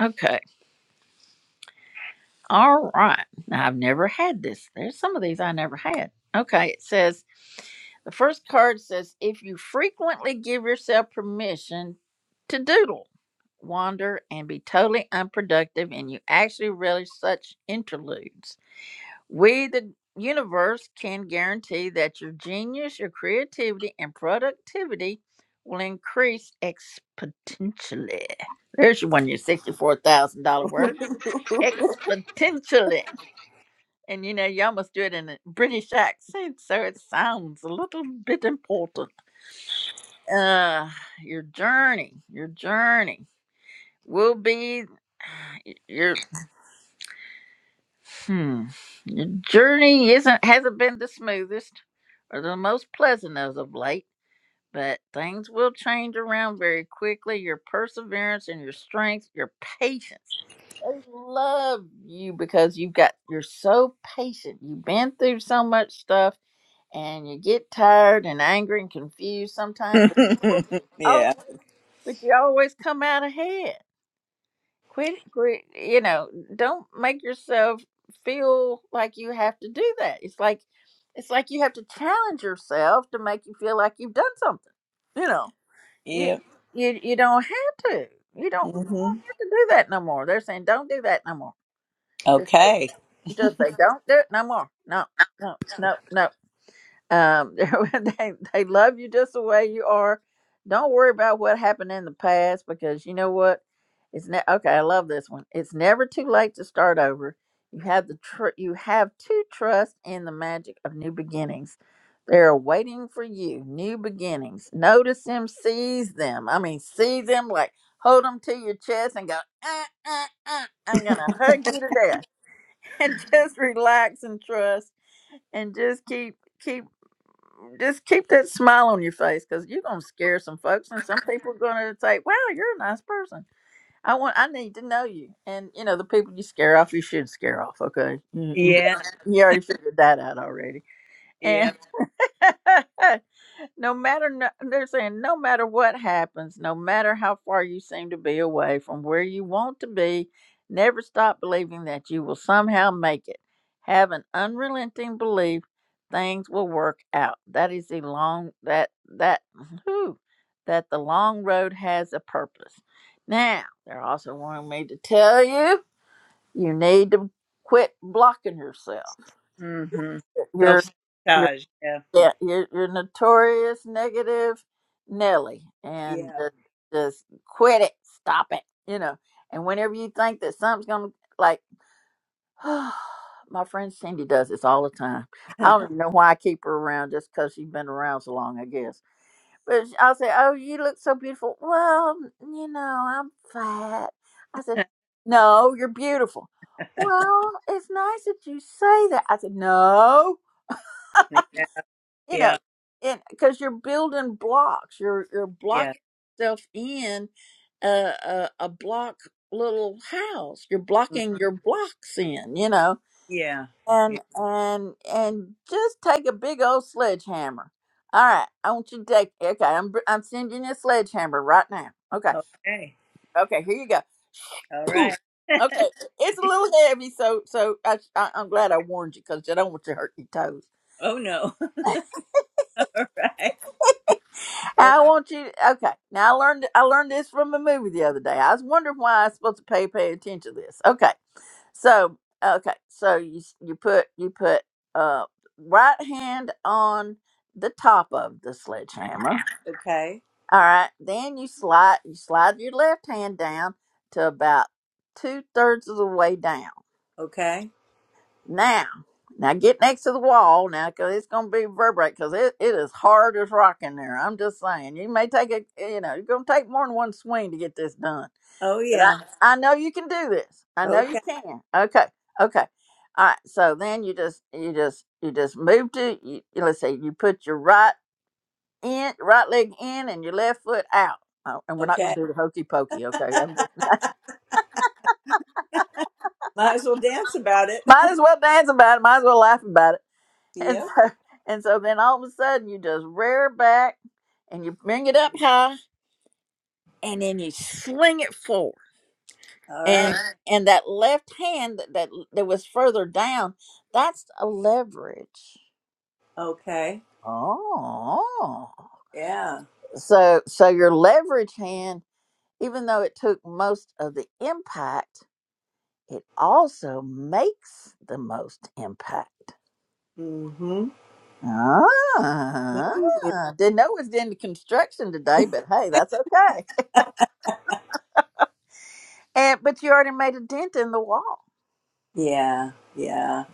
Okay. All right. Now I've never had this. There's some of these I never had. Okay. It says. The first card says if you frequently give yourself permission to doodle, wander, and be totally unproductive, and you actually relish such interludes, we, the universe, can guarantee that your genius, your creativity, and productivity will increase exponentially. There's your one, your $64,000 word, exponentially. And you know, you almost do it in a British accent, so it sounds a little bit important uh your journey your journey will be your hmm your journey isn't hasn't been the smoothest or the most pleasant as of late but things will change around very quickly your perseverance and your strength your patience they love you because you've got you're so patient you've been through so much stuff and you get tired and angry and confused sometimes but oh. yeah. but you always come out ahead. Quit, quit, you know, don't make yourself feel like you have to do that. It's like, it's like you have to challenge yourself to make you feel like you've done something. You know, you, Yep. you, you don't have to. You don't, you don't hmm have to do that no more. They're saying don't do that no more. Just say, Okay. just say don't do it no more. No, no, no, no. Um, they they love you just the way you are. Don't worry about what happened in the past because you know what? It's ne- okay. I love this one. It's never too late to start over. You have the tr- you have to trust in the magic of new beginnings. They are waiting for you. New beginnings. Notice them, seize them. I mean, seize them like hold them to your chest and go. Uh, uh, uh, I'm gonna hug you to death and just relax and trust and just keep keep just keep that smile on your face because you're gonna scare some folks, and some people are gonna say, "Wow, you're a nice person." I want, I need to know you, and you know the people you scare off, you should scare off. Okay, you, you, Yeah. you already figured that out already, Yeah. and no matter no, they're saying no matter what happens no matter how far you seem to be away from where you want to be never stop believing that you will somehow make it have an unrelenting belief things will work out that is the long that that whew, that the long road has a purpose now they're also wanting me to tell you you need to quit blocking yourself Mm-hmm. Self your sabotage. Yeah. yeah, you're, you're notorious negative Nelly, and just, Yeah. just quit it, stop it, you know. And whenever you think that something's gonna, like, my friend Cindy does this all the time. I don't even know why I keep her around, just because she's been around so long, I guess. But sh- I'll say, "Oh, you look so beautiful." Well, you know, I'm fat. I said, "No, you're beautiful." Well, it's nice that you say that. I said, "No, Yeah. you know, Yeah. and because you're building blocks, you're you're Yeah. blocking yourself in a, a a block little house. You're blocking Mhm. your blocks in, you know, Yeah. Yeah. and and and just take a big old sledgehammer. All right, I want you to take. Okay, I'm br- I'm sending you a sledgehammer right now. Okay, Okay. okay, here you go. All right. Okay, it's a little heavy, so so I, I, I'm glad I warned you because I don't want you to hurt your toes. Oh no. All right. Oh, I want you. Okay, now I learned. I learned this from a movie the other day. I was wondering why I was supposed to pay pay attention to this. Okay, so okay, so you s- you put you put uh right hand on the top of the sledgehammer. okay. All right, then you slide you slide your left hand down to about two thirds of the way down. Okay. Now, now get next to the wall now, because it's going to be reverberate, Because it, it is hard as rock in there. I'm just saying. You may take a, you know, you're going to take more than one swing to get this done. Oh But I, yeah. I know you can do this. I know you Okay. can. Okay. Okay. All right. So then you just, you just, you just move to, you- let's say you put your right in, right leg in and your left foot out. Oh, and we're not going Okay. to do the hokey pokey. Okay. I'm just, Might as well dance about it. might as well dance about it. Might as well laugh about it And yep. so, and so then all of a sudden you just rear back and you bring it up high and then you swing it forward. All And right. Alright. and that left hand that, that that was further down, that's a leverage. Okay. Oh. Yeah. So so your leverage hand, even though it took most of the impact, it also makes the most impact. Mm-hmm. Ah, hmm didn't know it was into construction today, but hey, that's okay. And but you already made a dent in the wall. Yeah. Yeah.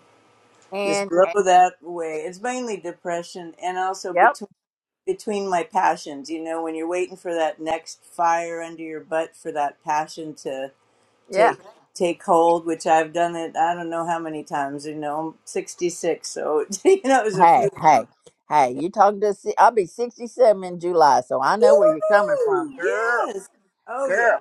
Just And, blow and- that away. It's mainly depression and also yep, between my passions. You know, when you're waiting for that next fire under your butt for that passion to yeah. take take hold, which I've done it. I don't know how many times. You know, I'm 66, so you know, it was a Hey, few of hey, them. hey! You talking to? si- I'll be sixty-seven in July, so I know where you're coming from, Ooh, girl, Yes. Oh girl, yeah.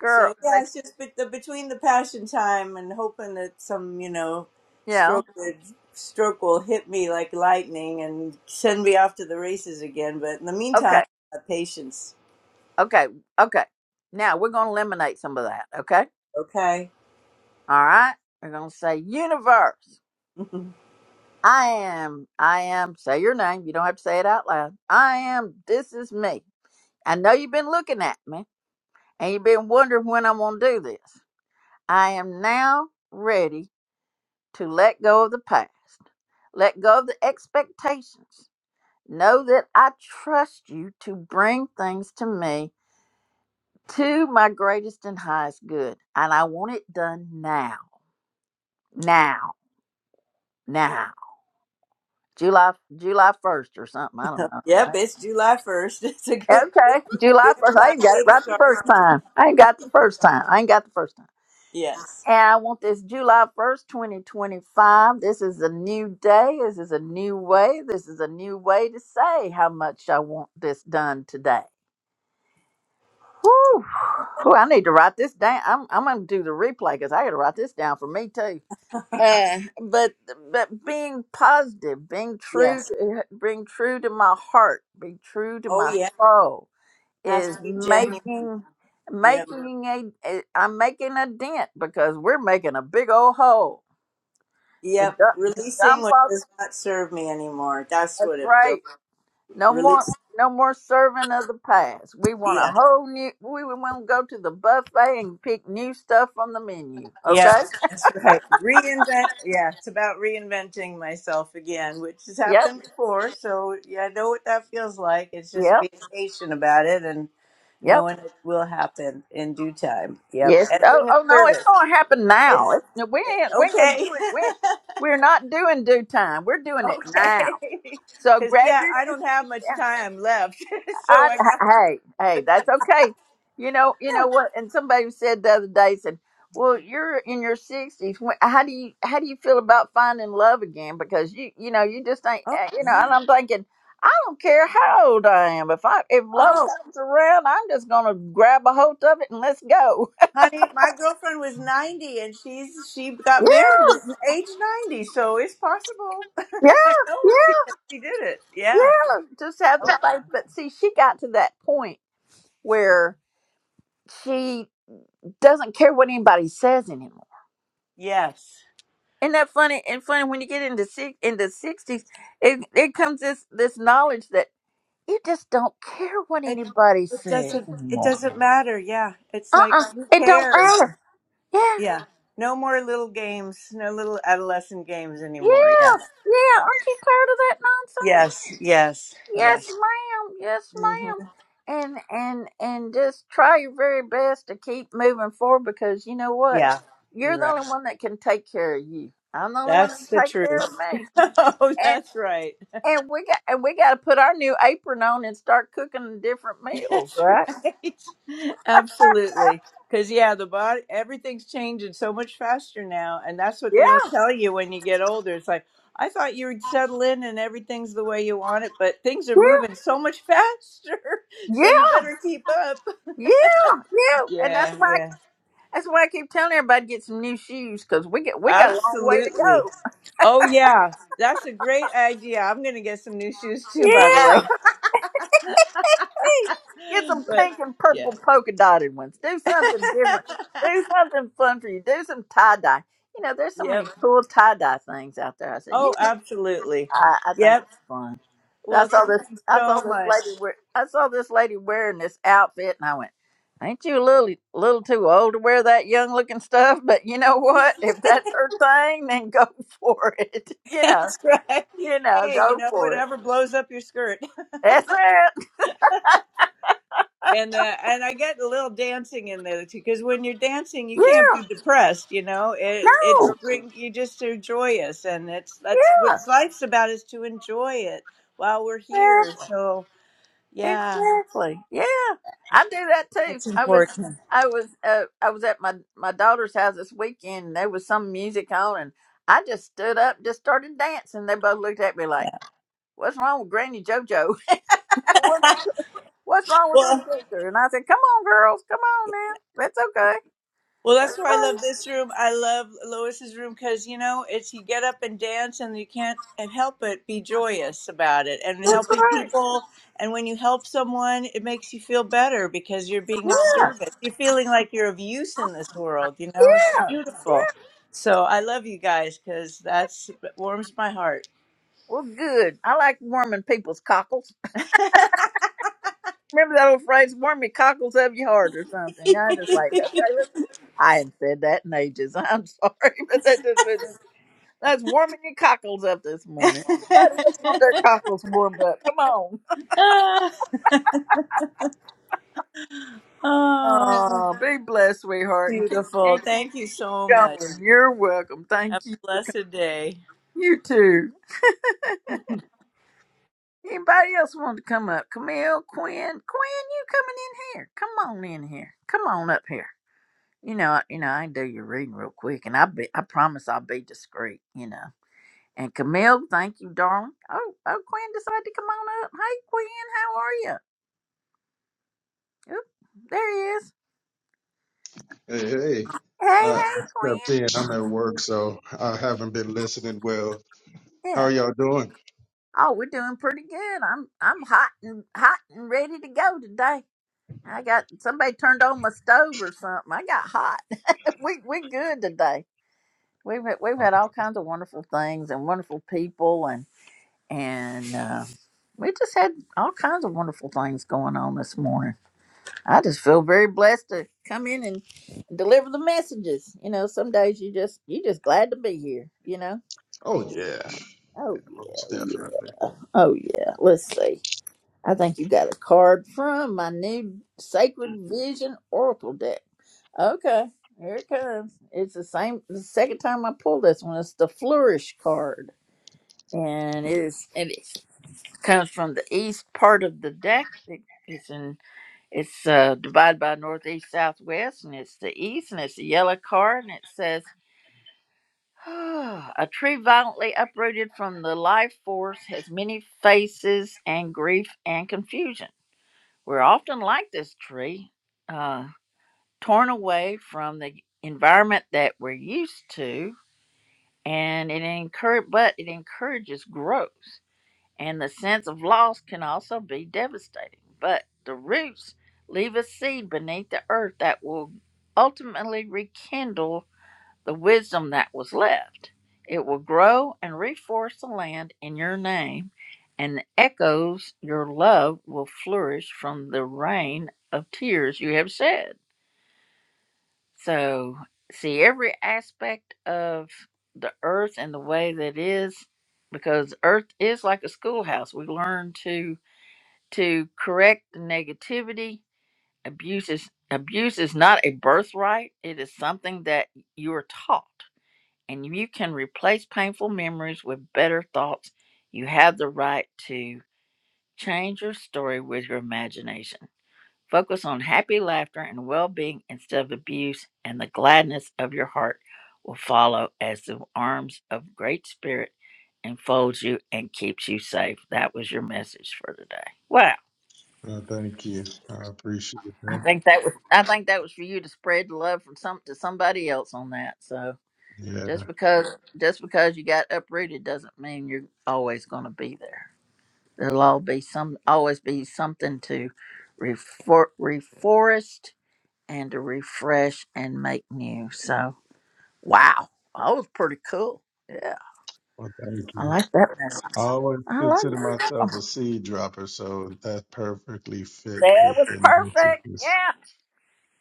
girl. So yeah, But it's just bet- the between the passion time and hoping that some you know you know, stroke would- stroke will hit me like lightning and send me off to the races again. But in the meantime, okay, uh, patience. okay, okay. Now we're gonna eliminate some of that. Okay, Okay. all right. We're gonna say universe. I am. I am. Say your name. You don't have to say it out loud. I am. This is me. I know you've been looking at me and you've been wondering when I'm gonna do this. I am now ready to let go of the past, let go of the expectations. Know that I trust you to bring things to me to my greatest and highest good, and I want it done now, now, now. July, July first or something. I don't Yep, know. it's July 1st. It's a good Okay, July good first. I time ain't got it day to right the first start. time. I ain't got the first time. I ain't got the first time. Yes. And I want this July 1st, 2025. This is a new day. This is a new way. This is a new way to say how much I want this done today. Whew. Whew, I need to write this down. I'm, I'm going to do the replay because I got to write this down for me too. Uh, but but being positive, being true, Yes. to- being true to my heart, being true to Oh my yeah. soul Has is to be January. making Yep. making a, a I'm making a dent because we're making a big old hole To Yep. dump, to Releasing dump what all the, does not serve me anymore. That's that's what it feels. right. No more, Release. no more serving of the past. We want a Yeah. whole new, we want to go to the buffet and pick new stuff from the menu. Yep. Okay? That's right. Reinvent. Yeah. It's about reinventing myself again, which has Yep, happened before. So yeah, I know what that feels like. It's just yep, being patient about it and yep. knowing it will happen in due time. Yep. Yes. And Oh, being of oh no, it's service. going to happen now. It's, no, we ain't, we ain't going to Okay. do it. We, we're not doing due time. We're doing it now. okay. So Because, grab yeah, I don't have much your, time left. so I, I got, hey, hey, that's okay. You know, you yeah. know what? And somebody said the other day said, "Well, you're in your sixties. How do you how do you feel about finding love again? Because you you know you just ain't Oh, uh, you know." yeah. And I'm thinking, I don't care how old I am. If I if love Oh, comes around, I'm just gonna grab a hold of it and let's go. honey, my girlfriend was 90 and she's, she got Yeah, married at age 90. So it's possible. I know yeah, yeah, because she did it. Yeah. yeah. Just have the Oh, faith. But see, she got to that point where she doesn't care what anybody says anymore yes. Isn't that funny? And funny when you get into six in the sixties, it it comes this this knowledge that you just don't care what It, anybody it says doesn't, it anymore. doesn't matter. Yeah. It's Uh like, uh who it don't cares? matter. Yeah, Yeah. No more little games, no little adolescent games anymore. Yeah. yeah, yeah. Aren't you tired of that nonsense? Yes. Yes. Yes, Yes. ma'am. Yes, Mm-hmm. ma'am. And and and just try your very best to keep moving forward because you know what, Yeah, you're you're the right. only one that can take care of you. I'm the only one that That's the can take care of truth. oh, me that's right. And we got and we got to put our new apron on and start cooking different meals, That's right? right. Absolutely. Because yeah, the body, everything's changing so much faster now, and that's what Yeah, they don't tell you when you get older. It's like I thought you would settle in and everything's the way you want it, but things are yeah, moving so much faster, yeah, so you better keep up. yeah, yeah. And that's Yeah, why I, yeah, that's why I keep telling everybody get some new shoes because we get we got a long way to absolutely. go. Oh yeah, that's a great idea. I'm gonna get some new shoes too, by the Yeah, way. hey, get some but pink and yeah. purple polka dotted ones. Do something different. Do something fun for you. Do some tie dye. You know, there's so many Yep. cool tie dye things out there. I said, you know. Oh, absolutely. I, I think Yep. it's fun. I Well, saw thank this. you I saw so this lady much. wear. I saw this lady wearing this outfit, and I went, "Ain't you a little, little too old to wear that young looking stuff?" But you know what? If that's her thing, then go for it. You know, That's right. you know, Hey, you go know, for it. whatever blows up your skirt. That's it. And uh, and I get a little dancing in there too, because when you're dancing, you can't Yeah. be depressed. You know, it it's bring you just are joyous, and it's that's what life's about is to enjoy it while we're No. here. So yeah, Exactly. Yeah, I do that too. that's I was, important. I was, uh, I was at my my daughter's house this weekend. And there was some music on, and I just stood up, just started dancing. They both looked at me like, Yeah. "What's wrong with Granny JoJo? What's wrong with Well. this picture?" And I said, "Come on, girls, come on now. That's okay. Well, That's that's why I right. love this room. I love Lois's room because you know it's you get up and dance, and you can't help but be joyous about it and That's helping right. people. And when you help someone, it makes you feel better because you're being of Yeah, service. You're feeling like you're of use in this world. You know, it's yeah. beautiful. So I love you guys because that's it warms my heart. Well, good. I like warming people's cockles. Remember that old phrase, warm your cockles of your heart or something. I just like, okay, listen. I hadn't said that in ages. I'm sorry, but that just was just- that's warming your cockles up this morning. Everybody just want their cockles warmed up. Come on. Ah, oh, Oh, be blessed, sweetheart, and keep and beautiful! keep Thank you so much. going. You're welcome. Have Thank you a for coming. blessed day. You too. Anybody else want to come up? Camille, Quinn, Quinn, you coming in here? Come on in here. Come on up here. You know, you know, I can do your reading real quick, and I be, I promise I'll be discreet. You know. And Camille, thank you, darling. Oh, oh, Quinn decided to come on up. Hey, Quinn, how are you? Oop, there he is. Hey, hey. Hey, I hey, Quinn. stepped in. I'm at work, so I haven't been listening well. How Yeah. are y'all doing? Oh, we're doing pretty good. I'm I'm hot and hot and ready to go today. I got somebody turned on my stove or something. I got hot. we we good today. We've had, we've had all kinds of wonderful things and wonderful people and uh, we just had all kinds of wonderful things going on this morning. I just feel very blessed to come in and deliver the messages. You know, some days you just you just glad to be here. You know. Oh, yeah. Oh yeah, Most oh, definitely. yeah, oh yeah. Let's see. I think you got a card from my new Sacred Vision Oracle deck. Okay, here it comes. It's the same. The second time I pulled this one. It's the Flourish card, and it is. comes from the east part of the deck. It- It's in it's uh, divided by northeast southwest, and it's the east, and it's a yellow card, and it says. A tree violently uprooted from the life force has many faces and grief and confusion. We're often like this tree, uh, torn away from the environment that we're used to, and it encourage, but it encourages growth. and the sense of loss can also be devastating. But the roots leave a seed beneath the earth that will ultimately rekindle the wisdom that was left. It will grow and reforest the land in your name, and the echoes your love will flourish from the rain of tears you have shed. So, see every aspect of the earth and the way that is, because earth is like a schoolhouse. We learn to to correct the negativity. Abuse is abuse is not a birthright. It is something that you are taught, and you can replace painful memories with better thoughts. You have the right to change your story with your imagination. Focus on happy laughter and well-being instead of abuse, and the gladness of your heart will follow as the arms of great spirit enfolds you and keeps you safe. That was your message for today. Wow. Well, thank you. I appreciate I that. think that was I think that was for you to spread the love from some to somebody else on that. So Yeah. just because just because you got uprooted doesn't mean you're always going to be there. There'll all be some always be something to refor- reforest and to refresh and make new. So wow, that was pretty cool. Yeah, Well, thank I you. like that I message. always I consider like that. myself a seed dropper, so that perfectly fits That with was the perfect. messages. Yeah.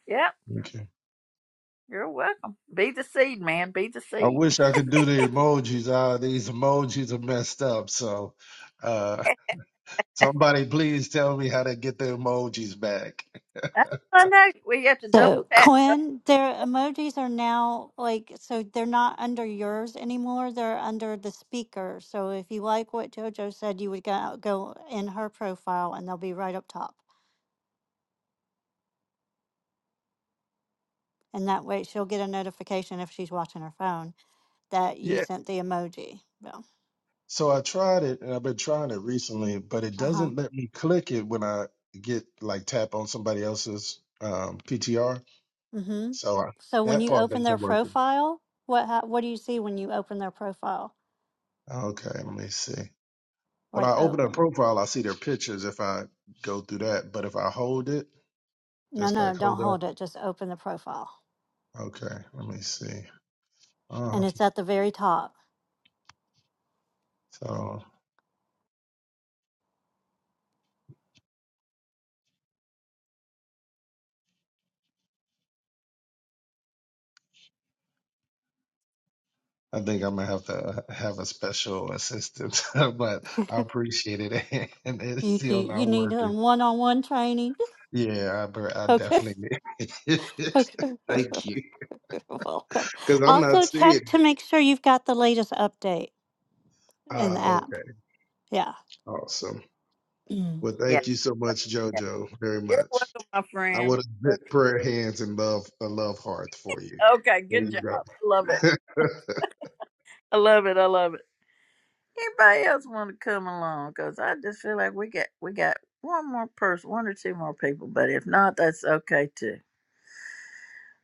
Yep. Okay. You're welcome. Be the seed, man. Be the I seed. wish I could do the emojis. Ah, these emojis are messed up. So, uh, somebody please tell me how to get the emojis back. I don't know. We have to double So, tap. Quinn, their emojis are now like, so they're not under yours anymore. They're under the speaker. So, if you like what JoJo said, you would go, go in her profile and they'll be right up top. And that way she'll get a notification if she's watching her phone that you Yeah. sent the emoji. So, So I tried it and I've been trying it recently, but it uh huh. doesn't let me click it when I get like tap on somebody else's um, PTR. Mm hmm. So I, So when that you part open their isn't working. profile, what ha- what do you see when you open their profile? Okay, let me see. When Like I open a open? profile, I see their pictures if I go through that, but if I hold it, No, just no, like don't hold up. hold it. Just open the profile, Okay, let me see. and Um, it's at the very top. so I think I'm gonna have to uh, have a special assistant, but I appreciate it, and it's You still need you not need a working. one on one training. Yeah, I, but I Okay, definitely need it. okay. thank You're you Welcome. because I'm Also, not check seeing to it. make sure you've got the latest update in the Ah, app. okay, Yeah. awesome. Mm. Well, Yeah. thank you so much, yeah. JoJo, very You're much. welcome, my I friend. would have prayer hands and love a love heart for you. Okay, There good you job. go. I love it. I love it. I love it. Anybody else want to come along? Because I just feel like we got we got one more person, one or two more people. But if not, that's okay too.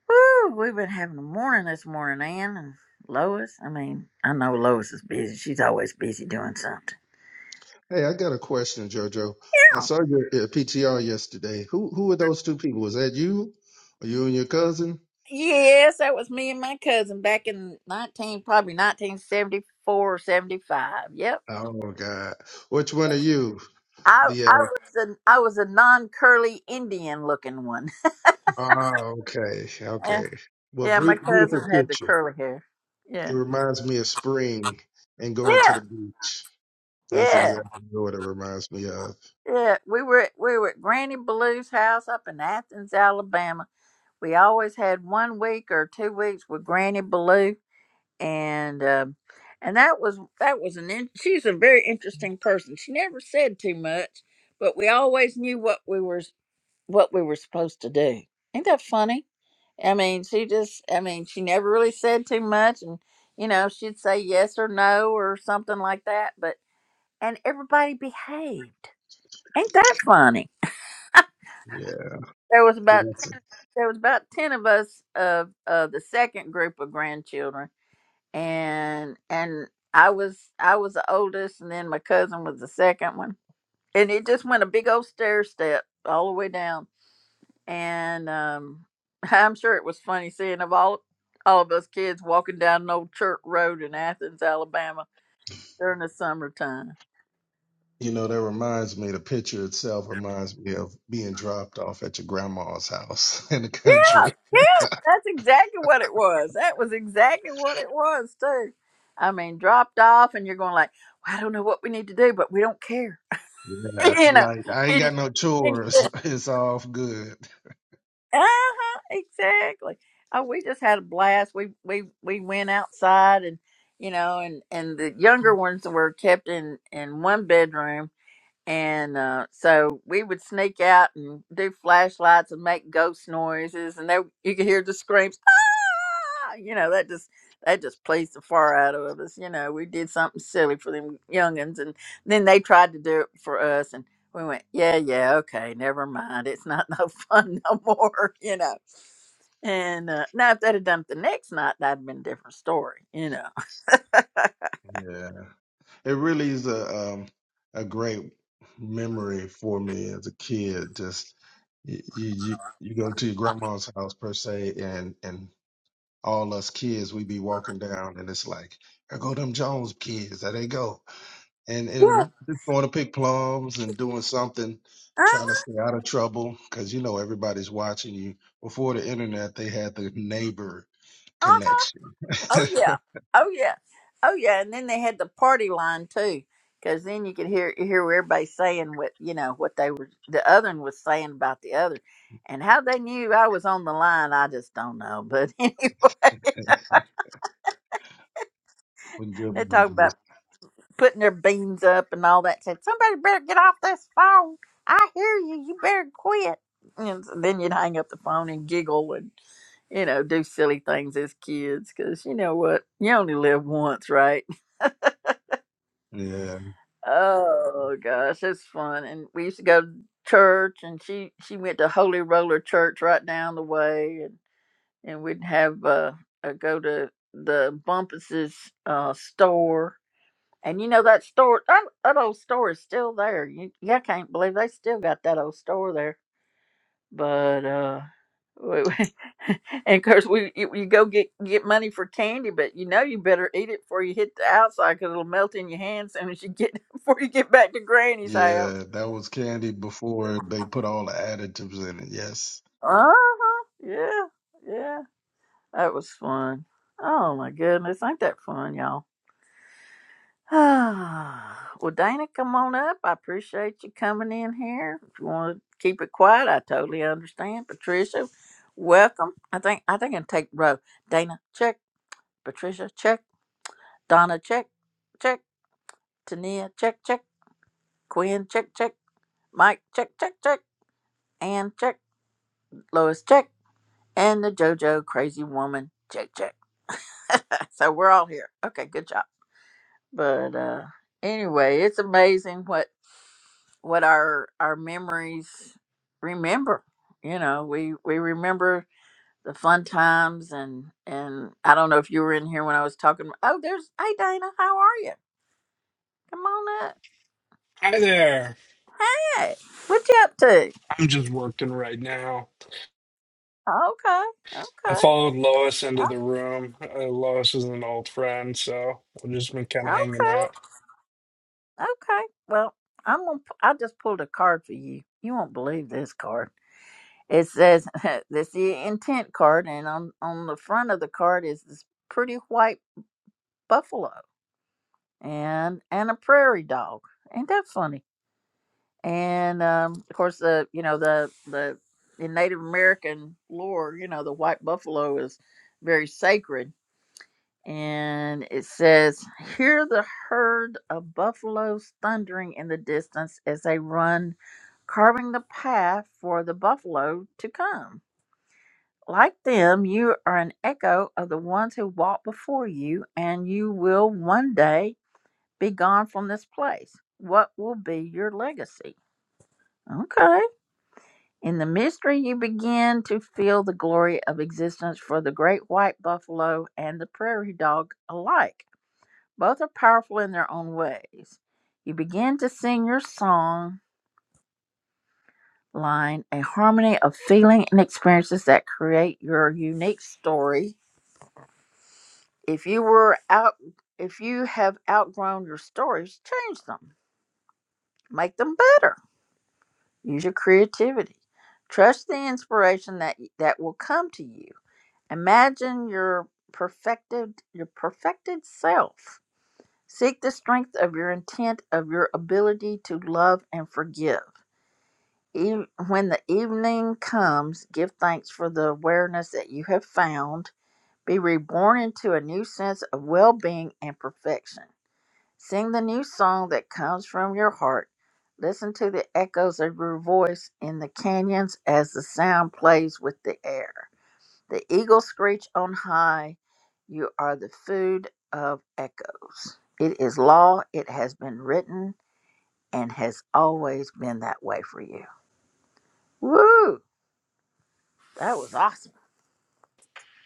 Woo, we've been having a morning this morning, Ann and Lois. I mean, I know Lois is busy. She's always busy doing something. hey, I got a question, JoJo. Yeah. I saw your, uh PTR yesterday. Who who were those two people? Was that you? Or you and your cousin? Yes, that was me and my cousin back in 19, probably 1974 or 75. Yep. Oh God, which one are you? I, The I uh, was an I was a non curly Indian looking one. ah, okay, Yeah, okay. Well, yeah. My bru- cousin beautiful had the picture. curly hair. Yeah, It reminds me of spring and going to yeah, the beach. That's yeah, exactly what it reminds me of. yeah. We were at- we were at Granny Blue's house up in Athens, Alabama. We always had one week or two weeks with Granny Blue, and um, and that was that was an in, she's a very interesting person. She never said too much, but we always knew what we were what we were supposed to do. Ain't that funny? I mean, she just I mean, she never really said too much, and you know, she'd say yes or no or something like that. But and everybody behaved. Ain't that funny? Yeah, There was about blessing. ten, there was about ten of us of uh, the second group of grandchildren and and I was I was the oldest, and then my cousin was the second one, and it just went a big old stair step all the way down, and um, I'm sure it was funny seeing of all all of us kids walking down an old church road in Athens, Alabama during the summertime. You know, that reminds me. The picture itself reminds me of being dropped off at your grandma's house in the Yeah, country. yeah, that's exactly what it was. That was exactly what it was too. I mean, dropped off, and you're going like, I don't know what we need to do, but we don't care, Yeah, you know. like I ain't got no chores. It's all good. Uh-huh, exactly. Oh, we just had a blast. We we we went outside and you know, and and the younger ones were kept in in one bedroom and uh so we would sneak out and do flashlights and make ghost noises and they you could hear the screams Ah, you know that just that just pleased the far out of us you know we did something silly for them youngins and then they tried to do it for us and we went yeah yeah okay never mind it's not no fun no more you know and uh, now if they'd have done it the next night that'd have been a different story you know Yeah. It really is a um, a great memory for me as a kid. Just you, you you go to your grandma's house per se, and and all us kids we be walking down, and it's like there go them Jones kids, there they go, and yeah. and just going to pick plums and doing something, trying to stay out of trouble, because you know everybody's watching you. Before the internet, they had the neighbor uh-huh, connection. Oh yeah. Oh yeah. Oh yeah. And then they had the party line too, because then you could hear hear what everybody saying what you know what they were the other one was saying about the other, and how they knew I was on the line. I just don't know. But anyway, With they're good talking memories. about putting their beans up and all that. Said somebody better get off this phone. I hear you. You better quit. And so then you'd hang up the phone and giggle and you know do silly things as kids because you know what you only live once, right? Yeah. Oh gosh, it's fun. And we used to go to church and she she went to Holy Roller Church right down the way and and we'd have uh, uh go to the Bumpus's uh store. And you know that store that, that old store is still there. You, you can't believe they still got that old store there but uh we- we- and of course we you, you go get get money for candy but you know you better eat it before you hit the outside because it'll melt in your hands soon as you get before you get back to granny's house Yeah, that was candy before they put all the additives in it. Yes. uh-huh yeah yeah that was fun oh my goodness ain't that fun y'all well dana come on up i appreciate you coming in here if you want to keep it quiet i totally understand patricia welcome i think i think i can take row dana check Patricia, check. Donna, check. Check. Tania, check, check. Quinn, check, check. Mike, check, check, check. Ann, check. Lois, check. And the JoJo crazy woman, check, check. so we're all here. Okay, good job. But uh anyway, it's amazing what what our our memories remember. You know, we we remember the fun times and and I don't know if you were in here when I was talking. Oh, there's hey Dana, how are you? Come on up. Hi there. Hey, what you up to? I'm just working right now. Okay, I okay, followed Lois into o- the room. Uh, Lois is an old friend, so we've just been kind of hanging okay, out. okay. Well, I'm gonna. pu- I just pulled a card for you. You won't believe this card. It says this the intent card, and on on the front of the card is this pretty white buffalo and and a prairie dog. Ain't that funny? And um, of course, the you know the the in Native American lore, you know the white buffalo is very sacred and it says, Hear the herd of buffaloes thundering in the distance as they run, carving the path for the buffalo to come. Like them, you are an echo of the ones who walked before you, and you will one day be gone from this place. What will be your legacy? Okay. In the mystery, you begin to feel the glory of existence for the great white buffalo and the prairie dog alike Both are powerful in their own ways. You begin to sing your song line, a harmony of feeling and experiences that create your unique story. If you were out if you have outgrown your stories, change them. Make them better. Use your creativity. Trust the inspiration that that will come to you. Imagine your perfected your perfected self. Seek the strength of your intent of your ability to love and forgive. Eve- when the evening comes, give thanks for the awareness that you have found. Be reborn into a new sense of well being and perfection. Sing the new song that comes from your heart. Listen to the echoes of your voice in the canyons as the sound plays with the air. The eagles screech on high. You are the food of echoes. It is law, it has been written, and has always been that way for you. Woo! That was awesome.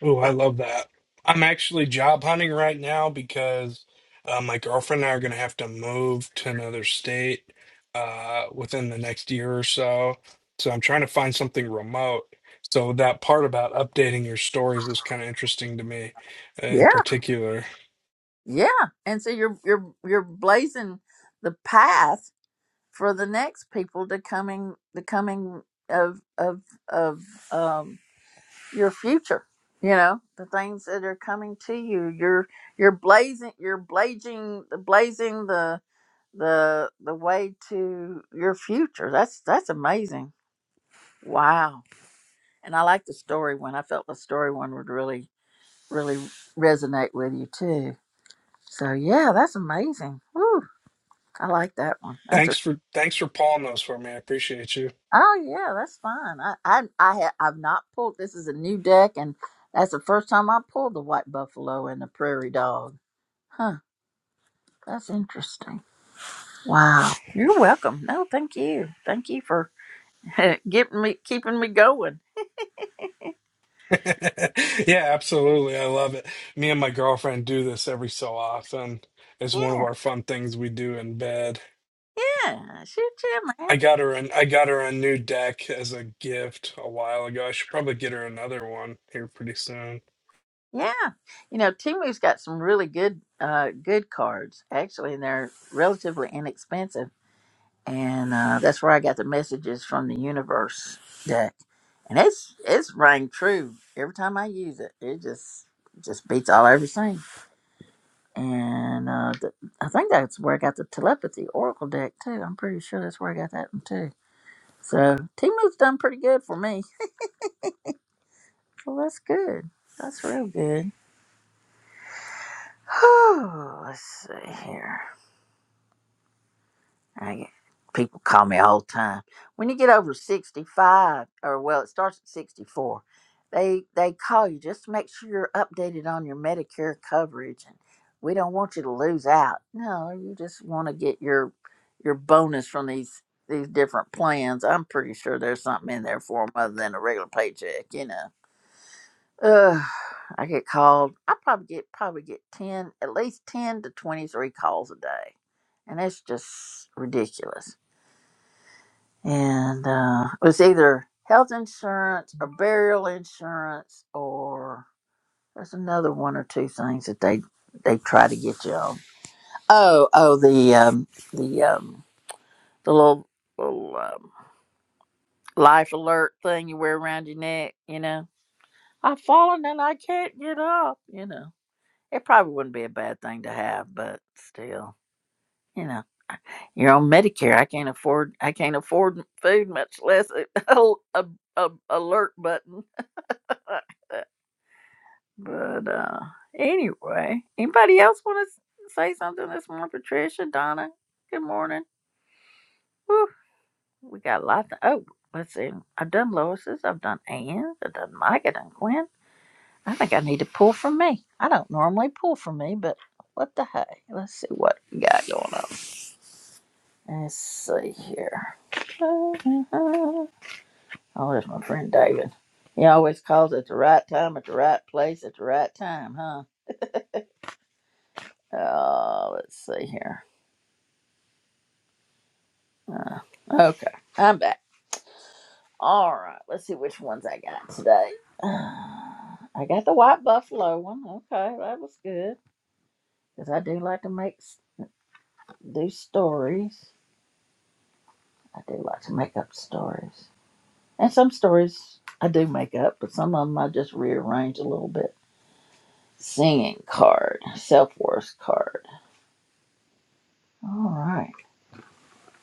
Oh, I love that. I'm actually job hunting right now because uh, my girlfriend and I are going to have to move to another state uh, within the next year or so. So I'm trying to find something remote. So that part about updating your stories was kind of interesting to me, uh, in Yeah, particular. yeah. And so you're you're you're blazing the path for the next people to coming the coming of of of um your future. You know the things that are coming to you. You're you're blazing you're blazing the blazing the the the way to your future. That's that's amazing. Wow. And I like the story one. I felt the story one would really really resonate with you too. So yeah, that's amazing. Woo, I like that one. That's a Thanks for thanks for pulling those for me. I appreciate you. oh yeah, that's fine. I I I have I've not pulled. This is a new deck, and that's the first time I pulled the white buffalo and the prairie dog. Huh. That's interesting. Wow. You're welcome. No, thank you. Thank you for getting me, keeping me going. Yeah, absolutely. I love it. Me and my girlfriend do this every so often. It's one of Yeah, our fun things we do in bed. yeah. Shoot, yeah, man. I got her an I got her a new deck as a gift a while ago. I should probably get her another one here pretty soon. Yeah. You know, Timu's got some really good, uh, good cards actually, and they're relatively inexpensive and uh, that's where I got the messages from the universe deck, and it's it's rang true every time I use it. It just just beats all I ever seen, and uh, the, I think that's where I got the telepathy oracle deck too. I'm pretty sure that's where I got that one too. So Timu's done pretty good for me. Well, that's good. That's real good. let's see here. I get- people call me all the time. When you get over sixty-five, or well, it starts at sixty-four, they they call you just to make sure you're updated on your Medicare coverage, and we don't want you to lose out. No, you just want to get your your bonus from these these different plans. I'm pretty sure there's something in there for them other than a regular paycheck, you know. Ugh, I get called. I probably get probably get ten, at least ten to twenty-three calls a day, and that's just ridiculous and uh, it was either health insurance or burial insurance or there's another one or two things that they they try to get you on. Oh, oh, the um, the um, the little little um, life alert thing you wear around your neck. You know, I've fallen and I can't get up. You know, it probably wouldn't be a bad thing to have, but still, you know. You're on Medicare. I can't afford. I can't afford food, much less a, a, a alert button. But, but uh, anyway, anybody else want to s- say something this morning? Patricia, Donna, good morning. Whew, we got lots of, oh, let's see. I've done Lois's, I've done Anne's, I've done Mike, I've done Gwen. I think I need to pull from me. I don't normally pull from me, but what the hey? Let's see what we got going on. Let's see here. Oh, there's my friend David. He always calls at the right time, at the right place, at the right time, huh? Uh, let's see here. Uh, okay, I'm back. All right, let's see which ones I got today. Uh, I got the white buffalo one. Okay, that was good because I do like to make s- do stories. I do like to make up stories, and some stories I do make up, but some of them I just rearrange a little bit. Singing card, self worth card. All right,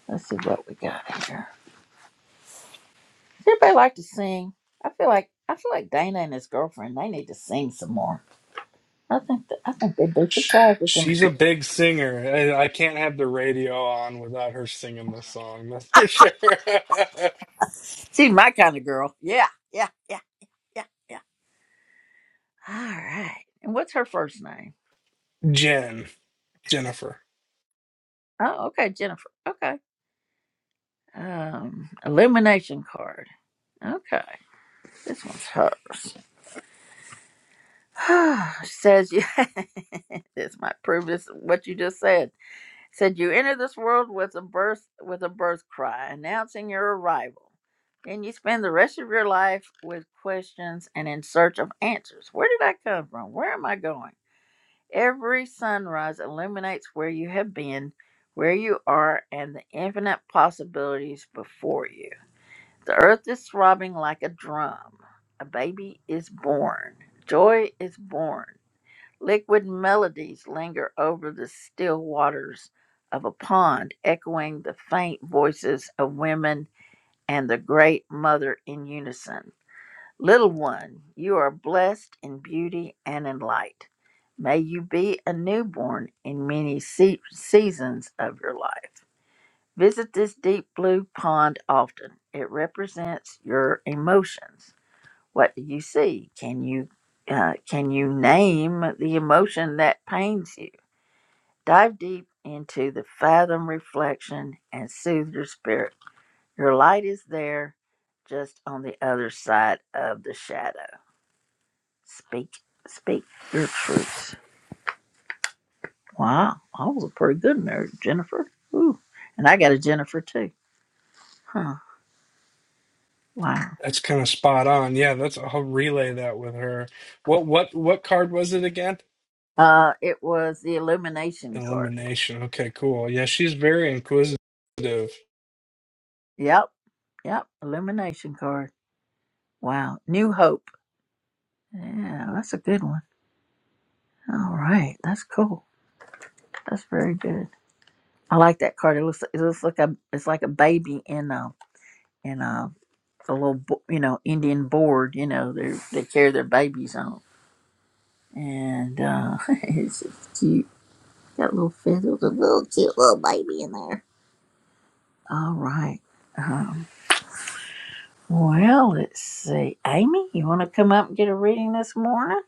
let's see what we got here. Does anybody like to sing? I feel like I feel like Dana and his girlfriend they need to sing some more. I think that, I think they'd be Sh surprised with them. she's a big singer. I, I can't have the radio on without her singing the song, that's for sure. She's my kind of girl. Yeah, yeah, yeah, yeah, yeah. All right. And what's her first name? Jen, Jennifer. Oh, okay, Jennifer. Okay. Um, illumination card. Okay, this one's hers. she Says you. this might prove this what you just said. Said you enter this world with a birth with a birth cry announcing your arrival. Then you spend the rest of your life with questions and in search of answers. Where did I come from? Where am I going? Every sunrise illuminates where you have been, where you are, and the infinite possibilities before you. The earth is throbbing like a drum. A baby is born. Joy is born. Liquid melodies linger over the still waters of a pond, echoing the faint voices of women and the great mother in unison. Little one, you are blessed in beauty and in light. May you be a newborn in many se- seasons of your life. Visit this deep blue pond often. It represents your emotions. What do you see? Can you uh, can you name the emotion that pains you? Dive deep into the fathom reflection and soothe your spirit. Your light is there, just on the other side of the shadow. Speak, speak your truth. Wow, that was a pretty good marriage, Jennifer. Ooh, and I got a Jennifer too. Huh? Wow. That's kind of spot on. Yeah, that's I'll relay that with her. What what what card was it again? Uh, it was the illumination card. Elimination. Okay, cool. Yeah, she's very inquisitive. Yep, yep, illumination card. Wow, new hope. Yeah, that's a good one. All right, that's cool. That's very good. I like that card. It looks, it looks like a, it's like a baby in a, in a, a little, bo- you know, Indian board. You know, they they carry their babies on. and uh, it's just cute. Got little feathers, a little cute little baby in there. All right. Um, well, let's see. Amy, you want to come up and get a reading this morning?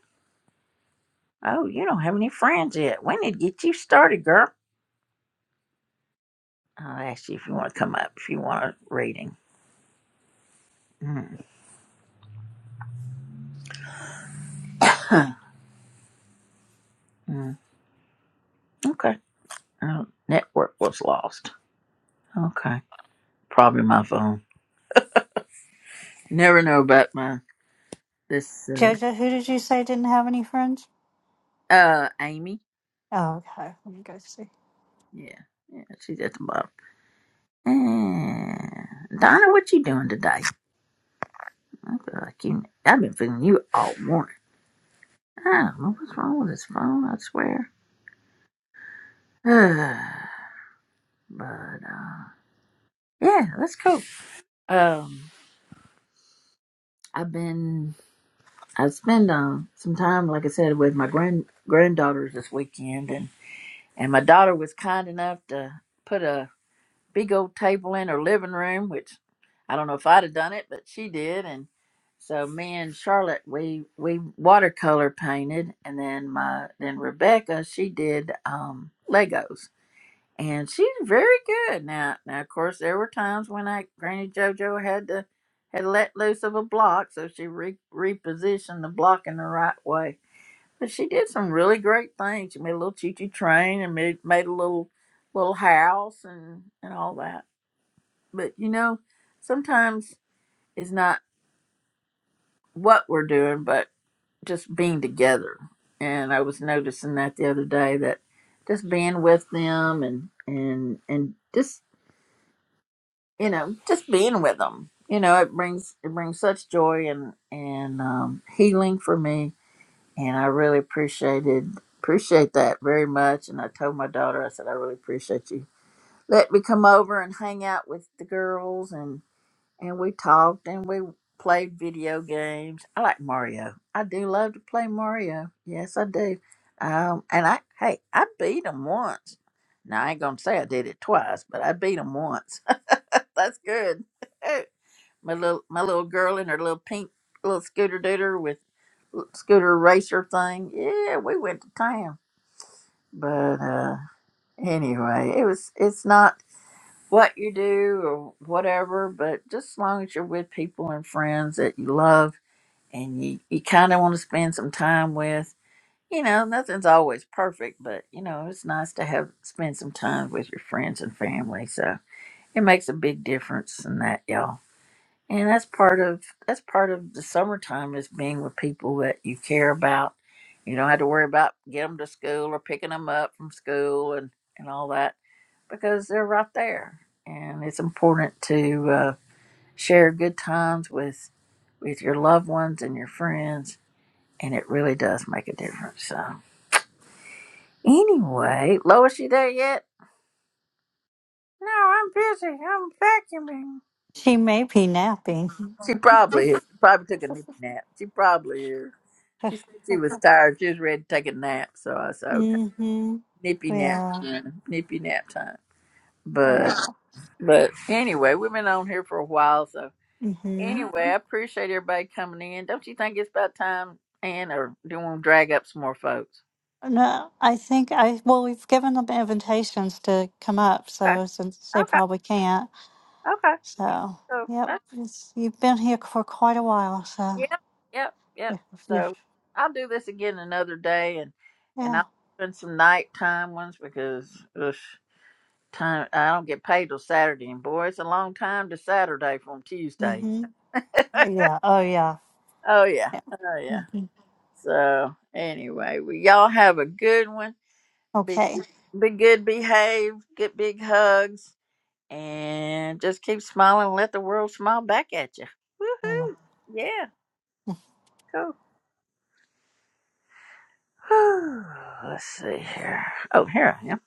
Oh, you don't have any friends yet. We need to get you started, girl. I'll ask you if you want to come up if you want a reading. Mm, Huh. mm, okay. Uh, network was lost. Okay. Probably my phone. Never know about my this uh, Jojo, who did you say didn't have any friends? uh Amy. Oh, okay. Let me go see. Yeah, yeah, she's at the bottom. Uh, Donna, what you doing today? I feel like you. I've been feeling you all morning. I don't know what's wrong with this phone. I swear. Uh, but uh, yeah, that's cool. Um, I've been. I spent um some time, like I said, with my grand granddaughters this weekend, and and my daughter was kind enough to put a big old table in her living room, which I don't know if I'd have done it, but she did. And so me and Charlotte, we we watercolor painted, and then my then Rebecca, she did um, Legos, and she's very good now. Now, of course, there were times when I Granny JoJo had to had let loose of a block, so she re- repositioned the block in the right way. But she did some really great things. She made a little choo-choo train and made made a little little house and and all that. But you know, sometimes it's not what we're doing, but just being together. And I was noticing that the other day that just being with them and and and just you know just being with them, you know, it brings it brings such joy and and um, healing for me. And I really appreciated appreciate that very much. And I told my daughter, I said, I really appreciate you. Let me come over and hang out with the girls and. and we talked and we played video games. I like Mario. I do love to play Mario. Yes, I do. Um, and I hey, I beat him once. Now I ain't gonna say I did it twice, but I beat him once. That's good. my little my little girl in her little pink little scooter dooter with scooter racer thing. Yeah, we went to town. But uh anyway, it was it's not what you do or whatever, but just as long as you're with people and friends that you love and you, you kind of want to spend some time with, you know, nothing's always perfect, but you know, it's nice to have spend some time with your friends and family. So it makes a big difference in that, y'all. And that's part of that's part of the summertime is being with people that you care about. You don't have to worry about getting them to school or picking them up from school and and all that because they're right there. And it's important to uh, share good times with with your loved ones and your friends, and it really does make a difference. So, anyway, Lois, you there yet? No, I'm busy. I'm vacuuming. She may be napping. She probably is. probably took a nip nap. She probably is. She said she was tired. She was ready to take a nap. So I said, okay, mm-hmm. nippy nap Yeah. time, nippy nap time. But Yeah. but anyway, we've been on here for a while, so Mm-hmm. Anyway, I appreciate everybody coming in. Don't you think it's about time, Ann, or do you want to drag up some more folks? No, I think I, well, we've given them invitations to come up, Okay, so since they okay, probably can't. okay. So, So, yep. uh, It's, you've been here for quite a while, so yep, yep, if, yep. if you're, So, I'll do this again another day, and and yeah. I'll spend some nighttime ones because ugh, time I don't get paid till Saturday, and boy, it's a long time to Saturday from Tuesday. Mm-hmm. Yeah. Oh, yeah. Oh yeah, yeah. oh yeah. hmm So anyway, we y'all have a good one. Be Okay. be good, behave, get big hugs, and just keep smiling and let the world smile back at you. So, Woohoo! Yeah, cool. Let's see here. Oh, here I am.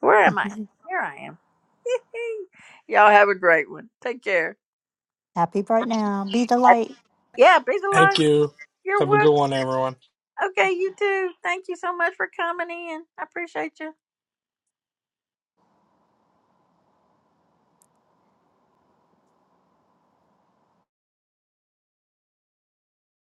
Where am I? mhm. Here I am. Y'all have a great one. Take care. Happy bright now. Be the light. Yeah, be the light. Thank you. You're Have a good welcome. one, everyone. Okay, you too. Thank you so much for coming in. I appreciate you.